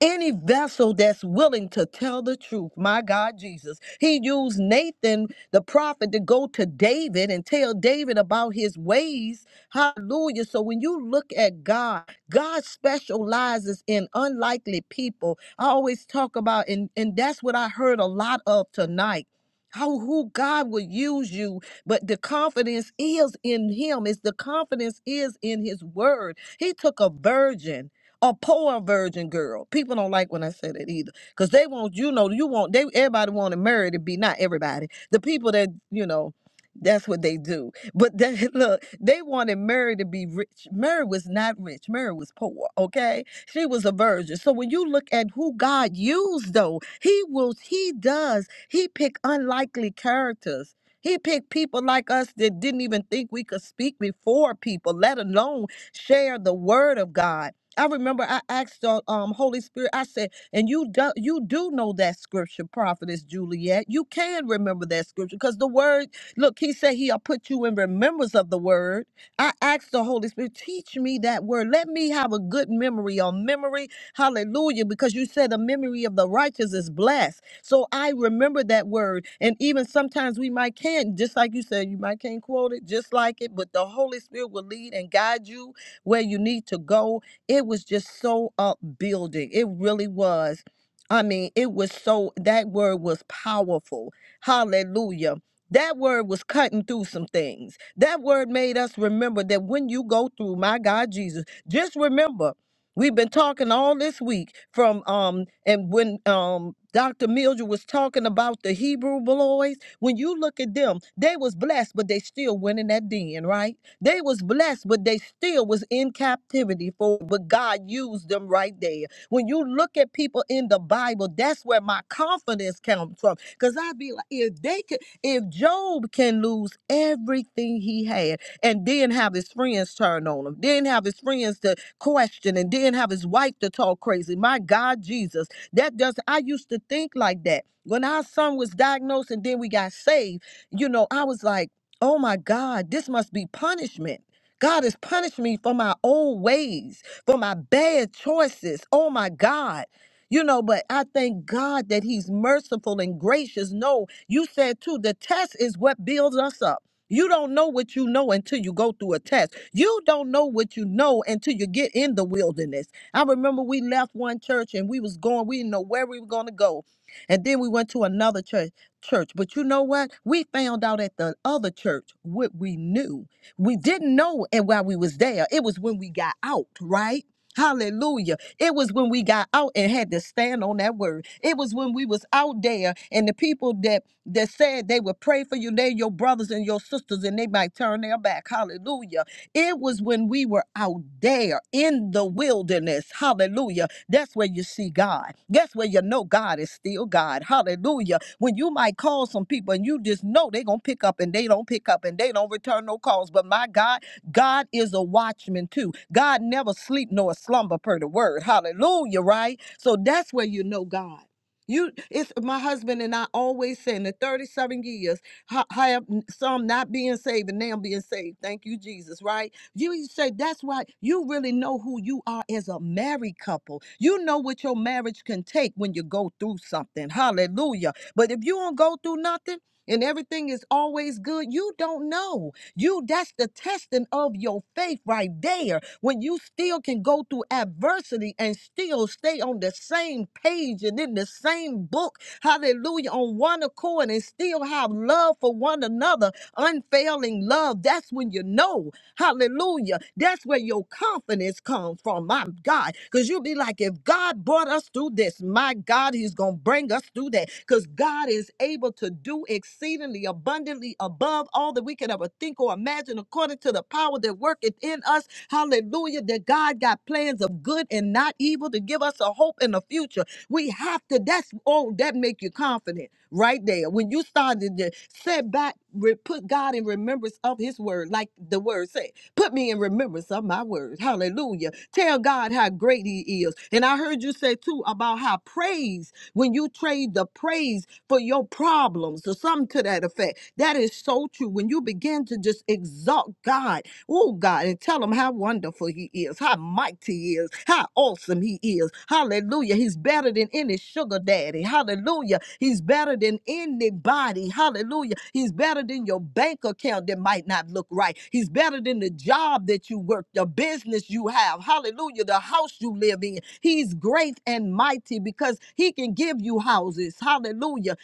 Speaker 5: any vessel that's willing to tell the truth, my God Jesus. He used Nathan, the prophet, to go to David and tell David about his ways. Hallelujah. So when you look at God, God specializes in unlikely people. I always talk about, and, and that's what I heard a lot of tonight. How who God will use you, but the confidence is in Him. Is the confidence is in His Word. He took a virgin a poor virgin girl. People don't like when I say that either, because they want you know you want they everybody want to marry to be not everybody the people that you know. That's what they do. But that, look, they wanted Mary to be rich. Mary was not rich. Mary was poor, okay? She was a virgin. So when you look at who God used though, he will he does. He pick unlikely characters. He picked people like us that didn't even think we could speak before people, let alone share the word of God. I remember I asked the um, Holy Spirit, I said, and you do, you do know that scripture, prophetess Juliet. You can remember that scripture because the word, look, he said he'll put you in remembrance of the word. I asked the Holy Spirit, teach me that word. Let me have a good memory or memory. Hallelujah. Because you said the memory of the righteous is blessed. So I remember that word. And even sometimes we might can't, just like you said, you might can't quote it just like it, but the Holy Spirit will lead and guide you where you need to go it was just so upbuilding. It really was. I mean, it was so, that word was powerful. Hallelujah. That word was cutting through some things. That word made us remember that when you go through, my God, Jesus, just remember We've been talking all this week from um and when um Dr. Mildred was talking about the Hebrew boys, when you look at them, they was blessed, but they still went in that den, right? They was blessed, but they still was in captivity for but God used them right there. When you look at people in the Bible, that's where my confidence comes from. Because I'd be like, if they could, if Job can lose everything he had and then have his friends turn on him, then have his friends to question and then have his wife to talk crazy. My God, Jesus. That does I used to think like that. When our son was diagnosed and then we got saved, you know, I was like, Oh my God, this must be punishment. God has punished me for my old ways, for my bad choices. Oh my God. You know, but I thank God that He's merciful and gracious. No, you said too, the test is what builds us up. You don't know what you know until you go through a test. You don't know what you know until you get in the wilderness. I remember we left one church and we was going, we didn't know where we were going to go. And then we went to another church church. But you know what? We found out at the other church what we knew. We didn't know and while we was there. It was when we got out, right? Hallelujah. It was when we got out and had to stand on that word. It was when we was out there and the people that that said they would pray for you, they're your brothers and your sisters, and they might turn their back. Hallelujah. It was when we were out there in the wilderness. Hallelujah. That's where you see God. That's where you know God is still God. Hallelujah when you might call some people and you just know they're going to pick up and they don't pick up and they don't return no calls. But my God, God is a watchman too. God never sleep nor slumber per the word. Hallelujah, right? So that's where you know God. You, it's my husband and I always say in the 37 years, ho- have some not being saved and now being saved. Thank you, Jesus, right? You you say that's why you really know who you are as a married couple. You know what your marriage can take when you go through something. Hallelujah. But if you don't go through nothing and everything is always good, you don't know. You that's the testing of your faith right there. When you still can go through adversity and still stay on the same page and in the same book, hallelujah, on one accord and still have love for one another, unfailing love. That's when you know, hallelujah. That's where your confidence it's come from, my God. Because you'll be like, if God brought us through this, my God, He's going to bring us through that. Because God is able to do exceedingly abundantly above all that we could ever think or imagine, according to the power that worketh in us. Hallelujah. That God got plans of good and not evil to give us a hope in the future. We have to, that's, oh, that make you confident right there. When you started to set back, re- put God in remembrance of his word, like the word said. Put me in remembrance of my words. Hallelujah. Tell God how great He is. And I heard you say too about how praise, when you trade the praise for your problems or something to that effect, that is so true. When you begin to just exalt God Oh God, and tell him how wonderful he is, how mighty he is, how awesome he is. Hallelujah. He's better than any sugar daddy. Hallelujah. He's better than anybody. Hallelujah. He's better than your bank account that might not look right. He's better than the job that you work, the business you have. Hallelujah. The house you live in. He's great and mighty because he can give you houses. Hallelujah.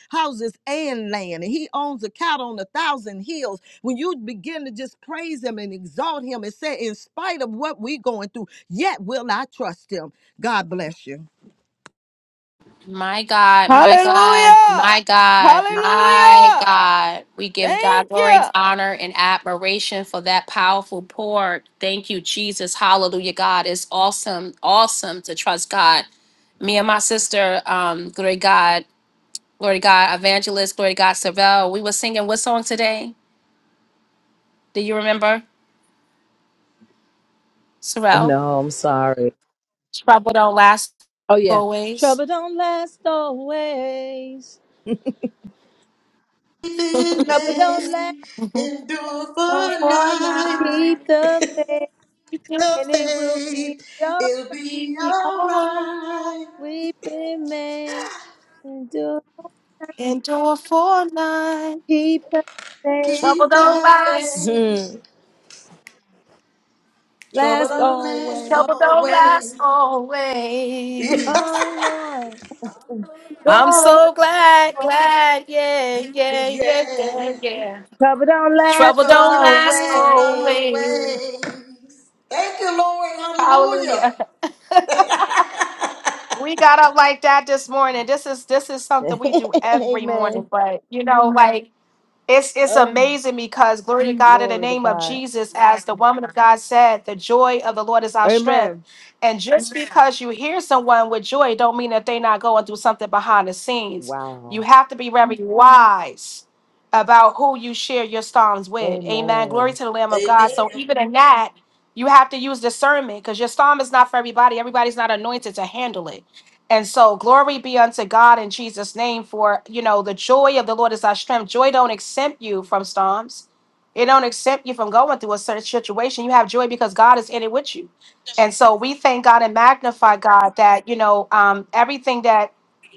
Speaker 5: Houses and land. And he owns a cattle on a thousand hills. When you begin to just praise him and exalt him and say, in spite of what we're going through, yet will I trust him. God bless you.
Speaker 1: My God, my God,
Speaker 4: Hallelujah.
Speaker 1: my God, my
Speaker 4: Hallelujah.
Speaker 1: God. We give God
Speaker 4: Thank
Speaker 1: glory,
Speaker 4: you.
Speaker 1: honor, and admiration for that powerful pour. Thank you, Jesus. Hallelujah, God. It's awesome, awesome to trust God. Me and my sister, um, great God. Glory to God, Evangelist. Glory to God, Sorrell. We were singing what song today? Do you remember, Sorrell?
Speaker 7: No, I'm sorry.
Speaker 1: Trouble don't last
Speaker 7: Oh yeah.
Speaker 1: always.
Speaker 7: Trouble don't last always. Trouble don't last.
Speaker 5: Endure
Speaker 1: Oh,
Speaker 5: for
Speaker 1: for
Speaker 5: life,
Speaker 1: life,
Speaker 7: Keep the faith,
Speaker 1: just
Speaker 5: the
Speaker 7: and it will be
Speaker 5: faith,
Speaker 7: your
Speaker 5: it'll be
Speaker 1: be all
Speaker 5: alright.
Speaker 1: right.
Speaker 7: weeping may endure.
Speaker 1: Endure for life.
Speaker 7: Keep the faith.
Speaker 5: Keep
Speaker 1: Trouble don't
Speaker 5: the
Speaker 1: last.
Speaker 5: faith,
Speaker 7: Hmm.
Speaker 5: trouble
Speaker 7: Last
Speaker 5: don't last
Speaker 7: always.
Speaker 1: Trouble don't last
Speaker 5: always.
Speaker 1: always.
Speaker 7: Oh Lord.
Speaker 1: I'm
Speaker 7: Lord.
Speaker 1: so glad, glad, yeah, yeah,
Speaker 5: Yeah,
Speaker 1: yeah, yeah,
Speaker 5: yeah.
Speaker 1: yeah.
Speaker 7: Trouble don't last
Speaker 1: Trouble
Speaker 5: trouble
Speaker 1: don't
Speaker 5: don't
Speaker 1: last
Speaker 5: last
Speaker 7: always.
Speaker 1: always.
Speaker 5: always. Thank you, Lord, hallelujah.
Speaker 1: Hallelujah. We got up like that this morning. This is this is something we do every
Speaker 7: Amen.
Speaker 1: morning, but you know, Mhm. like it's it's
Speaker 7: Oh,
Speaker 1: amazing because glory to Mhm. God in the
Speaker 7: glory to
Speaker 1: name of
Speaker 7: God.
Speaker 1: Jesus, as the woman of God said, the joy of the Lord is our strength.
Speaker 7: Amen.
Speaker 1: And just Amen. because you hear someone with joy, don't mean that they are not going through something behind the scenes.
Speaker 7: Wow.
Speaker 1: You have to be very Mhm. wise about who you share your storms with. Amen. Glory
Speaker 7: Amen.
Speaker 1: to the Lamb of God. So
Speaker 5: Amen.
Speaker 1: even in that, you have to use discernment because your storm is not for everybody. Everybody's not anointed to handle it. And so glory be unto God in Jesus' name for, you know, the joy of the Lord is our strength. Joy don't exempt you from storms. It don't exempt you from going through a certain situation. You have joy because God is in it with you. And so we thank God and magnify God that, you know, um, everything that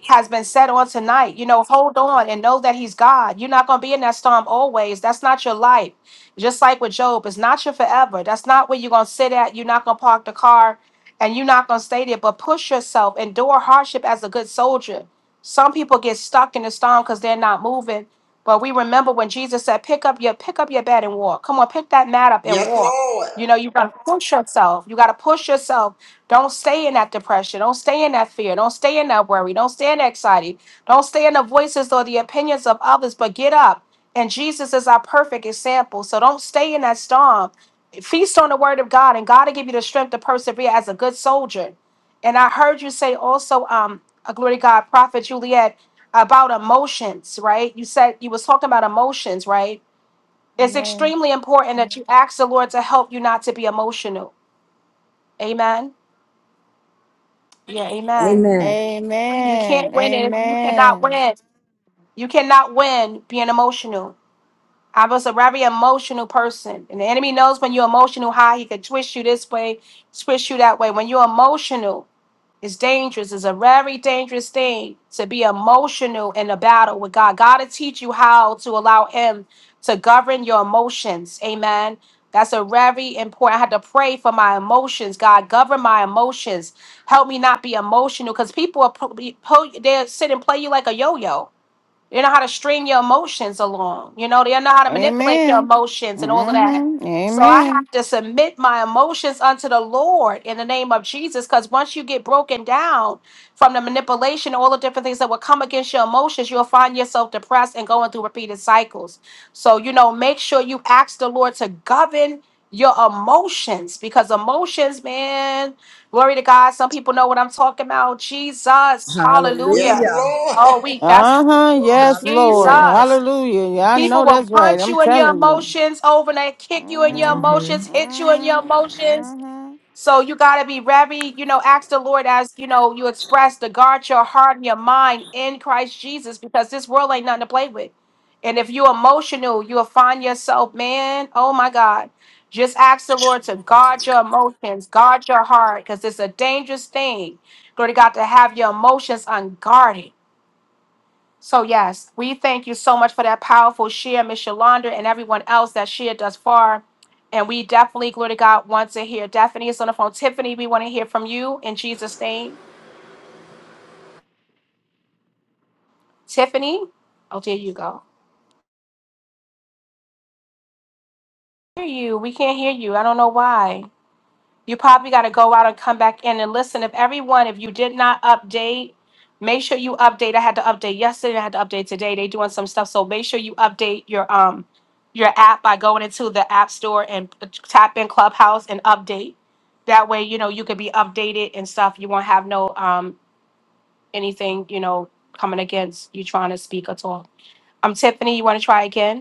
Speaker 1: has been said on tonight, you know, hold on and know that he's God. You're not going to be in that storm always. That's not your life. Just like with Job, it's not your forever. That's not where you're going to sit at. You're not going to park the car and you're not going to stay there, but push yourself, endure hardship as a good soldier. Some people get stuck in the storm because they're not moving. But we remember when Jesus said, pick up your pick up your bed and walk. Come on, pick that mat up and
Speaker 5: Yes,
Speaker 1: walk.
Speaker 5: Lord.
Speaker 1: You know, you gotta push yourself. You gotta push yourself. Don't stay in that depression. Don't stay in that fear. Don't stay in that worry. Don't stay in that anxiety. Don't stay in the voices or the opinions of others, but get up. And Jesus is our perfect example. So don't stay in that storm feast on the word of God, and God will give you the strength to persevere as a good soldier. And I heard you say also, um, a glory to God, Prophet Juliet, about emotions, right? You said you was talking about emotions, right? It's
Speaker 4: Amen.
Speaker 1: extremely important that you ask the Lord to help you not to be emotional. Amen. Yeah, amen.
Speaker 7: Amen.
Speaker 1: You can't
Speaker 4: Amen.
Speaker 1: win it. You cannot
Speaker 4: Amen.
Speaker 1: win. You cannot win being emotional. I was a very emotional person, and the enemy knows when you're emotional high, he can twist you this way, twist you that way. When you're emotional, It's dangerous. It's a very dangerous thing to be emotional in a battle with God. God to teach you how to allow Him to govern your emotions. Amen. That's a very important. I had to pray for my emotions. God, govern my emotions. Help me not be emotional because people are pu- be- pull- they sit and play you like a yo-yo. They know how to string your emotions along. You know, they know how to manipulate your
Speaker 4: Amen.
Speaker 1: emotions and all of that.
Speaker 4: Mm-hmm.
Speaker 1: So I have
Speaker 4: Amen.
Speaker 1: to submit my emotions unto the Lord in the name of Jesus. Because once you get broken down from the manipulation, all the different things that will come against your emotions, you'll find yourself depressed and going through repeated cycles. So, you know, make sure you ask the Lord to govern your emotions because emotions, man, glory to God. Some people know what I'm talking about. Jesus,
Speaker 5: Yes,
Speaker 1: hallelujah.
Speaker 7: Hallelujah.
Speaker 1: Oh,
Speaker 5: Lord.
Speaker 1: we that's
Speaker 4: Uh-huh. Yes, Lord.
Speaker 7: Hallelujah.
Speaker 1: Jesus.
Speaker 4: Hallelujah. Yeah, I
Speaker 1: People
Speaker 4: know
Speaker 1: will
Speaker 4: that's right.
Speaker 1: punch
Speaker 4: I'm
Speaker 1: you in your
Speaker 4: telling you.
Speaker 1: emotions over there, kick you in your
Speaker 7: hmm
Speaker 1: emotions,
Speaker 4: Mm-hmm.
Speaker 1: hit you in your emotions.
Speaker 4: Mm-hmm.
Speaker 1: So you gotta be very, you know, ask the Lord as you know you express to guard your heart and your mind in Christ Jesus because this world ain't nothing to play with. And if you're emotional, you'll find yourself, man, oh my God. Just ask the Lord to guard your emotions, guard your heart, because it's a dangerous thing. Glory to God to have your emotions unguarded. So, yes, we thank you so much for that powerful share, Miss Yolanda, and everyone else that shared thus far. And we definitely, glory to God, want to hear. Daphne is on the phone. Tiffany, we want to hear from you in Jesus' name. Tiffany? Oh, there you go. Hear you. We can't hear you. I don't know why. You probably got to go out and come back in and listen. If everyone, if you did not update, make sure you update. I had to update yesterday. I had to update today. They doing some stuff, so make sure you update your um your app by going into the app store and tap in Clubhouse and update. That way, you know you could be updated and stuff. You won't have no um anything you know coming against you trying to speak at all. I'm Tiffany. You want to try again?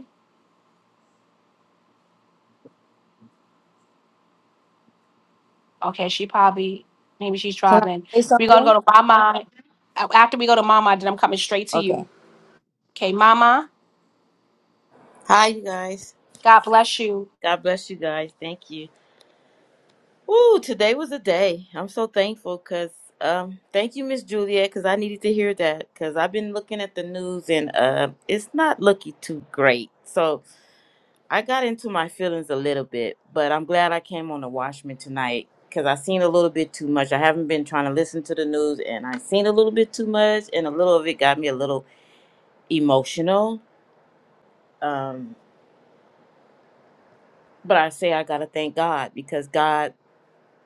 Speaker 1: Okay, she probably maybe she's
Speaker 7: Can I
Speaker 1: driving.
Speaker 7: say
Speaker 1: We're gonna go
Speaker 7: something?
Speaker 1: to Mama. After we go to Mama, then I'm coming straight to
Speaker 7: Okay.
Speaker 1: you. Okay, Mama,
Speaker 6: Hi, you guys.
Speaker 1: God bless you.
Speaker 6: God bless you guys. Thank you. Ooh, today was a day. I'm so thankful because um, thank you, Miss Juliet, because I needed to hear that because I've been looking at the news and uh, it's not looking too great. So I got into my feelings a little bit, but I'm glad I came on the Watchmen tonight because I seen a little bit too much. I haven't been trying to listen to the news and I seen a little bit too much and a little of it got me a little emotional. Um, but I say I got to thank God because God,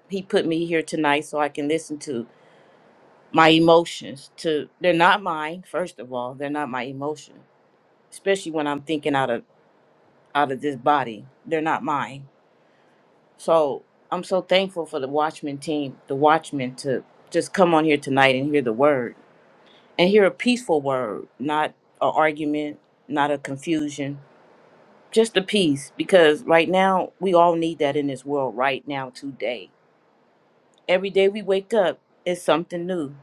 Speaker 6: He put me here tonight so I can listen to. my emotions to they're not mine first of all they're not my emotion especially when i'm thinking out of out of this body they're not mine so i'm so thankful for the watchman team the watchmen to just come on here tonight and hear the word and hear a peaceful word not a argument not a confusion just a peace because right now we all need that in this world right now today every day we wake up it's something new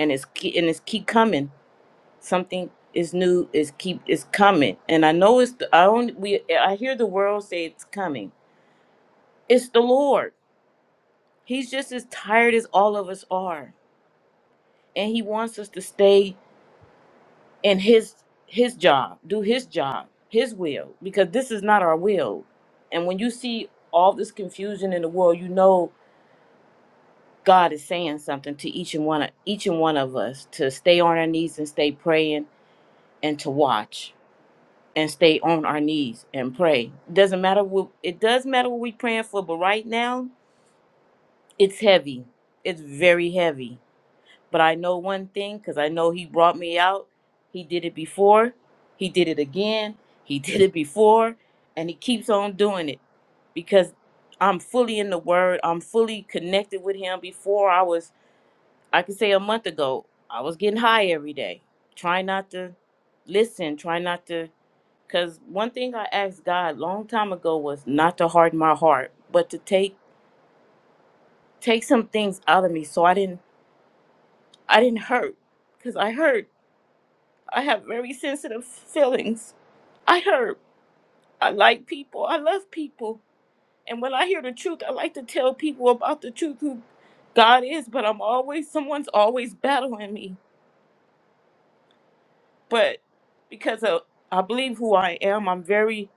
Speaker 6: and it's ke- and it's keep coming something is new is keep is coming and i know it's the, i only we i hear the world say it's coming it's the lord he's just as tired as all of us are and he wants us to stay in his his job do his job his will because this is not our will and when you see all this confusion in the world you know god is saying something to each and one of each and one of us to stay on our knees and stay praying and to watch and stay on our knees and pray. Doesn't matter what it does matter what we praying for, but right now it's heavy. It's very heavy. But I know one thing because I know he brought me out. He did it before. He did it again. He did it before. And he keeps on doing it because I'm fully in the word. I'm fully connected with him. Before I was, I could say a month ago, I was getting high every day. Trying not to listen, trying not to Cause one thing I asked God long time ago was not to harden my heart, but to take take some things out of me so I didn't I didn't hurt. Cause I hurt. I have very sensitive feelings. I hurt. I like people. I love people. And when I hear the truth, I like to tell people about the truth who God is, but I'm always someone's always battling me. But because of I believe who I am, I'm very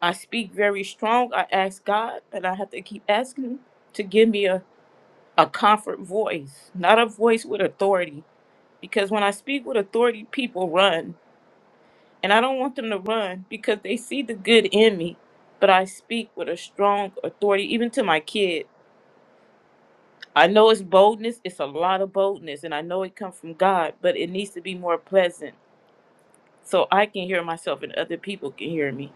Speaker 6: I speak very strong. I ask God, and I have to keep asking Him to give me a, a comfort voice, not a voice with authority. Because when I speak with authority, people run. And I don't want them to run because they see the good in me. But I speak with a strong authority, even to my kid. I know it's boldness, it's a lot of boldness, and I know it comes from God, but it needs to be more pleasant so I can hear myself and other people can hear me.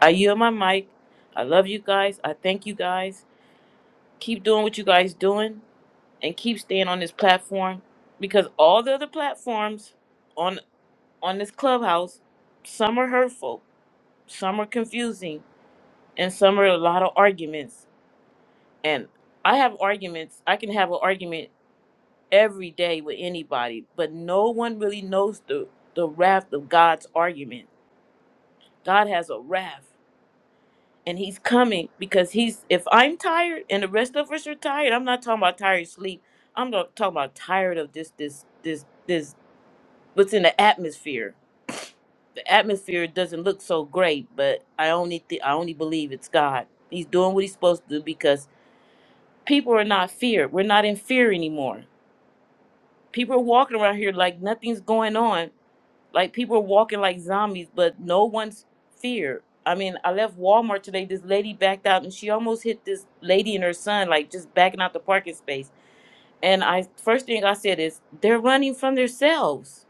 Speaker 6: I yield my mic. I love you guys. I thank you guys. Keep doing what you guys doing and keep staying on this platform because all the other platforms on on this clubhouse, some are hurtful, some are confusing, and some are a lot of arguments. And I have arguments. I can have an argument every day with anybody, but no one really knows the the wrath of God's argument. God has a wrath. and he's coming because he's if i'm tired and the rest of us are tired i'm not talking about tired sleep i'm not talking about tired of this this this this what's in the atmosphere the atmosphere doesn't look so great but i only th- i only believe it's god he's doing what he's supposed to do because people are not feared we're not in fear anymore people are walking around here like nothing's going on like people are walking like zombies, but no one's feared. I mean, I left Walmart today. This lady backed out, and she almost hit this lady and her son, like just backing out the parking space. And I first thing I said is, they're running from themselves.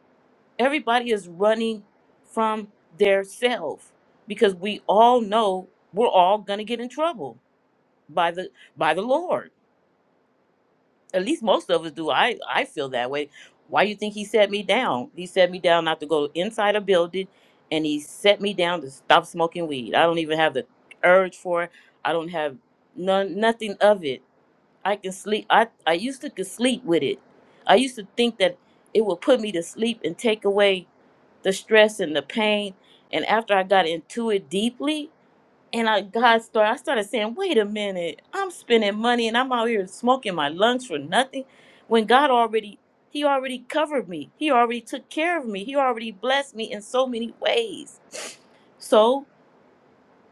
Speaker 6: Everybody is running from their self because we all know we're all gonna get in trouble by the by the Lord at least most of us do. I I feel that way. Why you think he set me down? He set me down not to go inside a building, and he set me down to stop smoking weed. I don't even have the urge for it. I don't have none nothing of it. I can sleep. I I used to could sleep with it. I used to think that it would put me to sleep and take away the stress and the pain. And after I got into it deeply, and I God started I started saying, wait a minute, I'm spending money and I'm out here smoking my lungs for nothing. When God already He already covered me. He already took care of me. He already blessed me in so many ways. So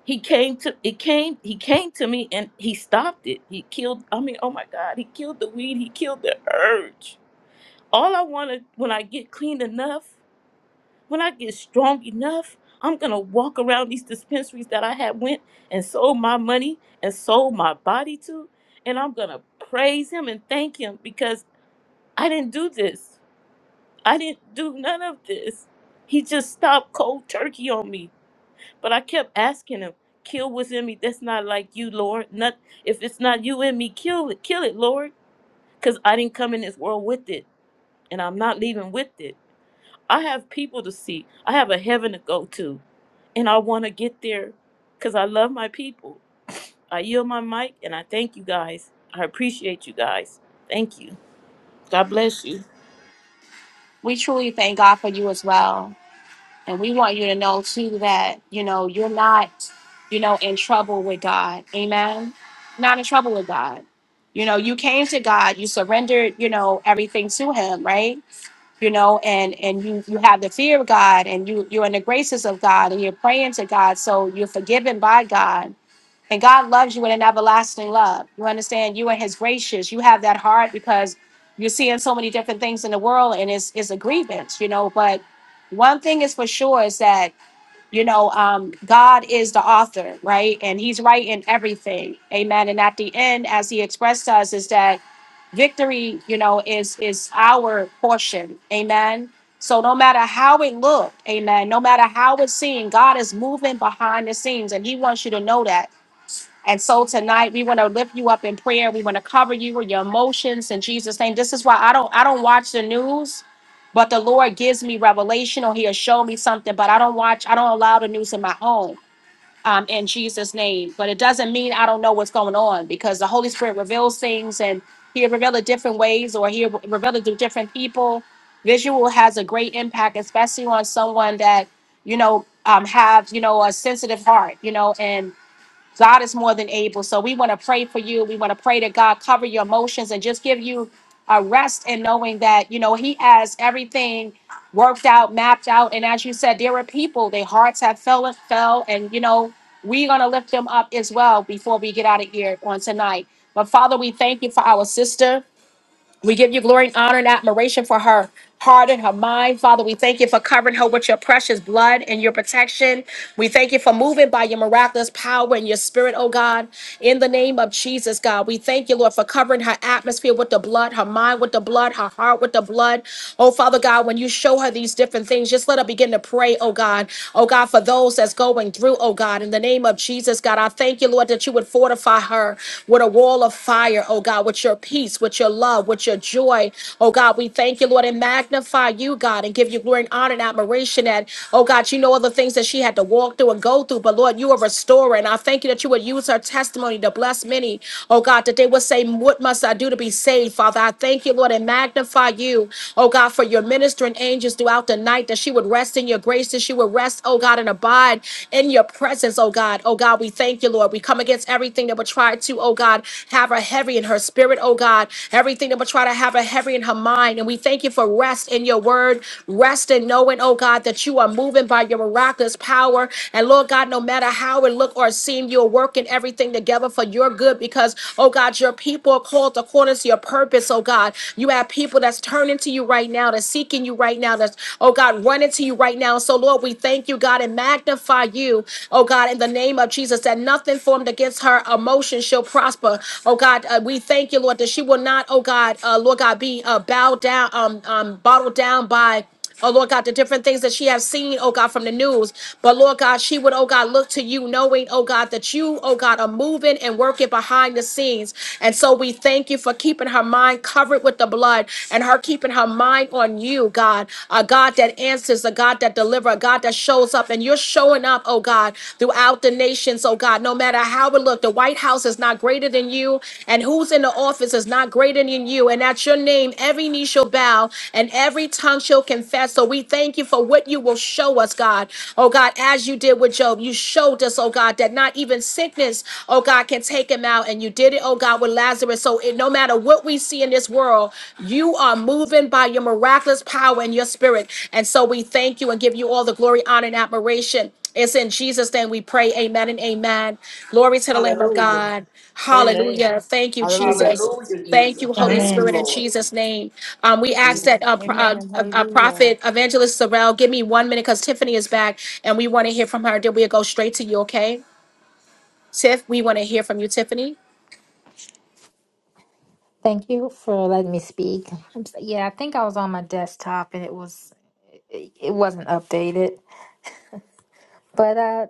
Speaker 6: he came to it came he came to me and he stopped it. He killed I mean, oh my God, he killed the weed, he killed the urge. All I wanted when I get clean enough when I get strong enough, I'm gonna walk around these dispensaries that I had went and sold my money and sold my body to, and I'm gonna praise him and thank him because I didn't do this. I didn't do none of this. He just stopped cold turkey on me. But I kept asking him, kill what's in me that's not like you, Lord. Not if it's not you in me, kill it, kill it, Lord. Cause I didn't come in this world with it. And I'm not leaving with it. I have people to see. I have a heaven to go to. And I want to get there because I love my people. I yield my mic and I thank you guys. I appreciate you guys. Thank you. God bless you.
Speaker 1: We truly thank God for you as well. And we want you to know too that, you know, you're not, you know, in trouble with God. Amen. Not in trouble with God. You know, you came to God, you surrendered, you know, everything to him, right? you know and and you you have the fear of god and you you're in the graces of god and you're praying to god so you're forgiven by god And God loves you with an everlasting love. You understand? You and His gracious. You have that heart because you're seeing so many different things in the world, and it's it's a grievance, you know. But one thing is for sure is that you know um, God is the author, right? And He's right in everything. Amen. And at the end, as He expressed to us, is that victory, you know, is is our portion. Amen. So no matter how it looked, amen, no matter how it's seen, God is moving behind the scenes and he wants you to know that. And so tonight we want to lift you up in prayer. We want to cover you with your emotions in Jesus' name. This is why I don't I don't watch the news, but the Lord gives me revelation or He'll show me something. But I don't watch, I don't allow the news in my home. Um, in Jesus' name. But it doesn't mean I don't know what's going on because the Holy Spirit reveals things and he'll reveal it different ways or he'll reveal it to different people. Visual has a great impact, especially on someone that, you know, um, have, you know, a sensitive heart, you know, and God is more than able. So we want to pray for you. We want to pray that God cover your emotions and just give you a rest in knowing that, you know, He has everything worked out, mapped out. And as you said, there are people, their hearts have fell and fell. And, you know, we're going to lift them up as well before we get out of here on tonight. But Father, we thank you for our sister. We give you glory and honor and admiration for her heart and her mind. Father, we thank you for covering her with your precious blood and your protection. We thank you for moving by your miraculous power and your spirit, oh God. In the name of Jesus, God, we thank you, Lord, for covering her atmosphere with the blood, her mind with the blood, her heart with the blood. Oh, Father God, when you show her these different things, just let her begin to pray, oh God. Oh God, for those that's going through, oh God, in the name of Jesus, God, I thank you, Lord, that you would fortify her fire, with a wall of fire, oh God, with your peace, with your love, with your joy. Oh God, we thank you, Lord, and magnify you, God, and give you glory and honor and admiration that, oh God, you know all the things that she had to walk through and go through. But Lord, you are a restorer. And I thank you that you would use her testimony to bless many. Oh God, that they would say, What must I do to be saved, Father? I thank you, Lord, and magnify you, oh God, for your ministering angels throughout the night, that she would rest in your grace, that she would rest, oh God, and abide in your presence presence, oh God. Oh God, we thank you, Lord. We come against everything that would try to, oh God, have her heavy in her spirit, oh God. Everything that would try to have her heavy in her mind. And we thank you for rest in your word, rest in knowing, oh God, that you are moving by your miraculous power. And Lord God, no matter how it look or seem, you're working everything together for your good because, oh God, your people are called according to your purpose, oh God. You have people that's turning to you right now, that's seeking you right now, that's, oh God, running running to you right now. So, Lord, we thank you, God, and magnify you, oh God, in the name of Jesus, that nothing formed against her emotion shall prosper. Oh God, uh, we thank you, Lord, that she will not, oh God, uh, Lord God, be uh, bowed down, um, um, bottled down by. Oh Lord God, the different things that she has seen, oh God, from the news. But Lord God, she would, oh God, look to you, knowing, oh God, that you, oh God, are moving and working behind the scenes. And so we thank you for keeping her mind covered with the blood and her keeping her mind on you, God, a God that answers, a God that delivers, a God that shows up. And you're showing up, oh God, throughout the nations, oh God, no matter how it look. The White House is not greater than you, and who's in the office is not greater than you. And at your name, every knee shall bow and every tongue shall confess. So we thank you for what you will show us, God. Oh God, as you did with Job, you showed us, oh God, that not even sickness, oh God, can take him out. And you did it, oh God. God with Lazarus. So it, no matter what we see in this world, you are moving by your miraculous power and your spirit. And so we thank you and give you all the glory, honor, and admiration. It's in Jesus' name we pray. Amen and amen. Glory to the Lamb of
Speaker 5: Hallelujah.
Speaker 1: God.
Speaker 5: Amen.
Speaker 1: Hallelujah. Thank you,
Speaker 6: Hallelujah.
Speaker 1: Jesus.
Speaker 6: Thank
Speaker 5: Hallelujah,
Speaker 6: you, Jesus.
Speaker 1: Thank
Speaker 5: Jesus.
Speaker 1: you, Holy
Speaker 5: Thank
Speaker 6: Hallelujah.
Speaker 2: Amen.
Speaker 5: you,
Speaker 1: Spirit, in
Speaker 5: Lord.
Speaker 1: Jesus' name. Um, we ask
Speaker 6: Amen.
Speaker 1: that uh,
Speaker 4: Mm-hmm.
Speaker 1: pro- uh,
Speaker 4: Amen.
Speaker 1: uh, uh,
Speaker 4: Hallelujah.
Speaker 1: Prophet Evangelist Sorrell, give me one minute because Tiffany is back and we want to hear from her. Then we'll go straight to you, okay? Tiff, we want to hear from you, Tiffany.
Speaker 2: Thank you for letting me speak. I'm s- Yeah, I think I was on my desktop and it was it it wasn't updated. But uh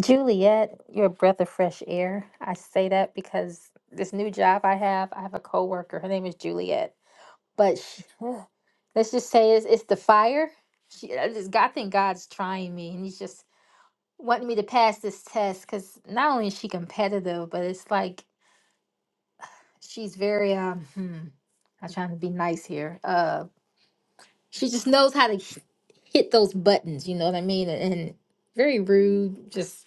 Speaker 2: Juliet, you're a breath of fresh air. I say that because this new job I have, I have a coworker. Her name is Juliet but sh let's just say it's, it's the fire. She, I just God, I think God's trying me, and He's just wanting me to pass this test because not only is she competitive, but it's like she's very um. Hmm, I'm trying to be nice here. Uh, she just knows how to h- hit those buttons. You know what I mean? And, and very rude. Just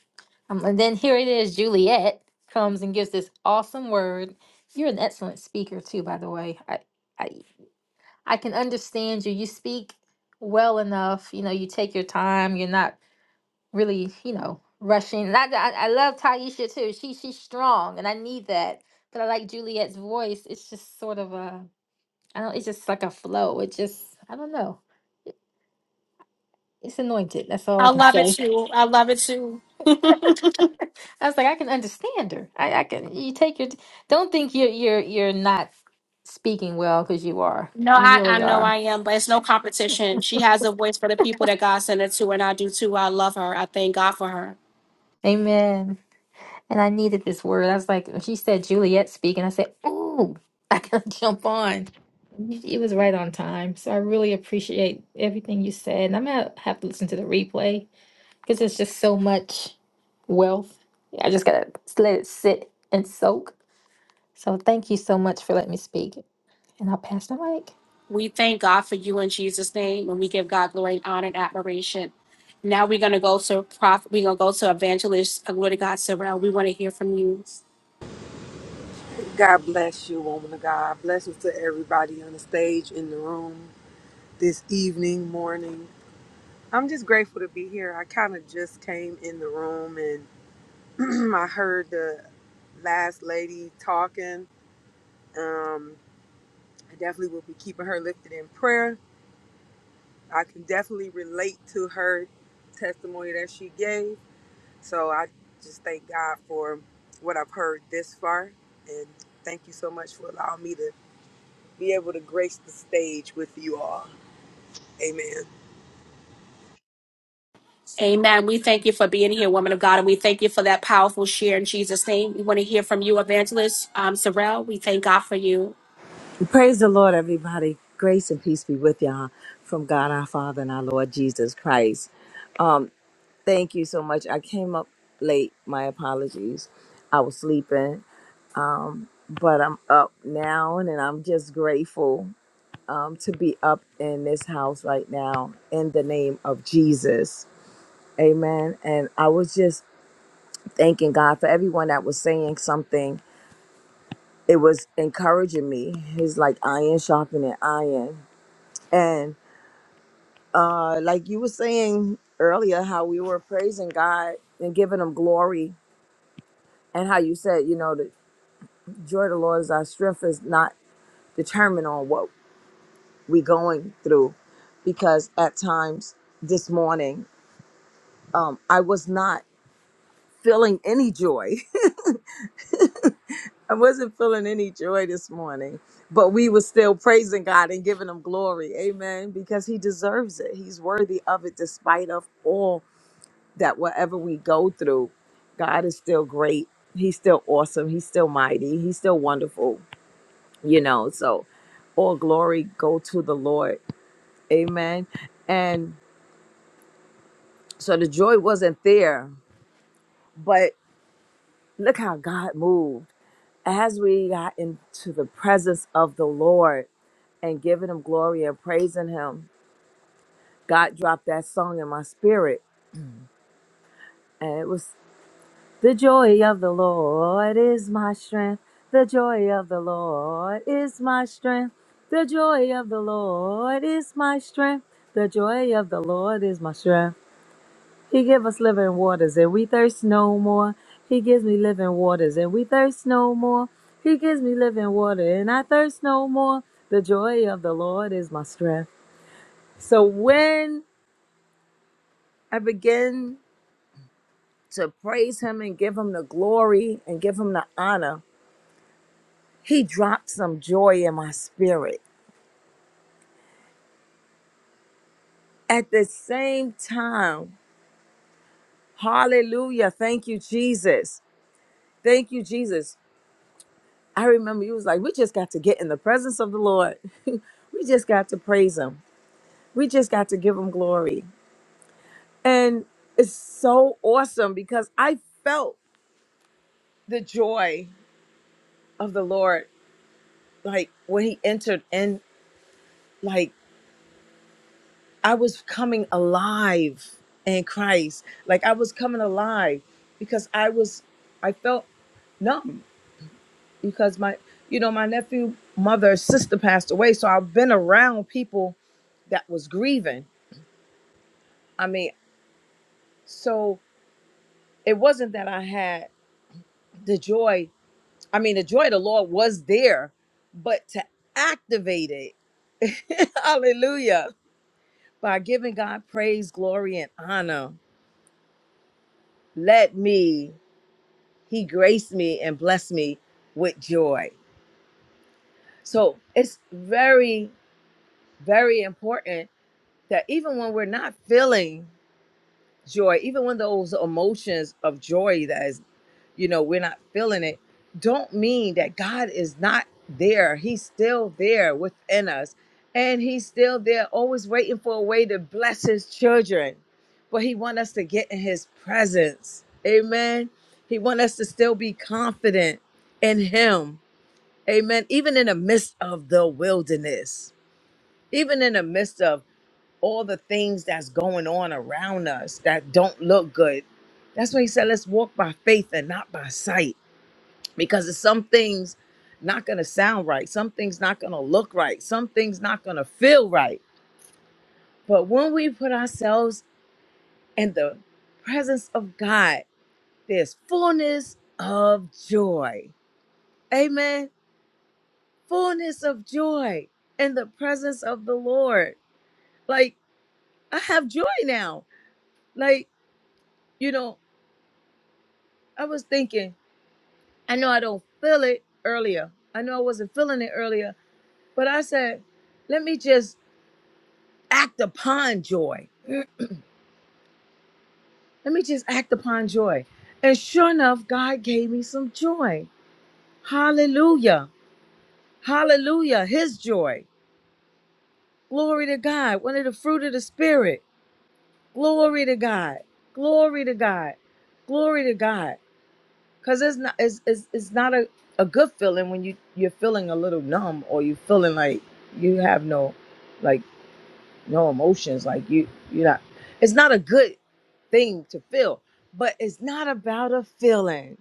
Speaker 2: um, and then here it is. Juliet comes and gives this awesome word. You're an excellent speaker too, by the way. I, I I can understand you. You speak well enough. You know, you take your time. You're not really, you know, rushing. And I, I, I love Taisha too. She she's strong, and I need that. But I like Juliet's voice. It's just sort of a, I don't. It's just like a flow. It just, I don't know. It's anointed. That's all I
Speaker 1: I
Speaker 2: can
Speaker 1: love it
Speaker 2: say.
Speaker 1: too. I love it too.
Speaker 2: I was like, I can understand her. I, I can. You take your. Don't think you're you're you're not speaking well because you are.
Speaker 1: No,
Speaker 2: You
Speaker 1: I, I
Speaker 2: really
Speaker 1: know
Speaker 2: are.
Speaker 1: I am, but it's no competition. She has a voice for the people that God sent her to, and I do too. I love her. I thank God for her.
Speaker 2: Amen. And I needed this word. I was like, when she said Juliet speak, and I said, Ooh, I gotta jump on. It was right on time. So I really appreciate everything you said. And I'm gonna have to listen to the replay because it's just so much wealth. Yeah, I just gotta let it sit and soak. So thank you so much for letting me speak. And I'll pass the mic.
Speaker 1: We thank God for you in Jesus' name, and we give God glory and honor and admiration. Now we're gonna go to prophet. We're gonna go to evangelist. uh, Glory to God, Sarah. We want to hear from you.
Speaker 8: God bless you, woman of God. Blessings to everybody on the stage, in the room, this evening, morning. I'm just grateful to be here. I kind of just came in the room and I heard the last lady talking. Um, I definitely will be keeping her lifted in prayer. I can definitely relate to her testimony that she gave. So I just thank God for what I've heard this far. And thank you so much for allowing me to. be able to grace the stage with you all. Amen.
Speaker 1: Amen. We thank you for being here, woman of God, and we thank you for that powerful share in Jesus' name. We want to hear from you, evangelist um, Sorrel. We thank God for you.
Speaker 7: Praise the Lord, everybody. Grace and peace be with y'all from God our Father and our Lord Jesus Christ. Thank you so much. I came up late. My apologies. I was sleeping, but I'm up now and I'm just grateful um, to be up in this house right now in the name of Jesus. Amen. And I was just thanking God for everyone that was saying something. It was encouraging me. It's like iron sharpening iron. And uh, like you were saying earlier, how we were praising God and giving Him glory, and how you said, you know, the joy of the Lord is our strength is not determined on what we're going through. Because at times this morning, um, I was not feeling any joy. I wasn't feeling any joy this morning, but we were still praising God and giving him glory. Amen. Because he deserves it. He's worthy of it despite of all that whatever we go through. God is still great. He's still awesome. He's still mighty. He's still wonderful, you know. So all glory go to the Lord. Amen. And so the joy wasn't there, but look how God moved. As we got into the presence of the Lord, and giving him glory and praising him. God dropped that song in my spirit, and it was the joy of the Lord is my strength. The joy of the Lord is my strength. The joy of the Lord is my strength. The joy of the Lord is my strength. He give us living waters, and we thirst no more. He gives me living waters, and we thirst no more. He gives me living water, and I thirst no more. The joy of the Lord is my strength. So when I begin to praise him and give him the glory and give him the honor. He dropped some joy in my spirit. At the same time, hallelujah. Thank you, Jesus. Thank you, Jesus. I remember you was like, we just got to get in the presence of the Lord. we just got to praise him. We just got to give him glory. And it's so awesome because I felt the joy of the Lord like when he entered in like I was coming alive in Christ. Like I was coming alive because I was I felt numb because my you know my nephew mother's sister passed away so I've been around people that was grieving. I mean, so it wasn't that I had the joy. I mean, the joy of the Lord was there, but to activate it. hallelujah. By giving God praise, glory and honor. Let me He graced me and blessed me with joy. So it's very, very important that even when we're not feeling joy, even when those emotions of joy that is, you know, we're not feeling it, don't mean that God is not there. He's still there within us. And he's still there, always waiting for a way to bless his children. But he wants us to get in his presence. Amen. He wants us to still be confident in him Amen. Even in the midst of the wilderness, even in the midst of all the things that's going on around us that don't look good. That's why he said, let's walk by faith and not by sight. Because it's some things not going to sound right. Some things not going to look right. Some things not going to feel right. But when we put ourselves in the presence of God, there's fullness of joy. Amen. Fullness of joy in the presence of the Lord. Like I have joy now. Like, you know, I was thinking, I know I don't feel it earlier. I know I wasn't feeling it earlier, but I said, let me just act upon joy. Mm, Let me just act upon joy. And sure enough, God gave me some joy. Hallelujah. Hallelujah. His joy. Glory to God. One of the fruit of the Spirit. Glory to God. Glory to God. Glory to God. because it's not it's, it's, it's not a, a good feeling when you you're feeling a little numb or you feeling like you have no like no emotions like you you're not it's not a good thing to feel but it's not about a feeling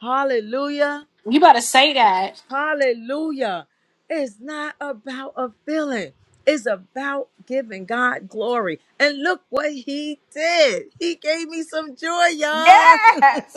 Speaker 7: hallelujah
Speaker 1: You better say that.
Speaker 7: hallelujah it's not about a feeling it's about giving god glory and look what he did he gave me some joy y'all
Speaker 1: Yes.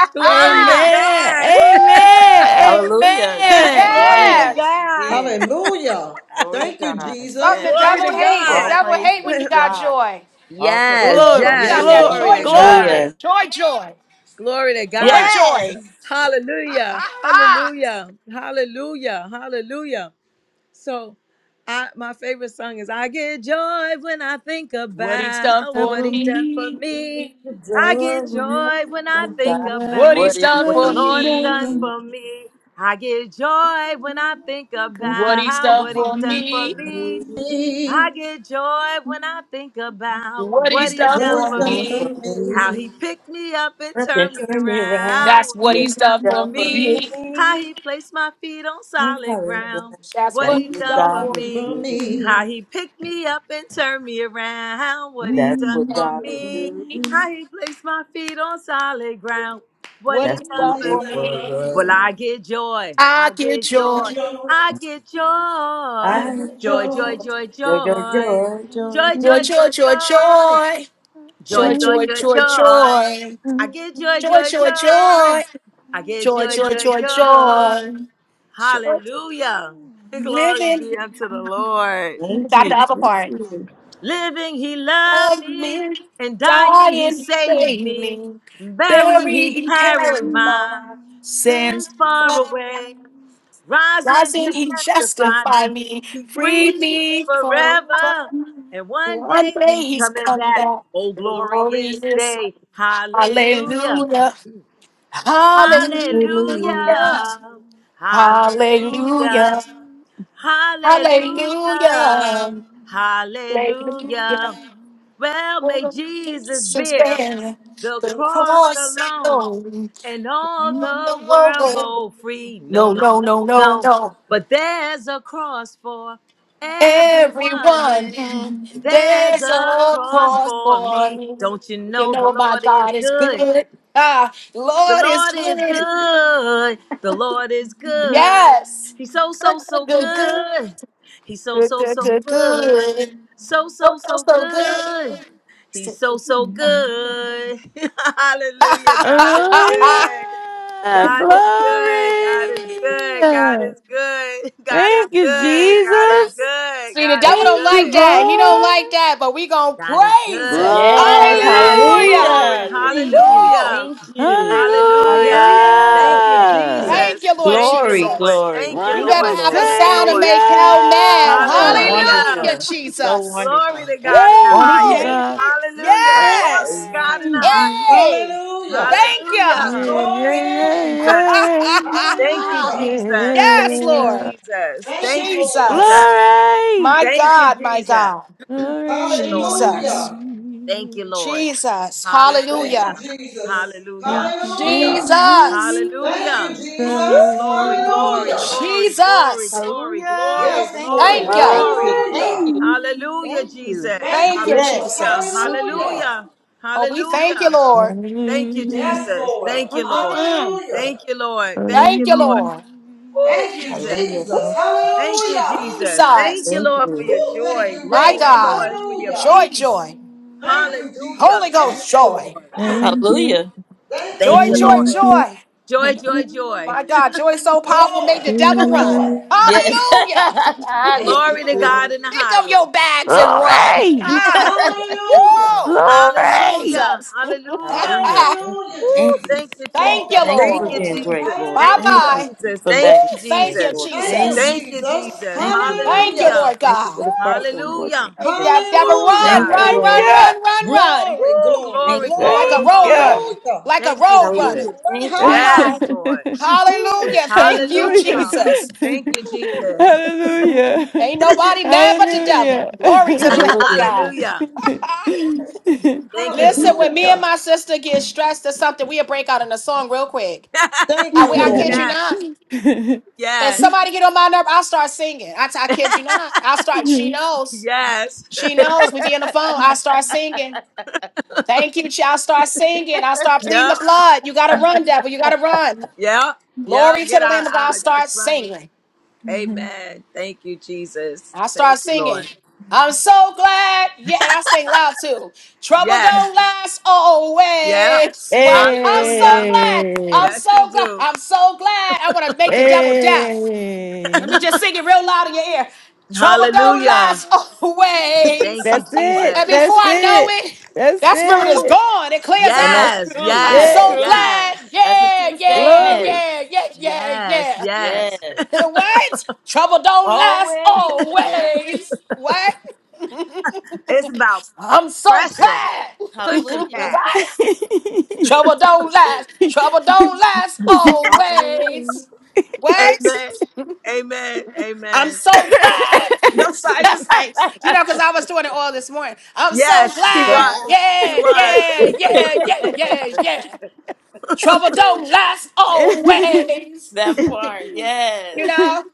Speaker 7: glory to
Speaker 1: Ah!
Speaker 4: Amen.
Speaker 7: god
Speaker 4: Amen.
Speaker 6: Hallelujah.
Speaker 4: Amen.
Speaker 7: glory to
Speaker 1: Yes!
Speaker 6: Yes, you
Speaker 7: god
Speaker 6: did.
Speaker 5: Hallelujah.
Speaker 6: Glory to
Speaker 5: Thank you,
Speaker 6: God.
Speaker 1: Something the
Speaker 5: Jesus.
Speaker 6: Yes.
Speaker 7: Glory
Speaker 1: devil
Speaker 7: to
Speaker 1: hates. The
Speaker 6: All
Speaker 5: Hallelujah.
Speaker 7: God.
Speaker 1: devil hate
Speaker 6: praises
Speaker 1: when
Speaker 6: to
Speaker 1: you got
Speaker 6: God.
Speaker 1: joy.
Speaker 6: All
Speaker 7: yes,
Speaker 6: praises.
Speaker 1: But we
Speaker 4: Glory.
Speaker 7: yes.
Speaker 1: got
Speaker 5: Yes,
Speaker 1: that
Speaker 6: Hallelujah.
Speaker 4: Glory.
Speaker 7: Glory
Speaker 1: joy,
Speaker 7: to
Speaker 5: Lord.
Speaker 1: joy.
Speaker 4: Glory.
Speaker 7: God.
Speaker 6: Hallelujah.
Speaker 1: Joy, joy.
Speaker 7: Glory to
Speaker 1: Joy,
Speaker 7: God.
Speaker 1: joy.
Speaker 6: Yes.
Speaker 7: Hallelujah.
Speaker 1: Ah, ah.
Speaker 7: Hallelujah. Hallelujah. Hallelujah. So I my favorite song is I get joy when I think about what
Speaker 4: Cover
Speaker 7: he done for
Speaker 4: me.
Speaker 7: me.
Speaker 6: The
Speaker 7: I get
Speaker 6: door when
Speaker 7: joy
Speaker 6: I think
Speaker 7: when I
Speaker 6: of
Speaker 7: think
Speaker 6: God.
Speaker 7: about
Speaker 6: What
Speaker 4: Divine,
Speaker 6: is
Speaker 7: what the
Speaker 4: lay
Speaker 7: Lord has done
Speaker 6: in
Speaker 4: down.
Speaker 7: for me. I get joy when I think about what he's done for
Speaker 6: me?
Speaker 7: me. I
Speaker 5: Me,
Speaker 7: get joy when I think about
Speaker 1: What
Speaker 7: what
Speaker 1: he's
Speaker 7: he
Speaker 1: done
Speaker 5: What
Speaker 7: done
Speaker 5: is
Speaker 1: for
Speaker 7: for
Speaker 5: done
Speaker 6: down
Speaker 5: for
Speaker 7: me,
Speaker 6: for
Speaker 1: me.
Speaker 6: me.
Speaker 7: how he
Speaker 5: me,
Speaker 7: picked me up and
Speaker 6: Up and
Speaker 7: turned me
Speaker 6: turn me around.
Speaker 7: around,
Speaker 1: That's
Speaker 7: what
Speaker 1: what
Speaker 6: You
Speaker 7: he
Speaker 1: he's
Speaker 7: done
Speaker 1: done
Speaker 7: for
Speaker 1: for
Speaker 6: down for
Speaker 7: me,
Speaker 1: me.
Speaker 6: me.
Speaker 7: how he placed my feet on
Speaker 6: I'm
Speaker 7: solid
Speaker 6: sorry, but
Speaker 7: ground, what
Speaker 6: that's
Speaker 7: he
Speaker 6: what
Speaker 7: done
Speaker 1: Done
Speaker 7: for
Speaker 1: for
Speaker 6: God would
Speaker 1: me.
Speaker 7: me,
Speaker 5: for
Speaker 6: do.
Speaker 5: me,
Speaker 7: how he picked me up and turned me around, what he
Speaker 6: That's
Speaker 7: done
Speaker 6: what
Speaker 7: for
Speaker 6: God
Speaker 5: for
Speaker 6: would
Speaker 7: me,
Speaker 5: me.
Speaker 6: do.
Speaker 7: how he placed my feet on solid ground, what he
Speaker 6: That's what
Speaker 7: done
Speaker 6: He
Speaker 5: What
Speaker 1: done
Speaker 7: for
Speaker 1: for-
Speaker 5: is
Speaker 6: did
Speaker 5: done
Speaker 7: me.
Speaker 5: for
Speaker 6: for
Speaker 7: Well,
Speaker 5: me.
Speaker 7: I get joy,
Speaker 1: I
Speaker 7: I
Speaker 1: get
Speaker 7: get
Speaker 5: I
Speaker 1: joy.
Speaker 7: joy.
Speaker 5: can joy,
Speaker 7: I
Speaker 6: us.
Speaker 7: get
Speaker 5: I
Speaker 7: joy,
Speaker 6: I
Speaker 5: can
Speaker 7: joy,
Speaker 5: joy.
Speaker 7: joy, joy, joy,
Speaker 6: joy, joy,
Speaker 7: joy,
Speaker 6: joy, joy.
Speaker 7: joy,
Speaker 1: Joy,
Speaker 7: joy,
Speaker 1: joy, joy, joy.
Speaker 7: joy, joy,
Speaker 1: Joy,
Speaker 7: joy,
Speaker 1: joy,
Speaker 7: joy,
Speaker 1: joy,
Speaker 7: joy.
Speaker 1: joy.
Speaker 7: I get joy,
Speaker 1: Joy,
Speaker 7: joy,
Speaker 1: joy,
Speaker 7: joy.
Speaker 1: joy.
Speaker 7: I get
Speaker 1: Joy,
Speaker 7: joy,
Speaker 1: joy,
Speaker 7: joy,
Speaker 1: joy,
Speaker 7: joy.
Speaker 1: joy. Joy.
Speaker 7: Hallelujah. Glory be
Speaker 1: Living.
Speaker 7: unto the Lord.
Speaker 1: You
Speaker 6: Thank
Speaker 1: got the
Speaker 6: you.
Speaker 1: other part.
Speaker 7: Living, he loved
Speaker 1: Love
Speaker 7: me,
Speaker 1: me,
Speaker 7: and dying,
Speaker 1: die
Speaker 7: he
Speaker 1: and
Speaker 7: saved
Speaker 1: save
Speaker 7: me.
Speaker 1: me.
Speaker 7: Buried, he
Speaker 1: Bury and carry
Speaker 7: carried
Speaker 1: my
Speaker 7: my sins far
Speaker 1: soul.
Speaker 7: away.
Speaker 1: not
Speaker 7: Rising, he
Speaker 1: he
Speaker 7: justified
Speaker 1: justify
Speaker 7: me.
Speaker 1: me.
Speaker 7: He
Speaker 1: Free
Speaker 7: freed me
Speaker 1: me forever.
Speaker 7: forever. And one
Speaker 1: One
Speaker 7: day
Speaker 1: day
Speaker 7: he's
Speaker 1: he's
Speaker 7: coming
Speaker 1: come
Speaker 7: back.
Speaker 1: back.
Speaker 7: Oh, glorious
Speaker 1: Glorious.
Speaker 7: day. Hallelujah.
Speaker 1: Hallelujah. Hallelujah.
Speaker 6: Hallelujah.
Speaker 7: Hallelujah.
Speaker 1: Hallelujah.
Speaker 7: Hallelujah. Hallelujah.
Speaker 1: Hallelujah. Hallelujah.
Speaker 7: Hallelujah. Well, may
Speaker 1: Oh,
Speaker 7: Jesus
Speaker 1: Jesus is
Speaker 7: bear
Speaker 1: better.
Speaker 7: the
Speaker 1: The
Speaker 7: cross
Speaker 1: cross
Speaker 7: alone,
Speaker 1: alone.
Speaker 7: and all
Speaker 1: No,
Speaker 7: the world go free. No, no,
Speaker 1: no, no,
Speaker 7: no,
Speaker 1: no,
Speaker 7: no.
Speaker 1: no.
Speaker 7: But there's a cross for everyone,
Speaker 1: Everyone,
Speaker 7: and there's
Speaker 1: there's
Speaker 7: a
Speaker 1: a
Speaker 7: cross
Speaker 1: cross
Speaker 7: for
Speaker 1: for
Speaker 7: me.
Speaker 1: me.
Speaker 7: Don't you
Speaker 1: You
Speaker 7: know the
Speaker 1: know my
Speaker 7: Lord is
Speaker 1: God is
Speaker 7: good?
Speaker 1: good. Ah,
Speaker 7: The
Speaker 1: Lord is
Speaker 7: Lord is
Speaker 1: good.
Speaker 7: good. The Lord is good.
Speaker 1: Yes.
Speaker 7: He's so, so,
Speaker 1: Good, good,
Speaker 7: so
Speaker 1: good, good.
Speaker 7: good. He's so,
Speaker 1: Good,
Speaker 7: so,
Speaker 1: good,
Speaker 7: so
Speaker 1: good,
Speaker 7: good.
Speaker 1: good.
Speaker 7: So, so,
Speaker 1: So, so,
Speaker 7: so
Speaker 1: so good.
Speaker 7: good. He's so, so good. Hallelujah. God is good.
Speaker 4: Hallelujah!
Speaker 7: God is good. God
Speaker 4: Glory!
Speaker 7: is good. God is good. God is
Speaker 4: Thank you,
Speaker 7: good. God is
Speaker 4: Jesus.
Speaker 7: good.
Speaker 1: See, the
Speaker 7: God is
Speaker 1: devil don't
Speaker 4: Thank you,
Speaker 1: like
Speaker 7: good.
Speaker 1: that. He don't
Speaker 4: God.
Speaker 1: like that, but we gonna
Speaker 7: God is
Speaker 1: praise
Speaker 7: good.
Speaker 1: him.
Speaker 4: Glory!
Speaker 6: Yes,
Speaker 7: Yes,
Speaker 1: Hallelujah.
Speaker 7: glory.
Speaker 6: hallelujah. Thank you,
Speaker 7: Hallelujah.
Speaker 1: Woo!
Speaker 6: thank you.
Speaker 7: Hallelujah.
Speaker 6: Hallelujah.
Speaker 7: Thank you,
Speaker 6: Thank you.
Speaker 4: Hallelujah!
Speaker 1: Thank
Speaker 7: Jesus.
Speaker 1: you, Lord
Speaker 7: Thank you,
Speaker 6: Glory,
Speaker 7: Lord.
Speaker 1: Jesus.
Speaker 6: glory.
Speaker 7: Thank you,
Speaker 1: You
Speaker 6: Thank you,
Speaker 1: better
Speaker 4: Wonderful
Speaker 7: Lord.
Speaker 1: have a
Speaker 7: Thank
Speaker 6: Lord.
Speaker 7: you,
Speaker 1: sound to
Speaker 4: Savior!
Speaker 6: Thank
Speaker 7: Lord.
Speaker 1: make
Speaker 6: you.
Speaker 1: hell mad.
Speaker 6: So
Speaker 7: Hallelujah.
Speaker 1: Hallelujah,
Speaker 6: wonderful. He's so
Speaker 1: Jesus.
Speaker 7: Glory
Speaker 6: wonderful.
Speaker 7: to God in the
Speaker 6: Won't
Speaker 4: Thank
Speaker 6: he
Speaker 4: you,
Speaker 1: Woo!
Speaker 7: highest.
Speaker 6: change
Speaker 4: God.
Speaker 6: it?
Speaker 7: Hallelujah. Glory to
Speaker 1: Yes.
Speaker 6: Yes.
Speaker 7: God in the
Speaker 4: Thank you.
Speaker 7: highest.
Speaker 1: Hey.
Speaker 5: Hallelujah.
Speaker 1: Thank you.
Speaker 7: Hallelujah.
Speaker 4: Yeah, yeah,
Speaker 7: Thank you,
Speaker 5: Glory.
Speaker 7: Jesus.
Speaker 4: yeah,
Speaker 7: Thank you,
Speaker 4: yeah,
Speaker 5: Hallelujah.
Speaker 7: Jesus.
Speaker 1: yes,
Speaker 7: Thank you,
Speaker 4: yeah.
Speaker 1: Lord.
Speaker 7: Jesus.
Speaker 5: Thank
Speaker 7: Thank
Speaker 5: you,
Speaker 7: you,
Speaker 5: Lord.
Speaker 7: Jesus.
Speaker 1: Jesus.
Speaker 4: Glory!
Speaker 1: My
Speaker 7: Thank you,
Speaker 1: God, my
Speaker 7: Jesus.
Speaker 1: God.
Speaker 7: Thank you,
Speaker 4: Glory!
Speaker 7: Lord.
Speaker 1: Jesus.
Speaker 5: Hallelujah.
Speaker 7: Thank you, Lord.
Speaker 1: Jesus.
Speaker 5: Thank you,
Speaker 1: Hallelujah.
Speaker 7: Hallelujah.
Speaker 5: Jesus.
Speaker 7: Hallelujah.
Speaker 4: Thank you, thank
Speaker 5: Hallelujah.
Speaker 4: you, thank
Speaker 1: Jesus.
Speaker 5: Thank
Speaker 7: Hallelujah.
Speaker 5: you,
Speaker 4: you,
Speaker 1: Woo!
Speaker 7: Glory,
Speaker 5: Jesus.
Speaker 4: God.
Speaker 7: glory, glory,
Speaker 5: Hallelujah.
Speaker 7: glory, glory,
Speaker 1: Jesus.
Speaker 7: glory,
Speaker 6: Hallelujah.
Speaker 7: glory,
Speaker 5: Yes,
Speaker 6: Thank
Speaker 7: glory,
Speaker 5: Lord.
Speaker 6: you.
Speaker 1: Thank you.
Speaker 6: Thank you.
Speaker 7: glory.
Speaker 4: Glory!
Speaker 6: Thank
Speaker 5: Hallelujah.
Speaker 6: you.
Speaker 7: Hallelujah,
Speaker 6: Thank you.
Speaker 7: Jesus.
Speaker 5: Thank
Speaker 1: Thank
Speaker 5: you,
Speaker 1: you,
Speaker 6: Yes.
Speaker 5: Lord.
Speaker 7: Hallelujah.
Speaker 1: Jesus.
Speaker 6: Thank you.
Speaker 5: Hallelujah.
Speaker 7: Hallelujah.
Speaker 1: Oh, we thank you,
Speaker 7: Hallelujah.
Speaker 1: Lord.
Speaker 7: Thank you,
Speaker 4: Hallelujah!
Speaker 5: Yes,
Speaker 7: Jesus.
Speaker 5: Lord.
Speaker 7: Thank you, Lord.
Speaker 1: Mm-mm-mm.
Speaker 5: Hallelujah.
Speaker 7: Thank you, Lord.
Speaker 4: Thank
Speaker 7: Thank
Speaker 1: Thank
Speaker 7: you,
Speaker 4: you.
Speaker 1: you,
Speaker 7: Lord.
Speaker 1: Lord.
Speaker 7: Oh,
Speaker 5: Thank you,
Speaker 7: Jesus.
Speaker 6: Hallelujah.
Speaker 5: Jesus.
Speaker 6: Thank you.
Speaker 7: Thank you,
Speaker 1: Ooh,
Speaker 5: Hallelujah.
Speaker 7: Jesus. Thank you,
Speaker 1: Jesus.
Speaker 6: Thank
Speaker 7: Lord, for
Speaker 6: you.
Speaker 5: Woo,
Speaker 7: your
Speaker 5: thank
Speaker 7: joy.
Speaker 5: you,
Speaker 1: My
Speaker 7: Thank
Speaker 5: Lord.
Speaker 7: you, Lord,
Speaker 1: God.
Speaker 7: for your
Speaker 5: Hallelujah.
Speaker 1: Joy,
Speaker 7: peace.
Speaker 1: joy.
Speaker 5: Thank you,
Speaker 7: Hallelujah.
Speaker 1: Holy
Speaker 5: Jesus.
Speaker 1: Ghost,
Speaker 7: Thank
Speaker 5: Yes,
Speaker 7: you,
Speaker 1: joy.
Speaker 5: Lord.
Speaker 7: Lord.
Speaker 5: Ah,
Speaker 4: Thank you.
Speaker 6: Hallelujah.
Speaker 5: thank you,
Speaker 7: Thank
Speaker 1: Joy,
Speaker 7: you,
Speaker 1: joy,
Speaker 7: Lord.
Speaker 4: Thank
Speaker 5: Jesus.
Speaker 4: you.
Speaker 1: joy.
Speaker 7: Joy,
Speaker 6: Yes.
Speaker 7: joy, joy.
Speaker 1: My God, joy is so powerful,
Speaker 5: Joy.
Speaker 1: make the
Speaker 4: Glory.
Speaker 1: devil run.
Speaker 5: Joy.
Speaker 1: Hallelujah.
Speaker 5: Thank
Speaker 6: yes,
Speaker 5: you,
Speaker 6: it's
Speaker 7: Glory to
Speaker 5: Lord.
Speaker 7: God in the
Speaker 1: Pick up
Speaker 7: highest.
Speaker 1: your bags and run. Ah,
Speaker 5: Hallelujah.
Speaker 1: woo!
Speaker 4: Glory.
Speaker 7: Hallelujah.
Speaker 1: Jesus.
Speaker 7: Hallelujah.
Speaker 6: Hallelujah. Thank you.
Speaker 7: Woo,
Speaker 5: Hallelujah,
Speaker 6: Thank you.
Speaker 7: thank
Speaker 5: Jesus.
Speaker 7: you, Jesus.
Speaker 5: Oh,
Speaker 1: thank you,
Speaker 5: thank
Speaker 6: Thank you
Speaker 5: you,
Speaker 7: Thank
Speaker 6: for
Speaker 7: you,
Speaker 1: Lord.
Speaker 6: being
Speaker 5: Lord.
Speaker 6: great,
Speaker 7: Jesus.
Speaker 6: Lord.
Speaker 1: Bye
Speaker 7: Thank you,
Speaker 6: Thank
Speaker 5: Hallelujah.
Speaker 1: bye.
Speaker 6: you
Speaker 7: Jesus.
Speaker 6: for
Speaker 1: Woo!
Speaker 7: Thank you,
Speaker 6: magnifying,
Speaker 1: Thank
Speaker 6: us,
Speaker 1: you,
Speaker 7: Jesus.
Speaker 6: Lord.
Speaker 5: Thank
Speaker 6: Thank
Speaker 5: you,
Speaker 1: Jesus.
Speaker 6: you.
Speaker 7: Thank you,
Speaker 5: Jesus.
Speaker 7: Jesus.
Speaker 6: Thank you, Lord.
Speaker 1: Thank you,
Speaker 5: Hallelujah.
Speaker 7: Hallelujah.
Speaker 1: Lord
Speaker 6: Thank you
Speaker 1: God.
Speaker 6: for the platform, Lord. Thank
Speaker 7: Hallelujah.
Speaker 1: Take
Speaker 6: you.
Speaker 1: that devil,
Speaker 7: Glory to
Speaker 5: Hallelujah.
Speaker 1: run,
Speaker 6: Thank
Speaker 7: God.
Speaker 6: you,
Speaker 1: run,
Speaker 4: Thank
Speaker 1: run,
Speaker 6: Lord.
Speaker 4: you.
Speaker 7: Glory.
Speaker 1: run, run, run.
Speaker 5: Glory,
Speaker 7: Woo,
Speaker 5: glory,
Speaker 7: glory,
Speaker 6: Thank you.
Speaker 1: Like
Speaker 5: glory.
Speaker 7: glory,
Speaker 1: a
Speaker 4: Thank
Speaker 6: Thank you.
Speaker 1: road
Speaker 4: you.
Speaker 7: glory.
Speaker 1: runner,
Speaker 5: Hallelujah.
Speaker 1: like a
Speaker 7: Thank you,
Speaker 5: Thank
Speaker 1: road
Speaker 5: you,
Speaker 7: Jesus.
Speaker 6: Hallelujah.
Speaker 1: runner.
Speaker 5: Lord.
Speaker 6: Thank you.
Speaker 1: Bye
Speaker 5: Hallelujah.
Speaker 1: bye.
Speaker 7: Yes, Lord.
Speaker 5: Hmm.
Speaker 1: Hallelujah. Thank you,
Speaker 4: Hallelujah.
Speaker 7: Hallelujah.
Speaker 1: Jesus.
Speaker 7: Thank you, Jesus.
Speaker 4: Hallelujah.
Speaker 1: Ain't nobody mad but the devil.
Speaker 4: Hallelujah.
Speaker 1: Glory to the Lamb of
Speaker 6: Hallelujah.
Speaker 1: God.
Speaker 7: Hallelujah. Thank you,
Speaker 1: Listen,
Speaker 7: Jesus.
Speaker 1: when me and my
Speaker 5: Hallelujah.
Speaker 1: sister get stressed or something, we'll break out in a song real quick.
Speaker 5: Thank
Speaker 1: I, we,
Speaker 5: you,
Speaker 1: I
Speaker 6: Yeah.
Speaker 1: kid you
Speaker 5: Lord.
Speaker 7: yes,
Speaker 1: not. If
Speaker 7: yes,
Speaker 1: somebody get on my nerve, I'll start singing. I, I kid you not. I'll start, she knows.
Speaker 7: yes.
Speaker 1: She knows. We be on the phone. I start singing. Thank you, child. Start singing. i start pleading the
Speaker 7: Yep,
Speaker 1: blood. You gotta run, devil. You gotta run.
Speaker 7: yep, yep.
Speaker 1: Glory to
Speaker 7: Get
Speaker 1: the
Speaker 7: out
Speaker 1: Lamb
Speaker 7: of
Speaker 1: of God.
Speaker 7: eye. That's
Speaker 1: Start
Speaker 7: right.
Speaker 1: singing.
Speaker 7: Amen. Thank you, Jesus.
Speaker 1: I
Speaker 7: Thank
Speaker 1: start
Speaker 7: you,
Speaker 1: singing.
Speaker 7: Lord.
Speaker 1: I'm so glad. Yeah, and I sing loud too. Trouble
Speaker 7: Yes,
Speaker 1: don't last
Speaker 7: yep.
Speaker 1: always. What? I'm so
Speaker 7: Hallelujah.
Speaker 1: glad.
Speaker 4: hey.
Speaker 1: I'm
Speaker 7: Yes, you
Speaker 1: so glad.
Speaker 7: do.
Speaker 1: I'm so glad. I want to make the devil deaf. Let
Speaker 4: Hey,
Speaker 1: me just sing it real loud in your ear. Trouble don't
Speaker 7: Hallelujah.
Speaker 1: last
Speaker 7: Thank
Speaker 1: always.
Speaker 7: you,
Speaker 4: that's it.
Speaker 1: And
Speaker 7: Jesus.
Speaker 1: before
Speaker 4: That's
Speaker 1: I know
Speaker 4: it.
Speaker 1: it,
Speaker 4: That's
Speaker 1: that spirit is
Speaker 4: it.
Speaker 1: gone. It clears
Speaker 6: And
Speaker 1: out.
Speaker 6: that's
Speaker 7: Yes,
Speaker 6: true.
Speaker 1: I'm
Speaker 7: yes,
Speaker 6: That's
Speaker 4: Yeah,
Speaker 1: so
Speaker 6: true.
Speaker 1: glad.
Speaker 7: yes,
Speaker 6: That's a
Speaker 1: Yeah,
Speaker 6: true
Speaker 1: yeah,
Speaker 6: statement.
Speaker 4: glory.
Speaker 1: yeah, yeah, yeah,
Speaker 7: yes,
Speaker 1: yeah.
Speaker 6: Yes.
Speaker 7: yes.
Speaker 1: What? Trouble don't last
Speaker 6: Always. Yes.
Speaker 1: always. What?
Speaker 7: it's about
Speaker 1: I'm so
Speaker 7: pressing,
Speaker 1: glad.
Speaker 7: pushing
Speaker 6: Hallelujah.
Speaker 7: past.
Speaker 1: Trouble don't last. Trouble don't last
Speaker 6: Always.
Speaker 1: always. What?
Speaker 7: Amen. Amen.
Speaker 1: I'm
Speaker 7: Amen.
Speaker 1: so glad. I'm sorry, just like, you know, because I was doing it all this morning. I'm so
Speaker 7: Yes, she
Speaker 1: glad.
Speaker 6: Glad.
Speaker 7: was. She
Speaker 1: Yeah,
Speaker 7: was.
Speaker 1: yeah, yeah, yeah, yeah, yeah. Trouble don't last always.
Speaker 6: that part. Yes.
Speaker 1: You know,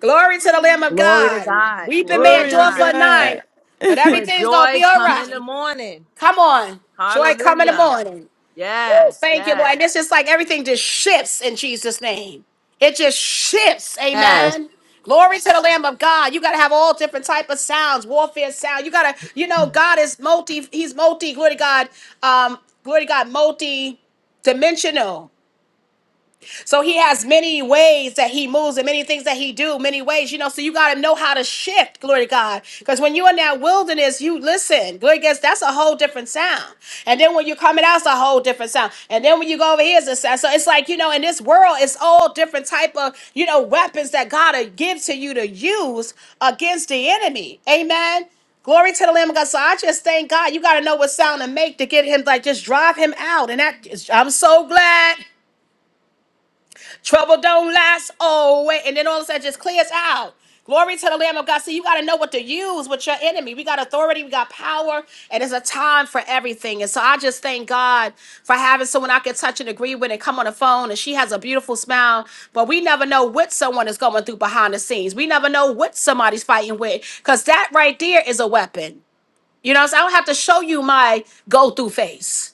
Speaker 1: glory to the Lamb of
Speaker 7: Glory to
Speaker 1: God.
Speaker 7: God.
Speaker 1: Weeping
Speaker 7: Glory
Speaker 1: may
Speaker 7: to
Speaker 4: glory to
Speaker 1: endure for
Speaker 7: God.
Speaker 1: a night,
Speaker 4: God.
Speaker 1: but
Speaker 7: But
Speaker 1: everything's gonna be
Speaker 7: joy
Speaker 1: all
Speaker 7: come in the
Speaker 1: right.
Speaker 7: morning.
Speaker 1: Come on, joy come in the
Speaker 7: Hallelujah.
Speaker 1: morning.
Speaker 7: Yes,
Speaker 1: Thank you, Lord.
Speaker 7: yes,
Speaker 1: And it's just like everything just shifts in Jesus' name. It just shifts.
Speaker 7: yes.
Speaker 1: Amen. Glory to the Lamb of God. You gotta have all different type of sounds, warfare sound. You gotta, you know, God is multi. He's multi. Glory to God. Um, glory to God. Multi dimensional. So he has many ways that he moves and many things that he do, many ways, you know. So you gotta know how to shift, glory to God. Because when you're in that wilderness, you listen, glory to God, that's a whole different sound. And then when you're coming out, it's a whole different sound. And then when you go over here, it's a sound. So it's like, you know, in this world, it's all different type of, you know, weapons that God will give to you to use against the enemy. Amen. Glory to the Lamb of God. So I just thank God. You got to know what sound to make to get him, like, just drive him out. And that is, I'm so glad. Trouble don't last always. And then all of a sudden it just clears out. Glory to the Lamb of God. See, you got to know what to use with your enemy. We got authority, we got power, and it's a time for everything. And so I just thank God for having someone I can touch and agree with and come on the phone. And she has a beautiful smile, but we never know what someone is going through behind the scenes. We never know what somebody's fighting with because that right there is a weapon. You know, so I don't have to show you my go through face.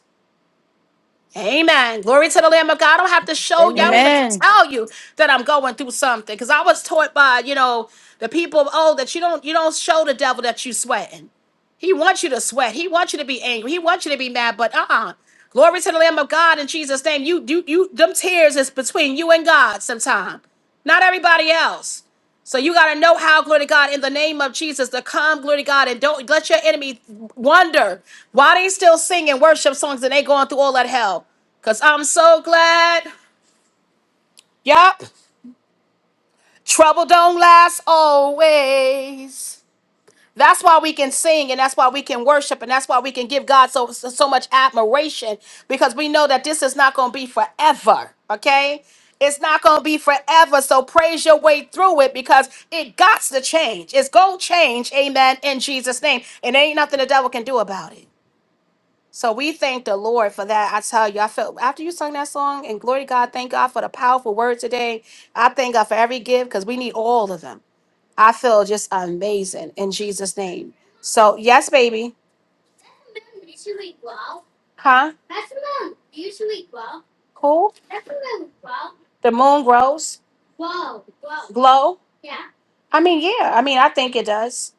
Speaker 1: Amen. Glory to the Lamb of God. I don't have to show you. I don't even
Speaker 5: Amen.
Speaker 1: have to
Speaker 4: Amen.
Speaker 1: tell you that I'm going through something. Because I was taught by, you know, the people, of old that you don't you don't show the devil that you sweating. He wants you to sweat. He wants you to be angry. He wants you to be mad. But uh-uh. Glory to the Lamb of God in Jesus' name. You you you them tears is between you and God sometime. Not everybody else. So you got to know how, glory to God, in the name of Jesus, to come, glory to God, and don't let your enemy wonder why they still singing worship songs and they going through all that hell. Cause I'm so glad. Yup. Trouble don't last always. That's why we can sing and that's why we can worship and that's why we can give God so so so much admiration because we know that this is not going to be forever, okay? It's not going to be forever, so praise your way through it because it got to change. It's going to change, amen, in Jesus name. And there ain't nothing the devil can do about it. So we thank the Lord for that. I tell you, I felt after you sung that song and glory to God, thank God for the powerful word today. I thank God for every gift because we need all of them. I feel just amazing in Jesus' name. So yes, baby. Huh? Cool. The moon grows, glow. I mean, yeah. I mean, I think it does.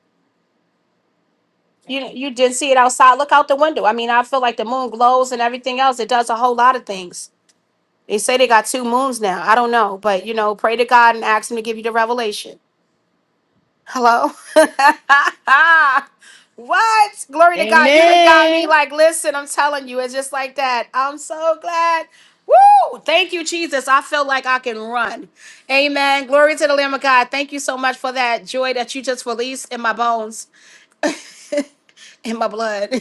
Speaker 1: You you didn't see it outside. Look out the window. I mean, I feel like the moon glows and everything else. It does a whole lot of things. They say they got two moons now. I don't know, but you know, pray to God and ask Him to give you the revelation. Hello. what? Glory to God. You done got me
Speaker 4: Amen.
Speaker 1: like, listen, I'm telling you, it's just like that. I'm so glad. Woo! Thank you, Jesus. I feel like I can run. Amen. Glory to the Lamb of God. Thank you so much for that joy that you just released in my bones, in my blood.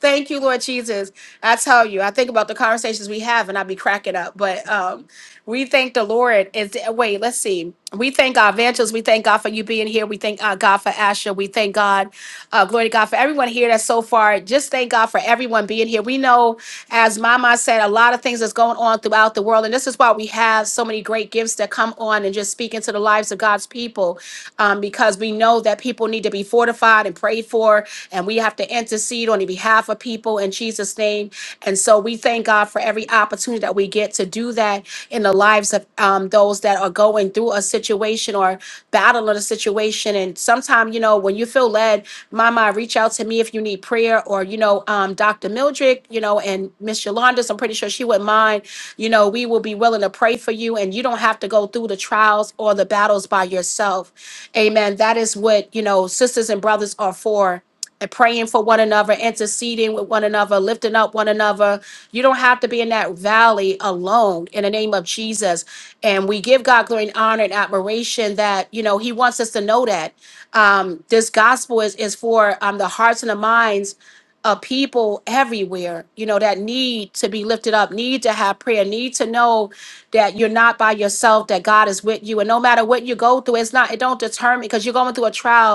Speaker 1: Thank you, Lord Jesus. I tell you, I think about the conversations we have and I be cracking up. But um, we thank the Lord. Is wait, let's see. We thank our evangelists. We thank God for you being here. We thank uh, God for Asha. We thank God, uh, glory to God for everyone here that's so far. Just thank God for everyone being here. We know, as Mama said, a lot of things that's going on throughout the world, and this is why we have so many great gifts that come on and just speak into the lives of God's people, um, because we know that people need to be fortified and prayed for and we have to intercede on the behalf of people in Jesus' name. And so we thank God for every opportunity that we get to do that in the lives of um, those that are going through a situation or battling a situation. And sometimes, you know, when you feel led, Mama, reach out to me if you need prayer, or you know, um, Dr. Mildred, you know, and Miss Yolandis. I'm pretty sure she wouldn't mind. You know, we will be willing to pray for you, and you don't have to go through the trials or the battles by yourself. Amen. That is what you know, sisters and brothers are for and praying for one another, interceding with one another, lifting up one another. You don't have to be in that valley alone in the name of Jesus. And we give God glory and honor and admiration that, you know, He wants us to know that um, this gospel is, is for um, the hearts and the minds of people everywhere, you know, that need to be lifted up, need to have prayer, need to know that you're not by yourself, that God is with you. And no matter what you go through, it's not, it don't determine because you're going through a trial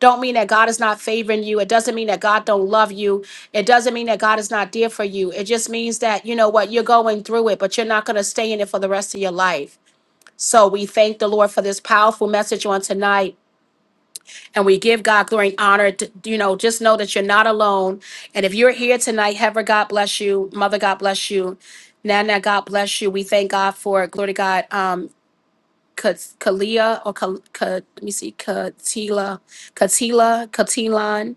Speaker 1: don't mean that God is not favoring you. It doesn't mean that God don't love you. It doesn't mean that God is not there for you. It just means that you know what you're going through it, but you're not going to stay in it for the rest of your life. So we thank the Lord for this powerful message on tonight, and we give God glory and honor. To, you know, just know that you're not alone. And if you're here tonight, Heather, God bless you. Mother, God bless you. Nana, God bless you. We thank God for it. glory to God. Um, Ka- Kalia or Ka, Ka, let me see, Katila, Katila, Katilan.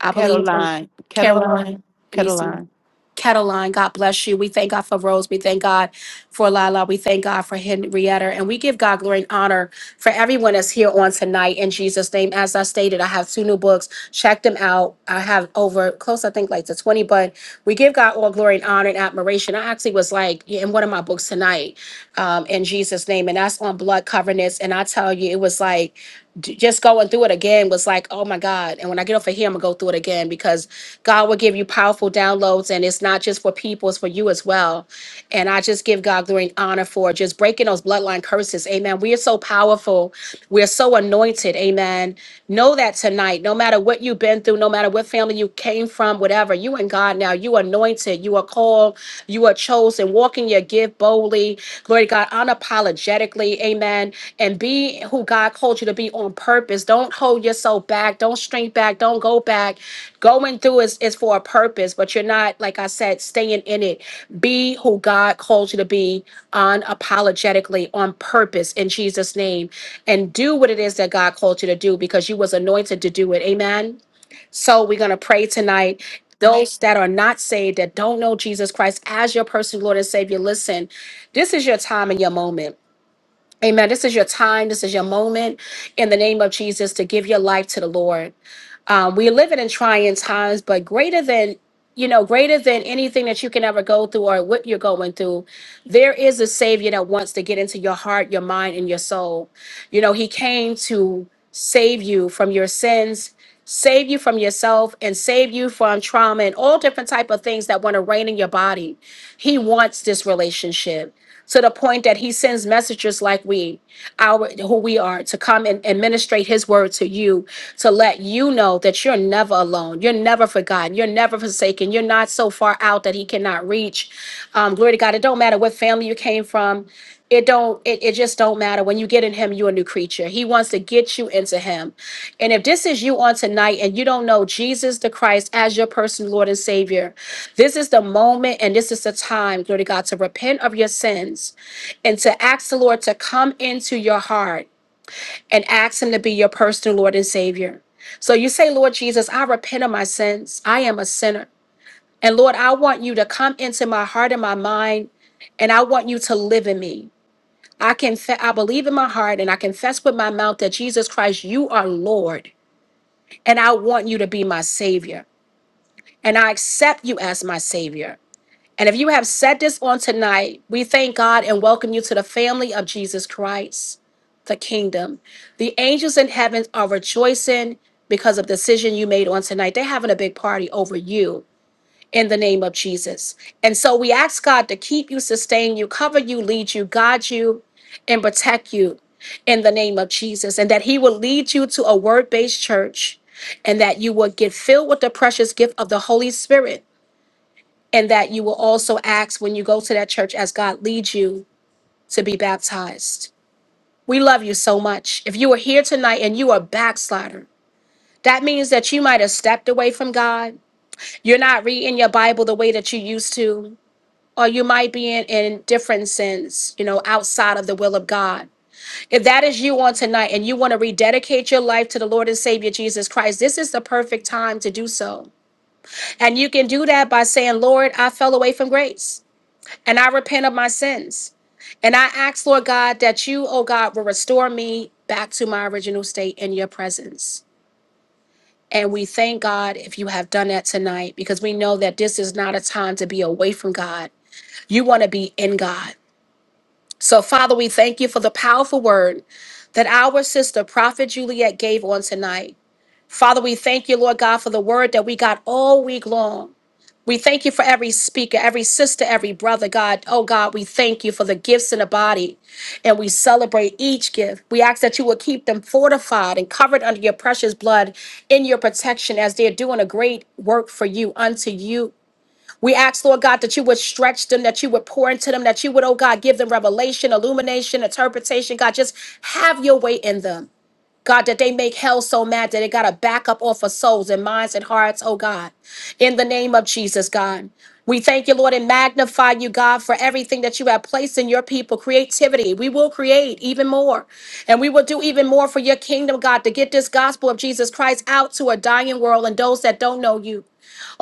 Speaker 1: I believe in
Speaker 4: Caroline.
Speaker 1: Caroline.
Speaker 4: Caroline.
Speaker 1: Let me see.
Speaker 4: Caroline.
Speaker 1: Cataline, God bless you. We thank God for Rose. We thank God for Lila. We thank God for Henrietta. And we give God glory and honor for everyone that's here on tonight in Jesus' name. As I stated, I have two new books. Check them out. I have over close, I think, like to 20, but we give God all glory and honor and admiration. I actually was like in one of my books tonight um, in Jesus' name, and that's on blood covenants. And I tell you, it was like, j- just going through it again was like, oh my God. And when I get off of here, I'm gonna go through it again because God will give you powerful downloads and it's not just for people, it's for you as well. And I just give God glory and honor for just breaking those bloodline curses. Amen. We are so powerful. We're so anointed. Amen. Know that tonight, no matter what you've been through, no matter what family you came from, whatever, you and God now, you are anointed, you are called, you are chosen. Walk in your gift boldly. Glory to God, unapologetically. Amen and be who God called you to be on purpose. Don't hold yourself back. Don't shrink back. Don't go back. Going through is, is for a purpose, but you're not, like I said, staying in it. Be who God calls you to be unapologetically on purpose in Jesus' name. And do what it is that God called you to do because you was anointed to do it. Amen. So we're gonna pray tonight. Those that are not saved, that don't know Jesus Christ as your personal Lord and Savior, listen, this is your time and your moment Amen. This is your time. This is your moment in the name of Jesus to give your life to the Lord. Um, we are living in trying times, but greater than, you know, greater than anything that you can ever go through or what you're going through, there is a Savior that wants to get into your heart, your mind, and your soul. You know, He came to save you from your sins save you from yourself and save you from trauma and all different type of things that want to reign in your body he wants this relationship to the point that he sends messages like we our who we are to come and administrate his word to you to let you know that you're never alone you're never forgotten you're never forsaken you're not so far out that he cannot reach um, glory to god it don't matter what family you came from it don't it, it just don't matter when you get in him you're a new creature he wants to get you into him and if this is you on tonight and you don't know jesus the christ as your personal lord and savior this is the moment and this is the time glory to god to repent of your sins and to ask the Lord to come into your heart and ask Him to be your personal Lord and Savior. So you say, Lord Jesus, I repent of my sins. I am a sinner. And Lord, I want you to come into my heart and my mind, and I want you to live in me. I can I believe in my heart and I confess with my mouth that Jesus Christ, you are Lord, and I want you to be my Savior. And I accept you as my Savior. And if you have said this on tonight, we thank God and welcome you to the family of Jesus Christ. the kingdom. The angels in heaven are rejoicing because of the decision you made on tonight. They're having a big party over you in the name of Jesus. And so we ask God to keep you, sustain you, cover you, lead you, guide you, and protect you in the name of Jesus. And that He will lead you to a word based church and that you will get filled with the precious gift of the Holy Spirit. And that you will also ask when you go to that church as God leads you to be baptized we love you so much. If you are here tonight and you are a backslider, that means that you might have stepped away from God. You're not reading your Bible the way that you used to, or you might be in, in different sins, you know, outside of the will of God. If that is you on tonight and you want to rededicate your life to the Lord and Savior Jesus Christ, this is the perfect time to do so. And you can do that by saying, Lord, I fell away from grace and I repent of my sins. And I ask, Lord God, that you, oh God, will restore me back to my original state in your presence. And we thank God if you have done that tonight because we know that this is not a time to be away from God. You want to be in God. So, Father, we thank you for the powerful word that our sister, Prophet Juliet, gave on tonight. Father, we thank you, Lord God, for the word that we got all week long. We thank you for every speaker, every sister, every brother, God. Oh, God, we thank you for the gifts in the body and we celebrate each gift. We ask that you will keep them fortified and covered under your precious blood in your protection as they're doing a great work for you, unto you. We ask, Lord God, that you would stretch them, that you would pour into them, that you would, oh God, give them revelation, illumination, interpretation. God, just have your way in them. God, that they make hell so mad that it got to back up off of souls and minds and hearts, oh God. In the name of Jesus, God. We thank you, Lord, and magnify you, God, for everything that you have placed in your people. Creativity. We will create even more. And we will do even more for your kingdom, God, to get this gospel of Jesus Christ out to a dying world and those that don't know you.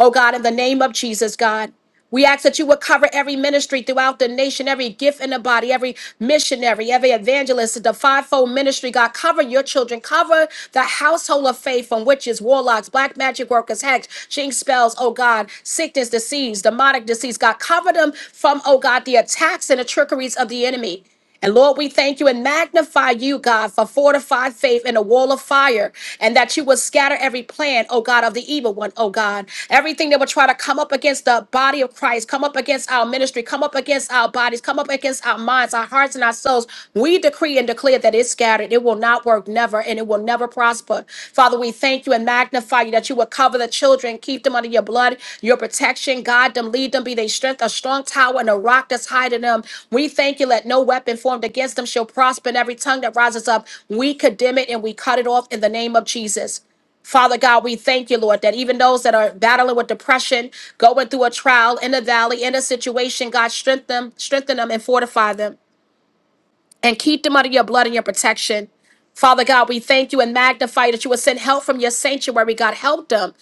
Speaker 1: Oh God, in the name of Jesus, God. We ask that you would cover every ministry throughout the nation, every gift in the body, every missionary, every evangelist, the fivefold ministry. God, cover your children, cover the household of faith from witches, warlocks, black magic workers, hacks, jinx spells, oh God, sickness, disease, demonic disease. God, cover them from, oh God, the attacks and the trickeries of the enemy. And Lord, we thank you and magnify you, God, for fortified faith in a wall of fire, and that you will scatter every plan, oh God, of the evil one, oh God. Everything that will try to come up against the body of Christ, come up against our ministry, come up against our bodies, come up against our minds, our hearts, and our souls. We decree and declare that it's scattered. It will will not work never and it will never prosper. Father, we thank you and magnify you that you will cover the children, keep them under your blood, your protection, guide them, lead them, be their strength, a strong tower and a rock that's hiding them. We thank you, let no weapon formed against them shall prosper, and every tongue that rises up, we condemn it and we cut it off in the name of Jesus. Father God, we thank you, Lord, that even those that are battling with depression, going through a trial in a valley, in a situation, God, strengthen them, strengthen them and fortify them and keep them under your blood and your protection. Father God, we thank you and magnify that you would send help from your sanctuary. God, help them.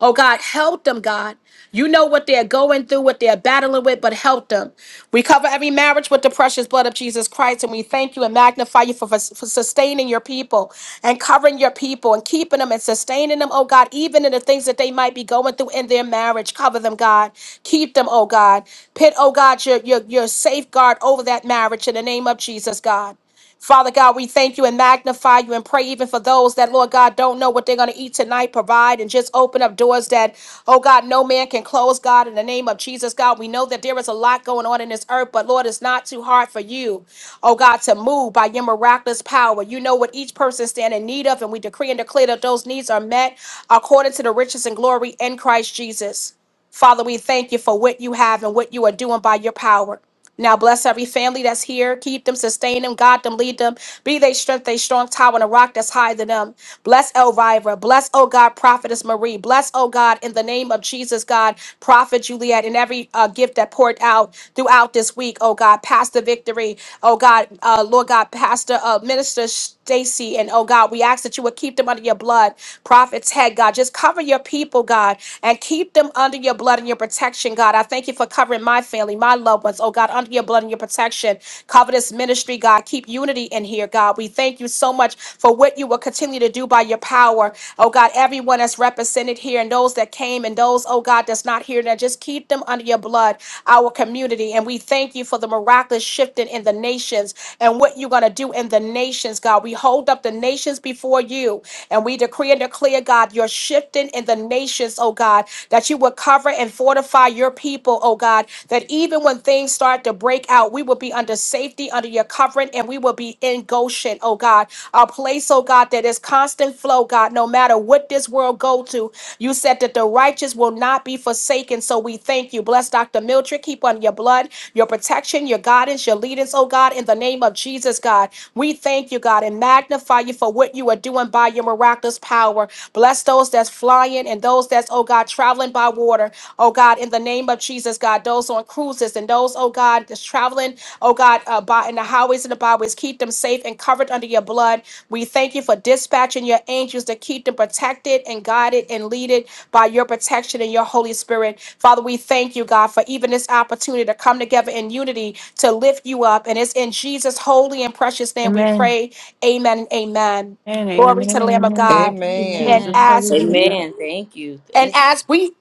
Speaker 1: Oh God, help them, God. You know what they're going through, what they're battling with, but help them. We cover every marriage with the precious blood of Jesus Christ, and we thank you and magnify you for, for for sustaining your people and covering your people and keeping them and sustaining them, oh God, even in the things that they might be going through in their marriage. Cover them, God. Keep them, oh God. Pit, oh God, your, your, your safeguard over that marriage in the name of Jesus, God. Father God, we thank you and magnify you and pray even for those that, Lord God, don't know what they're going to eat tonight. Provide and just open up doors that, oh God, no man can close, God, in the name of Jesus, God. We know that there is a lot going on in this earth, but Lord, it's not too hard for you, oh God, to move by your miraculous power. You know what each person stand in need of, and we decree and declare that those needs are met according to the riches and glory in Christ Jesus. Father, we thank you for what you have and what you are doing by your power. Now bless every family that's here. Keep them, sustain them, guide them, lead them. Be they strength, they strong tower, and a rock that's high than them. Bless Elvira. Bless, oh God, Prophetess Marie. Bless, oh God, in the name of Jesus, God, Prophet Juliet, and every uh, gift that poured out throughout this week, oh God, Pastor Victory, oh God, uh, Lord God, Pastor uh, Minister Stacy, and oh God, we ask that you would keep them under your blood. Prophet's head, God, just cover your people, God and keep them under your blood and your protection, God. I thank you for covering my family, my loved ones, oh God, under your blood and your protection. Cover this ministry, God. Keep unity in here, God. We thank you so much for what you will continue to do by your power, oh God. Everyone that's represented here and those that came and those, oh God, that's not here now, just keep them under your blood, our community. And we thank you for the miraculous shifting in the nations and what you're going to do in the nations, God. We hold up the nations before you and we decree and declare, God, you're shifting in the nations, oh God, that you would cover and fortify your people, oh God, that even when things start to break out, we will be under safety, under your covering, and we will be in Goshen, oh God, a place, oh God, that is constant flow, God, no matter what this world go to. You said that the righteous will not be forsaken, so we thank you. Bless Dr. Mildred, keep on your blood, your protection, your guidance, your leadance, oh God, in the name of Jesus, God. We thank you, God, and magnify you for what you are doing by your miraculous power. Bless those that's flying and those that's, oh God, traveling by water. Oh God, in the name of Jesus, God, those on cruises and those, oh God, that's traveling, oh God, uh, by in the highways and the byways, keep them safe and covered under your blood. We thank you for dispatching your angels to keep them protected and guided and leaded by your protection and your Holy Spirit. Father, we thank you, God, for even this opportunity to come together in unity to lift you up. And it's in Jesus' holy and precious name we
Speaker 4: Amen.
Speaker 1: pray. Amen and amen.
Speaker 4: And
Speaker 1: Glory to
Speaker 4: amen.
Speaker 1: the Lamb of
Speaker 4: Amen.
Speaker 1: God.
Speaker 4: Thank you,
Speaker 1: And
Speaker 5: Amen.
Speaker 4: Jesus.
Speaker 2: Amen.
Speaker 4: Hallelujah.
Speaker 6: Amen. Thank you.
Speaker 1: and
Speaker 6: Thank you.
Speaker 1: as we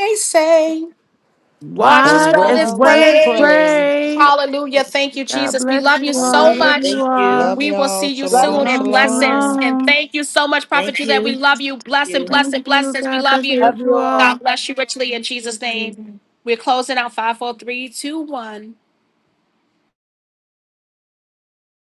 Speaker 1: always say, watch as
Speaker 5: As
Speaker 4: Watch
Speaker 1: well
Speaker 4: as
Speaker 1: as
Speaker 6: What?
Speaker 5: well,
Speaker 4: well
Speaker 5: let's
Speaker 4: as
Speaker 1: pray.
Speaker 5: pray.
Speaker 4: pray.
Speaker 6: What?
Speaker 1: Hallelujah. Thank you,
Speaker 4: God
Speaker 1: Jesus. We
Speaker 4: bless
Speaker 1: love
Speaker 4: you
Speaker 1: you
Speaker 4: all.
Speaker 1: so
Speaker 6: Hallelujah.
Speaker 4: Love
Speaker 1: much.
Speaker 6: Thank
Speaker 4: you
Speaker 6: you.
Speaker 4: all.
Speaker 1: We will see you
Speaker 7: Love,
Speaker 1: soon in
Speaker 4: Shalom,
Speaker 1: blessings. And
Speaker 4: shalom.
Speaker 1: thank you so much, Prophet
Speaker 6: Thank
Speaker 1: Juliet.
Speaker 6: you.
Speaker 1: We
Speaker 6: Thank
Speaker 1: love you. Blessing,
Speaker 6: you.
Speaker 4: Thank
Speaker 1: blessing,
Speaker 4: you.
Speaker 1: blessings. We
Speaker 4: God
Speaker 1: love
Speaker 4: bless and
Speaker 1: you.
Speaker 4: love
Speaker 7: love
Speaker 4: you
Speaker 7: you all.
Speaker 1: God bless you richly in Jesus'
Speaker 4: all.
Speaker 1: name. We're closing out five, four, three, two, one.